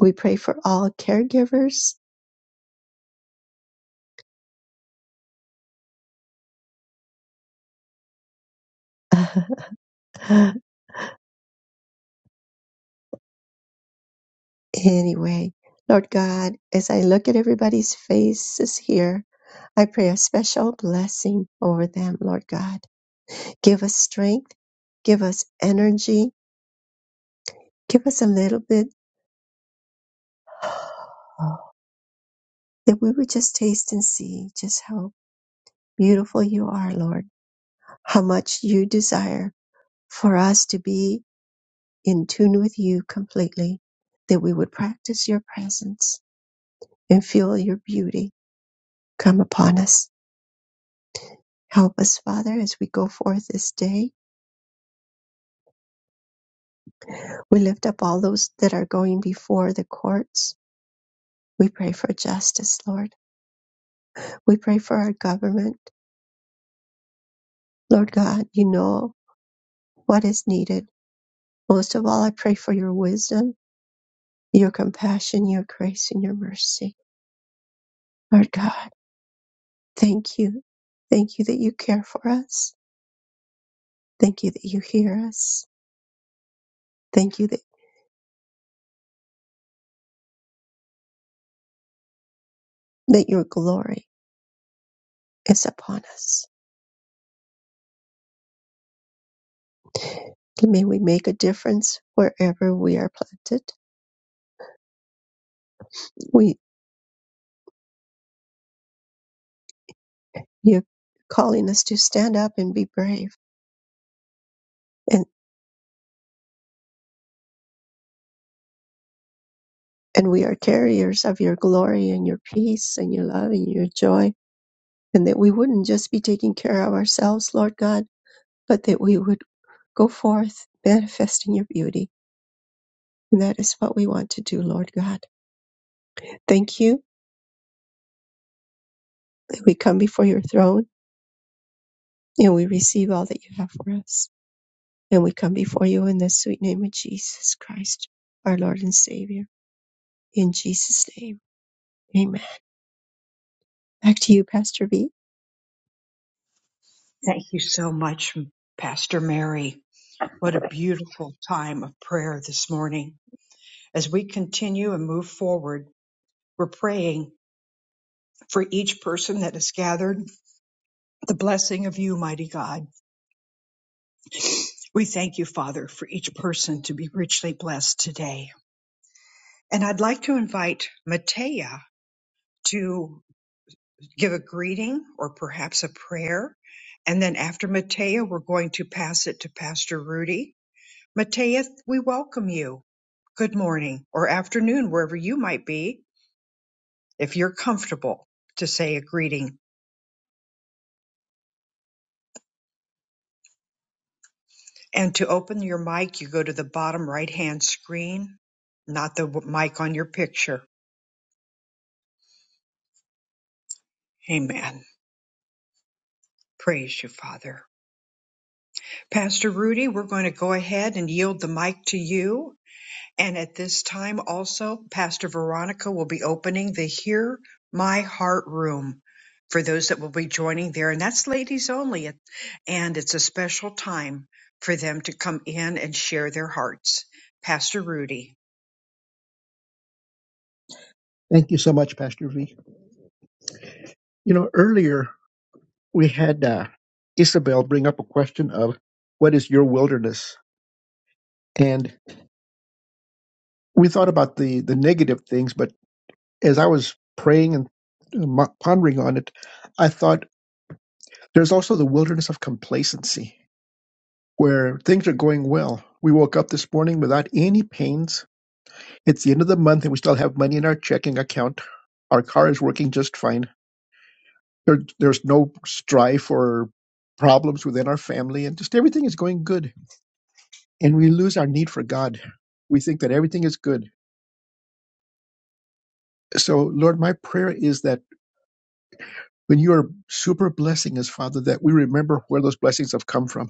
Speaker 2: We pray for all caregivers. (laughs) anyway, Lord God, as I look at everybody's faces here, I pray a special blessing over them, Lord God. Give us strength, give us energy, give us a little bit (gasps) that we would just taste and see just how beautiful you are, Lord, how much you desire for us to be in tune with you completely, that we would practice your presence and feel your beauty come upon us. Help us, Father, as we go forth this day. We lift up all those that are going before the courts. We pray for justice, Lord. We pray for our government. Lord God, you know what is needed. Most of all, I pray for your wisdom, your compassion, your grace, and your mercy. Lord God, thank you. Thank you that you care for us. Thank you that you hear us. Thank you that, that your glory is upon us. May we make a difference wherever we are planted. We, you're calling us to stand up and be brave. And, and we are carriers of your glory and your peace and your love and your joy. And that we wouldn't just be taking care of ourselves, Lord God, but that we would go forth manifesting your beauty. And that is what we want to do, Lord God. Thank you that we come before your throne and we receive all that you have for us. And we come before you in the sweet name of Jesus Christ, our Lord and Savior. In Jesus' name, amen. Back to you, Pastor V.
Speaker 1: Thank you so much, Pastor Mary. What a beautiful time of prayer this morning. As we continue and move forward, we're praying for each person that is gathered, the blessing of you, mighty God. We thank you, Father, for each person to be richly blessed today. And I'd like to invite Matea to give a greeting or perhaps a prayer. And then after Matea, we're going to pass it to Pastor Rudy. Matea, we welcome you. Good morning or afternoon, wherever you might be, if you're comfortable to say a greeting. And to open your mic, you go to the bottom right hand screen, not the w- mic on your picture. Amen. Praise you, Father. Pastor Rudy, we're going to go ahead and yield the mic to you And at this time also, Pastor Veronica will be opening the Hear My Heart room for those that will be joining there. And that's ladies only. And it's a special time for them to come in and share their hearts. Pastor Rudy.
Speaker 2: Thank you so much, Pastor V. You know, earlier we had uh, Isabel bring up a question of what is your wilderness? And we thought about the, the negative things, but as I was praying and uh, mo- pondering on it, I thought there's also the wilderness of complacency. where things are going well. We woke up this morning without any pains. It's the end of the month and we still have money in our checking account. Our car is working just fine. There, there's no strife or problems within our family, and just everything is going good. And we lose our need for God. We think that everything is good. So, Lord, my prayer is that when you are super blessing us, Father, that we remember where those blessings have come from,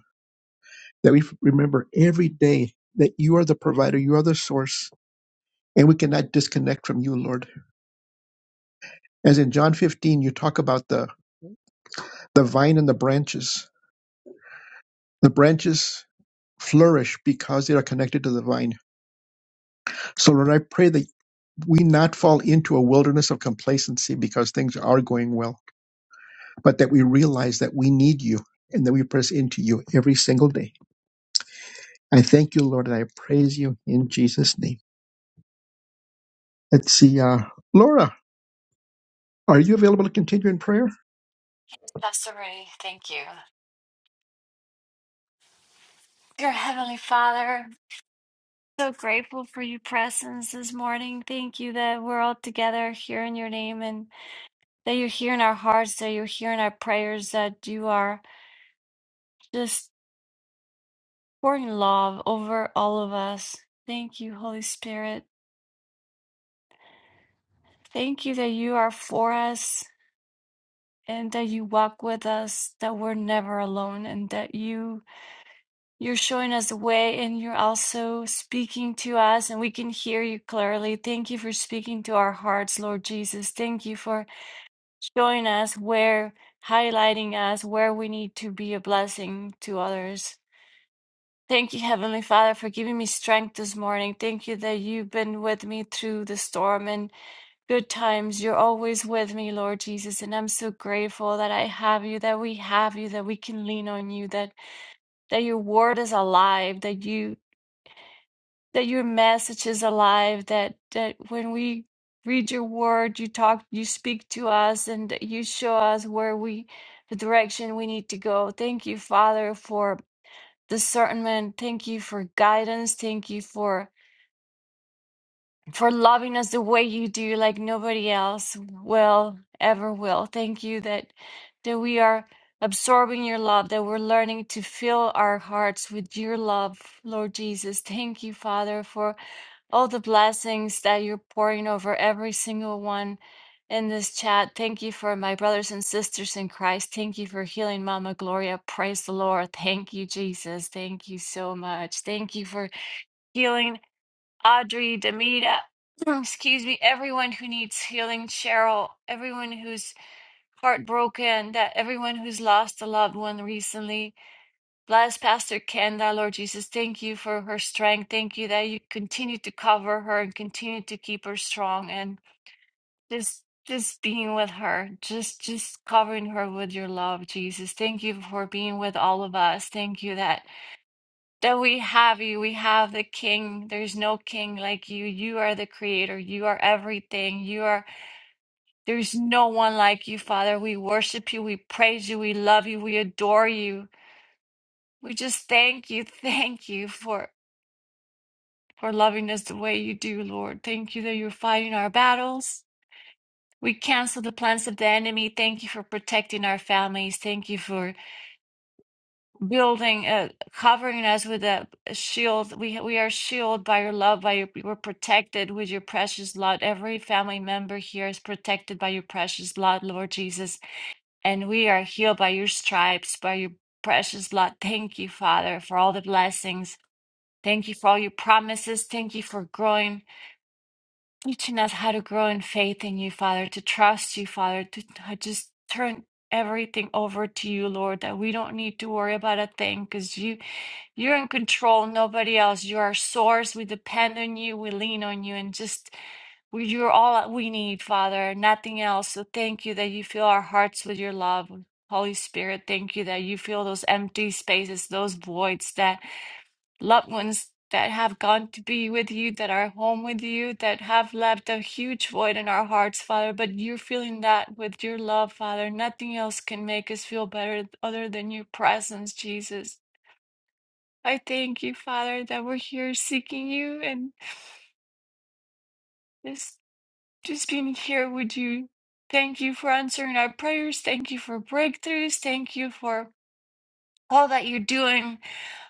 Speaker 2: that we remember every day that you are the provider, you are the source, and we cannot disconnect from you, Lord. As in John 15, you talk about the, the vine and the branches. The branches flourish because they are connected to the vine. So, Lord, I pray that we not fall into a wilderness of complacency because things are going well, but that we realize that we need you and that we press into you every single day. I thank you, Lord, and I praise you in Jesus' name. Let's see, uh, Laura. Are you available to continue in prayer?
Speaker 8: Desiree, thank you. Dear Heavenly Father, so grateful for your presence this morning. Thank you that we're all together here in your name and that you're here in our hearts, that you're here in our prayers, that you are just pouring love over all of us. Thank you, Holy Spirit. Thank you that you are for us and that you walk with us, that we're never alone, and that you You're showing us the way and you're also speaking to us, and we can hear you clearly. Thank you for speaking to our hearts, Lord Jesus. Thank you for showing us where, highlighting us where we need to be a blessing to others. Thank you, Heavenly Father, for giving me strength this morning. Thank you that you've been with me through the storm and good times. You're always with me, Lord Jesus. And I'm so grateful that I have you, that we have you, that we can lean on you, that, that your word is alive, that you that your message is alive that that when we read your word you talk you speak to us and that you show us where we the direction we need to go thank you father for discernment thank you for guidance thank you for for loving us the way you do like nobody else will ever will thank you that that we are absorbing your love that we're learning to fill our hearts with your love lord jesus thank you father for all the blessings that you're pouring over every single one in this chat. Thank you for my brothers and sisters in Christ. Thank you for healing Mama Gloria. Praise the Lord. Thank you, Jesus. Thank you so much. Thank you for healing Audrey, Demita. (clears throat) Excuse me, everyone who needs healing, Cheryl, everyone who's heartbroken, that everyone who's lost a loved one recently. Bless Pastor Kenda, Lord Jesus. Thank you for her strength. Thank you that you continue to cover her and continue to keep her strong and just just being with her, just just covering her with your love, Jesus. Thank you for being with all of us. Thank you that that we have you. We have the King. There's no King like you. You are the Creator. You are everything. You are. There's no one like you, Father. We worship you. We praise you. We love you. We adore you. We just thank you, (laughs) thank you for for loving us the way you do, Lord. Thank you that you're fighting our battles. We cancel the plans of the enemy. Thank you for protecting our families. Thank you for building, uh, covering us with a a shield. We we are shielded by your love. By your, we're protected with your precious blood. Every family member here is protected by your precious blood, Lord Jesus, and we are healed by your stripes, by your precious blood. Thank you, Father, for all the blessings. Thank you for all your promises. Thank you for growing teaching us how to grow in faith in you, Father, to trust you, Father, to I just turn everything over to you, Lord, that we don't need to worry about a thing because you you're in control, nobody else. You're our source. We depend on you, we lean on you, and just we, you're all that we need, Father, nothing else. So thank you that you fill our hearts with your love. Holy Spirit, thank you that you fill those empty spaces, those voids that loved ones that have gone to be with you, that are home with you, that have left a huge void in our hearts, Father. But you're filling that with your love, Father. Nothing else can make us feel better other than your presence, Jesus. I thank you, Father, that we're here seeking you and just just being here with you. Thank you for answering our prayers. Thank you for breakthroughs. Thank you for all that you're doing,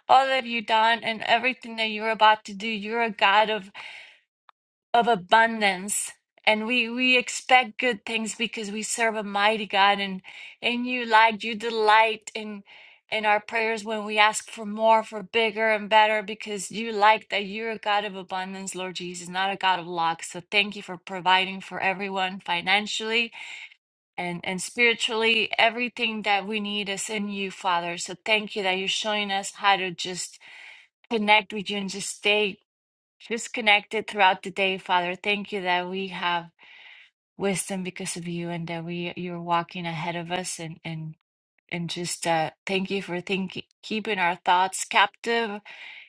Speaker 8: all that you've done, and everything that you're about to do. You're a God of of abundance and we we expect good things because we serve a mighty God and and you like you delight in in our prayers when we ask for more for bigger and better because you like that you're a God of abundance Lord Jesus not a God of lack so thank you for providing for everyone financially and and spiritually everything that we need is in you Father so thank you that you're showing us how to just connect with you and just stay just connected throughout the day, Father. Thank you that we have wisdom because of you and that we you're walking ahead of us and and and just uh thank you for thinking keeping our thoughts captive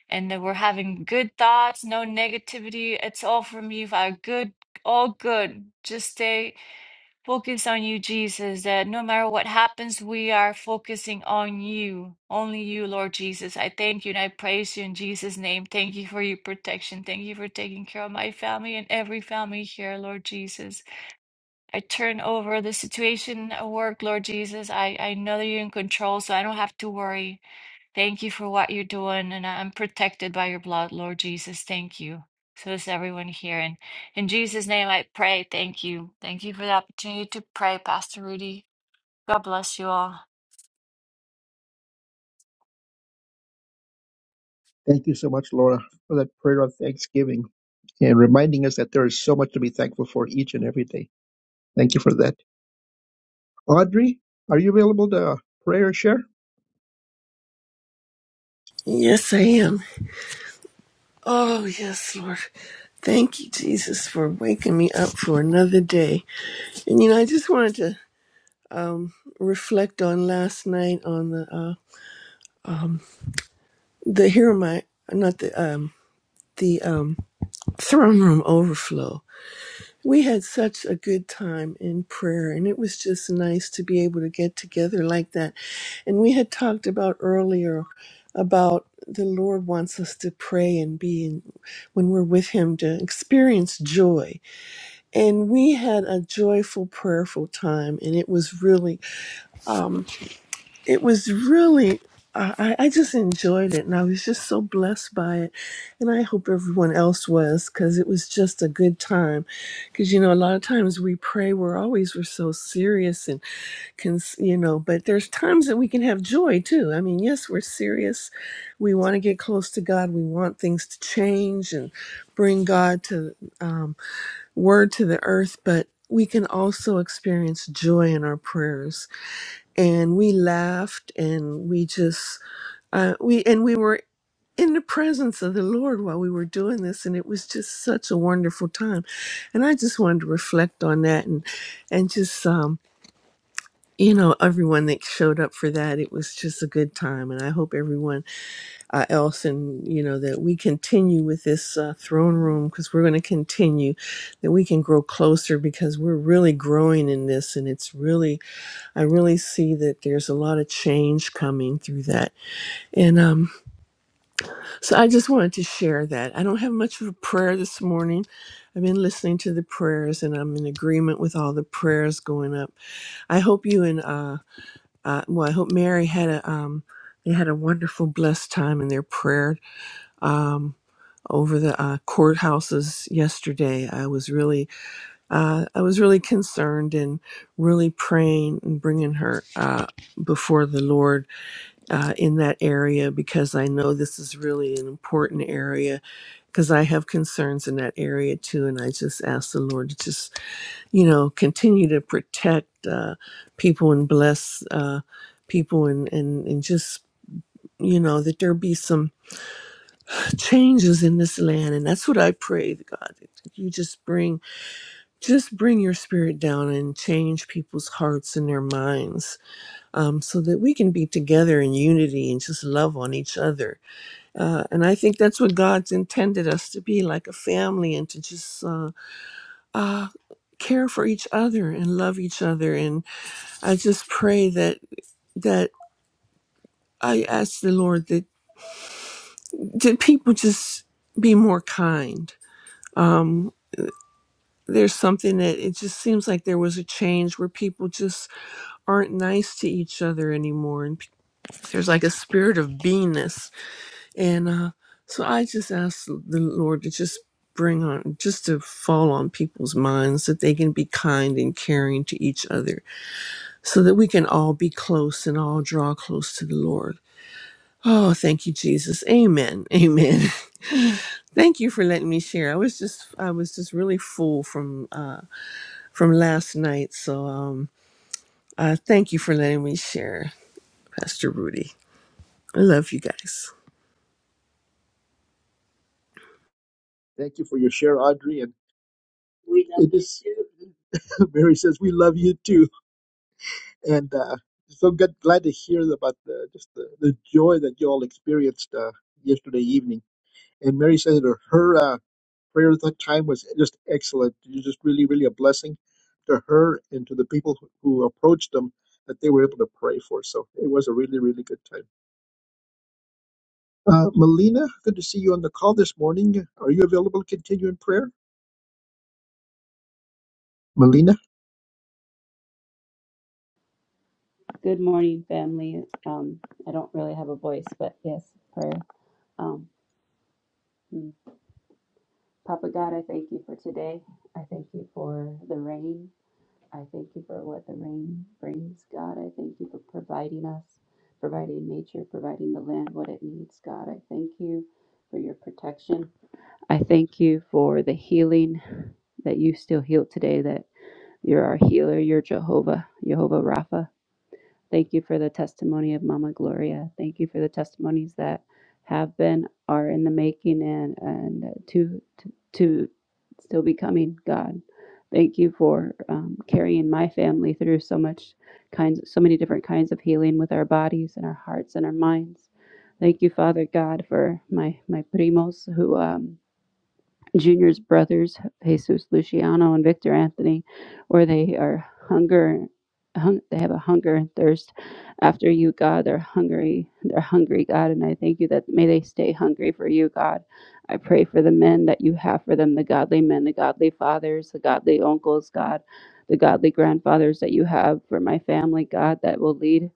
Speaker 8: and that we're having good thoughts, no negativity. It's all from you, Father. Good all good. Just stay Focus on you, Jesus, that no matter what happens, we are focusing on you, only you, Lord Jesus. I thank you and I praise you in Jesus' name. Thank you for your protection. Thank you for taking care of my family and every family here, Lord Jesus. I turn over the situation at work, Lord Jesus. I, I know that you're in control, so I don't have to worry. Thank you for what you're doing, and I'm protected by your blood, Lord Jesus. Thank you. So is everyone here. And in Jesus' name, I pray. Thank you. Thank you for the opportunity to pray, Pastor Rudy. God bless you all.
Speaker 2: Thank you so much, Laura, for that prayer of thanksgiving and reminding us that there is so much to be thankful for each and every day. Thank you for that. Audrey, are you available to uh, pray or share?
Speaker 9: Yes, I am. Oh, yes, Lord. Thank you, Jesus, for waking me up for another day. And you know, I just wanted to reflect on last night on the uh the here my not the um the um throne room overflow. We had such a good time in prayer, and it was just nice to be able to get together like that. And we had talked about earlier about the Lord wants us to pray and be in, when we're with Him to experience joy and we had a joyful prayerful time and it was really um it was really I, I I just enjoyed it and I was just so blessed by it. And I hope everyone else was because it was just a good time. Because, you know, a lot of times we pray, we're always, we're so serious and, cons- you know, but there's times that we can have joy too. I mean, yes, we're serious. We want to get close to God. We want things to change and bring God to, Um, word to the earth, but we can also experience joy in our prayers. And we laughed and we just, uh, we, and we were in the presence of the Lord while we were doing this. And it was just such a wonderful time. And I just wanted to reflect on that and, and just, um, you know, everyone that showed up for that, it was just a good time. And I hope everyone uh, else, and you know that we continue with this uh, throne room because we're going to continue, that we can grow closer because we're really growing in this, and it's really I really see that there's a lot of change coming through that, and um, so I just wanted to share that. I don't have much of a prayer this morning. I've been listening to the prayers, and I'm in agreement with all the prayers going up. I hope you and uh, uh well, I hope Mary had a um, they had a wonderful, blessed time in their prayer. Um, over the uh, courthouses yesterday. I was really, uh, I was really concerned and really praying and bringing her uh, before the Lord uh, in that area because I know this is really an important area because I have concerns in that area too, and I just ask the Lord to just, you know, continue to protect uh, people and bless uh, people and and and just, you know, that there be some changes in this land and that's what i pray to god that you just bring just bring your spirit down and change people's hearts and their minds um, so that we can be together in unity and just love on each other uh, and i think that's what god's intended us to be like a family and to just uh, uh, care for each other and love each other and i just pray that that i ask the lord that that people just be more kind Um, there's something that it just seems like there was a change where people just aren't nice to each other anymore and pe- there's like a spirit of beingness and uh so i just ask the lord to just bring on just to fall on people's minds that they can be kind and caring to each other so that we can all be close and all draw close to the lord oh thank you jesus amen amen (laughs) thank you for letting me share i was just i was just really full from uh from last night so um Uh, thank you for letting me share, Pastor Rudy. I love you guys.
Speaker 2: Thank you for your share, Audrey. and. We love It you is (laughs) too. Mary says we love you too, and uh, so good, glad to hear about the just the, the joy that you all experienced uh, yesterday evening. And Mary says that her uh, prayer at that time was just excellent. It was just really, really a blessing to her and to the people who who approached them that they were able to pray for. So it was a really, really good time. Uh, Melina, good to see you on the call this morning. Are you available to continue in prayer, Melina?
Speaker 10: Good morning, family. Um, I don't really have a voice, but yes, prayer. Um, mm. Papa God, I thank you for today. I thank you for the rain. I thank you for what the rain brings, God. I thank you for providing us, providing nature, providing the land what it needs, God. I thank you for your protection. I thank you for the healing that you still heal today, that you're our healer, you're Jehovah, Jehovah Rapha. Thank you for the testimony of Mama Gloria. Thank you for the testimonies that have been, are in the making, and and to to, to still be coming. God, thank you for um, carrying my family through so much kinds, so many different kinds of healing with our bodies and our hearts and our minds. Thank you, Father God, for my my primos who um, Junior's brothers, Jesus Luciano and Victor Anthony, where they are hunger, hung, they have a hunger and thirst after you, God. They're hungry. They're hungry, God, and I thank you that may they stay hungry for you, God. I pray for the men that you have for them, the godly men, the godly fathers, the godly uncles, God, the godly grandfathers that you have for my family, God, that will lead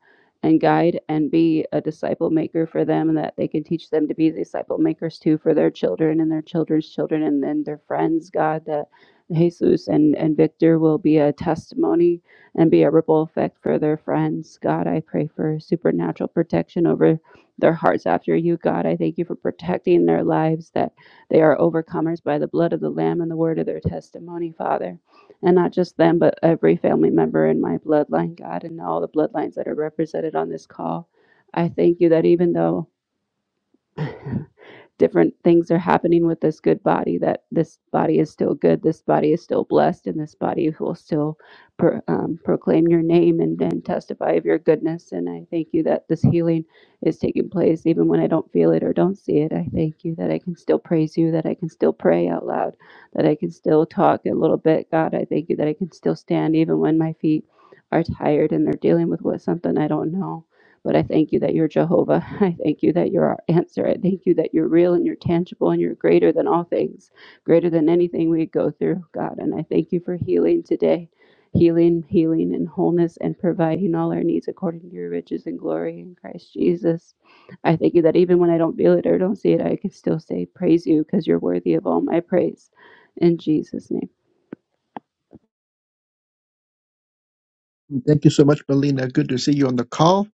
Speaker 10: and guide and be a disciple maker for them and that they can teach them to be disciple makers too for their children and their children's children and then their friends god that jesus and, and victor will be a testimony and be a ripple effect for their friends god i pray for supernatural protection over their hearts after you god i thank you for protecting their lives that they are overcomers by the blood of the lamb and the word of their testimony father and not just them, but every family member in my bloodline, God, and all the bloodlines that are represented on this call. I thank you that even though (laughs) different things are happening with this good body that this body is still good this body is still blessed and this body will still pro, um, proclaim your name and then testify of your goodness and i thank you that this healing is taking place even when i don't feel it or don't see it i thank you that i can still praise you that i can still pray out loud that i can still talk a little bit god i thank you that i can still stand even when my feet are tired and they're dealing with what something i don't know but I thank you that you're Jehovah. (laughs) I thank you that you're our answer. I thank you that you're real and you're tangible and you're greater than all things, greater than anything we go through, God. And I thank you for healing today. Healing, healing, and wholeness, and providing all our needs according to your riches and glory in Christ Jesus. I thank you that even when I don't feel it or don't see it, I can still say, Praise you, because you're worthy of all my praise. In Jesus' name.
Speaker 2: Thank you so much, Melina. Good to see you on the call.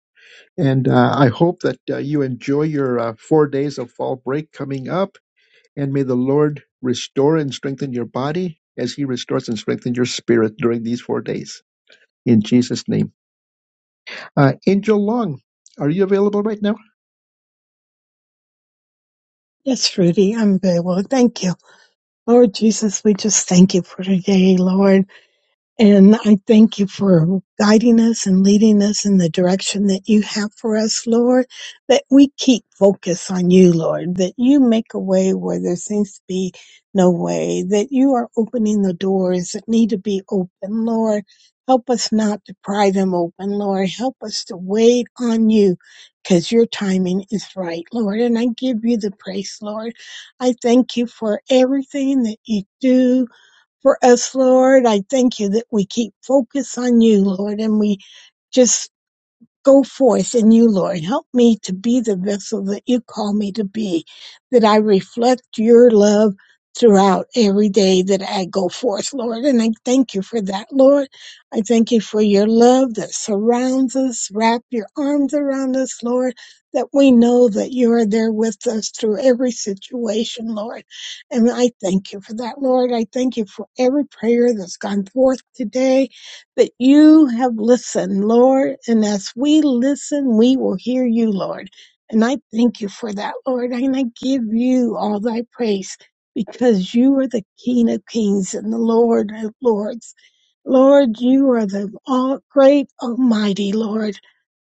Speaker 2: And uh, I hope that uh, you enjoy your uh, four days of fall break coming up. And may the Lord restore and strengthen your body as He restores and strengthens your spirit during these four days. In Jesus' name. Uh, Angel Long, are you available right now?
Speaker 11: Yes, Rudy, I'm very well. Thank you. Lord Jesus, we just thank you for today, Lord. And I thank you for guiding us and leading us in the direction that you have for us, Lord, that we keep focus on you, Lord, that you make a way where there seems to be no way, that you are opening the doors that need to be open, Lord. Help us not to pry them open, Lord. Help us to wait on you because your timing is right, Lord. And I give you the praise, Lord. I thank you for everything that you do for us, Lord. I thank you that we keep focus on you, Lord, and we just Go forth in you, Lord. Help me to be the vessel that you call me to be, that I reflect your love throughout every day that I go forth, Lord. And I thank you for that, Lord. I thank you for your love that surrounds us. Wrap your arms around us, Lord, that we know that you are there with us through every situation, Lord. And I thank you for that, Lord. I thank you for every prayer that's gone forth today that you have listened, Lord. And as we listen, we will hear you, Lord. And I thank you for that, Lord. And I give you all thy praise because you are the King of kings and the Lord of lords. Lord, you are the all great, almighty Lord.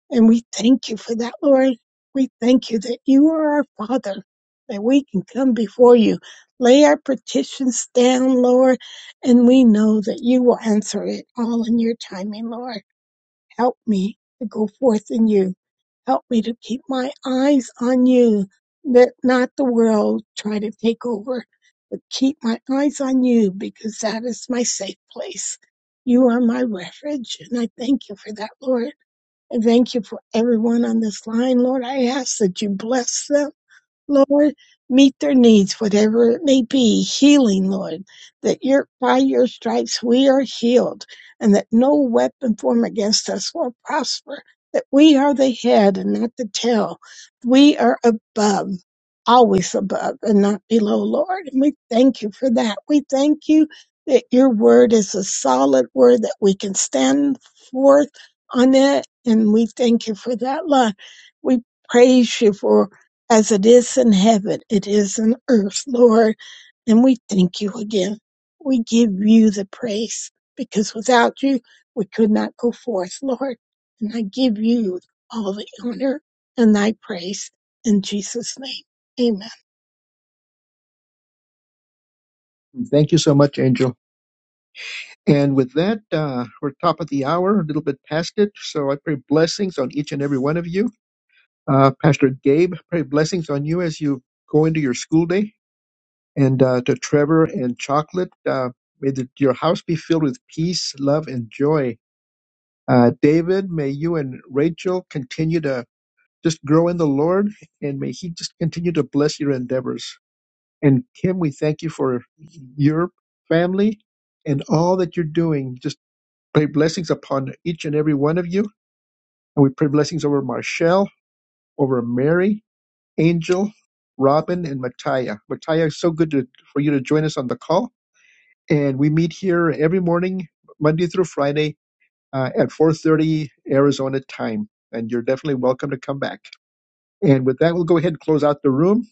Speaker 11: And we thank you for that, Lord. We thank you that you are our Father, that we can come before you, lay our petitions down, Lord, and we know that you will answer it all in your timing, Lord. Help me to go forth in you. Help me to keep my eyes on you. Let not the world try to take over, but keep my eyes on you because that is my safe place. You are my refuge, and I thank you for that, Lord. I thank you for everyone on this line, Lord. I ask that you bless them. Lord, meet their needs, whatever it may be, healing, Lord, that your, by your stripes we are healed, and that no weapon formed against us will prosper, that we are the head and not the tail. We are above, always above and not below, Lord. And we thank you for that. We thank you that your word is a solid word that we can stand forth on it, and we thank you for that, Lord. We praise you for as it is in heaven, it is in earth, Lord. And we thank you again. We give you the praise because without you, we could not go forth, Lord. And I give you all the honor and thy praise in Jesus' name. Amen.
Speaker 2: Thank you so much, Angel. And with that, uh, we're top of the hour, a little bit past it. So I pray blessings on each and every one of you. Uh, Pastor Gabe, pray blessings on you as you go into your school day. And uh, to Trevor and Chocolate, uh, may the, your house be filled with peace, love, and joy. Uh, David, may you and Rachel continue to just grow in the Lord, and may He just continue to bless your endeavors. And Kim, we thank you for your family and all that you're doing. Just pray blessings upon each and every one of you. And we pray blessings over Marshall, over Mary, Angel, Robin, and Mattia. Mattia, it's so good to, for you to join us on the call. And we meet here every morning, Monday through Friday, uh, at 4.30 Arizona time. And you're definitely welcome to come back. And with that, we'll go ahead and close out the room.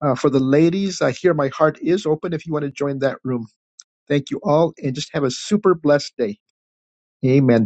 Speaker 2: Uh, for the ladies, I hear my heart is open if you want to join that room. Thank you all, and just have a super blessed day. Amen.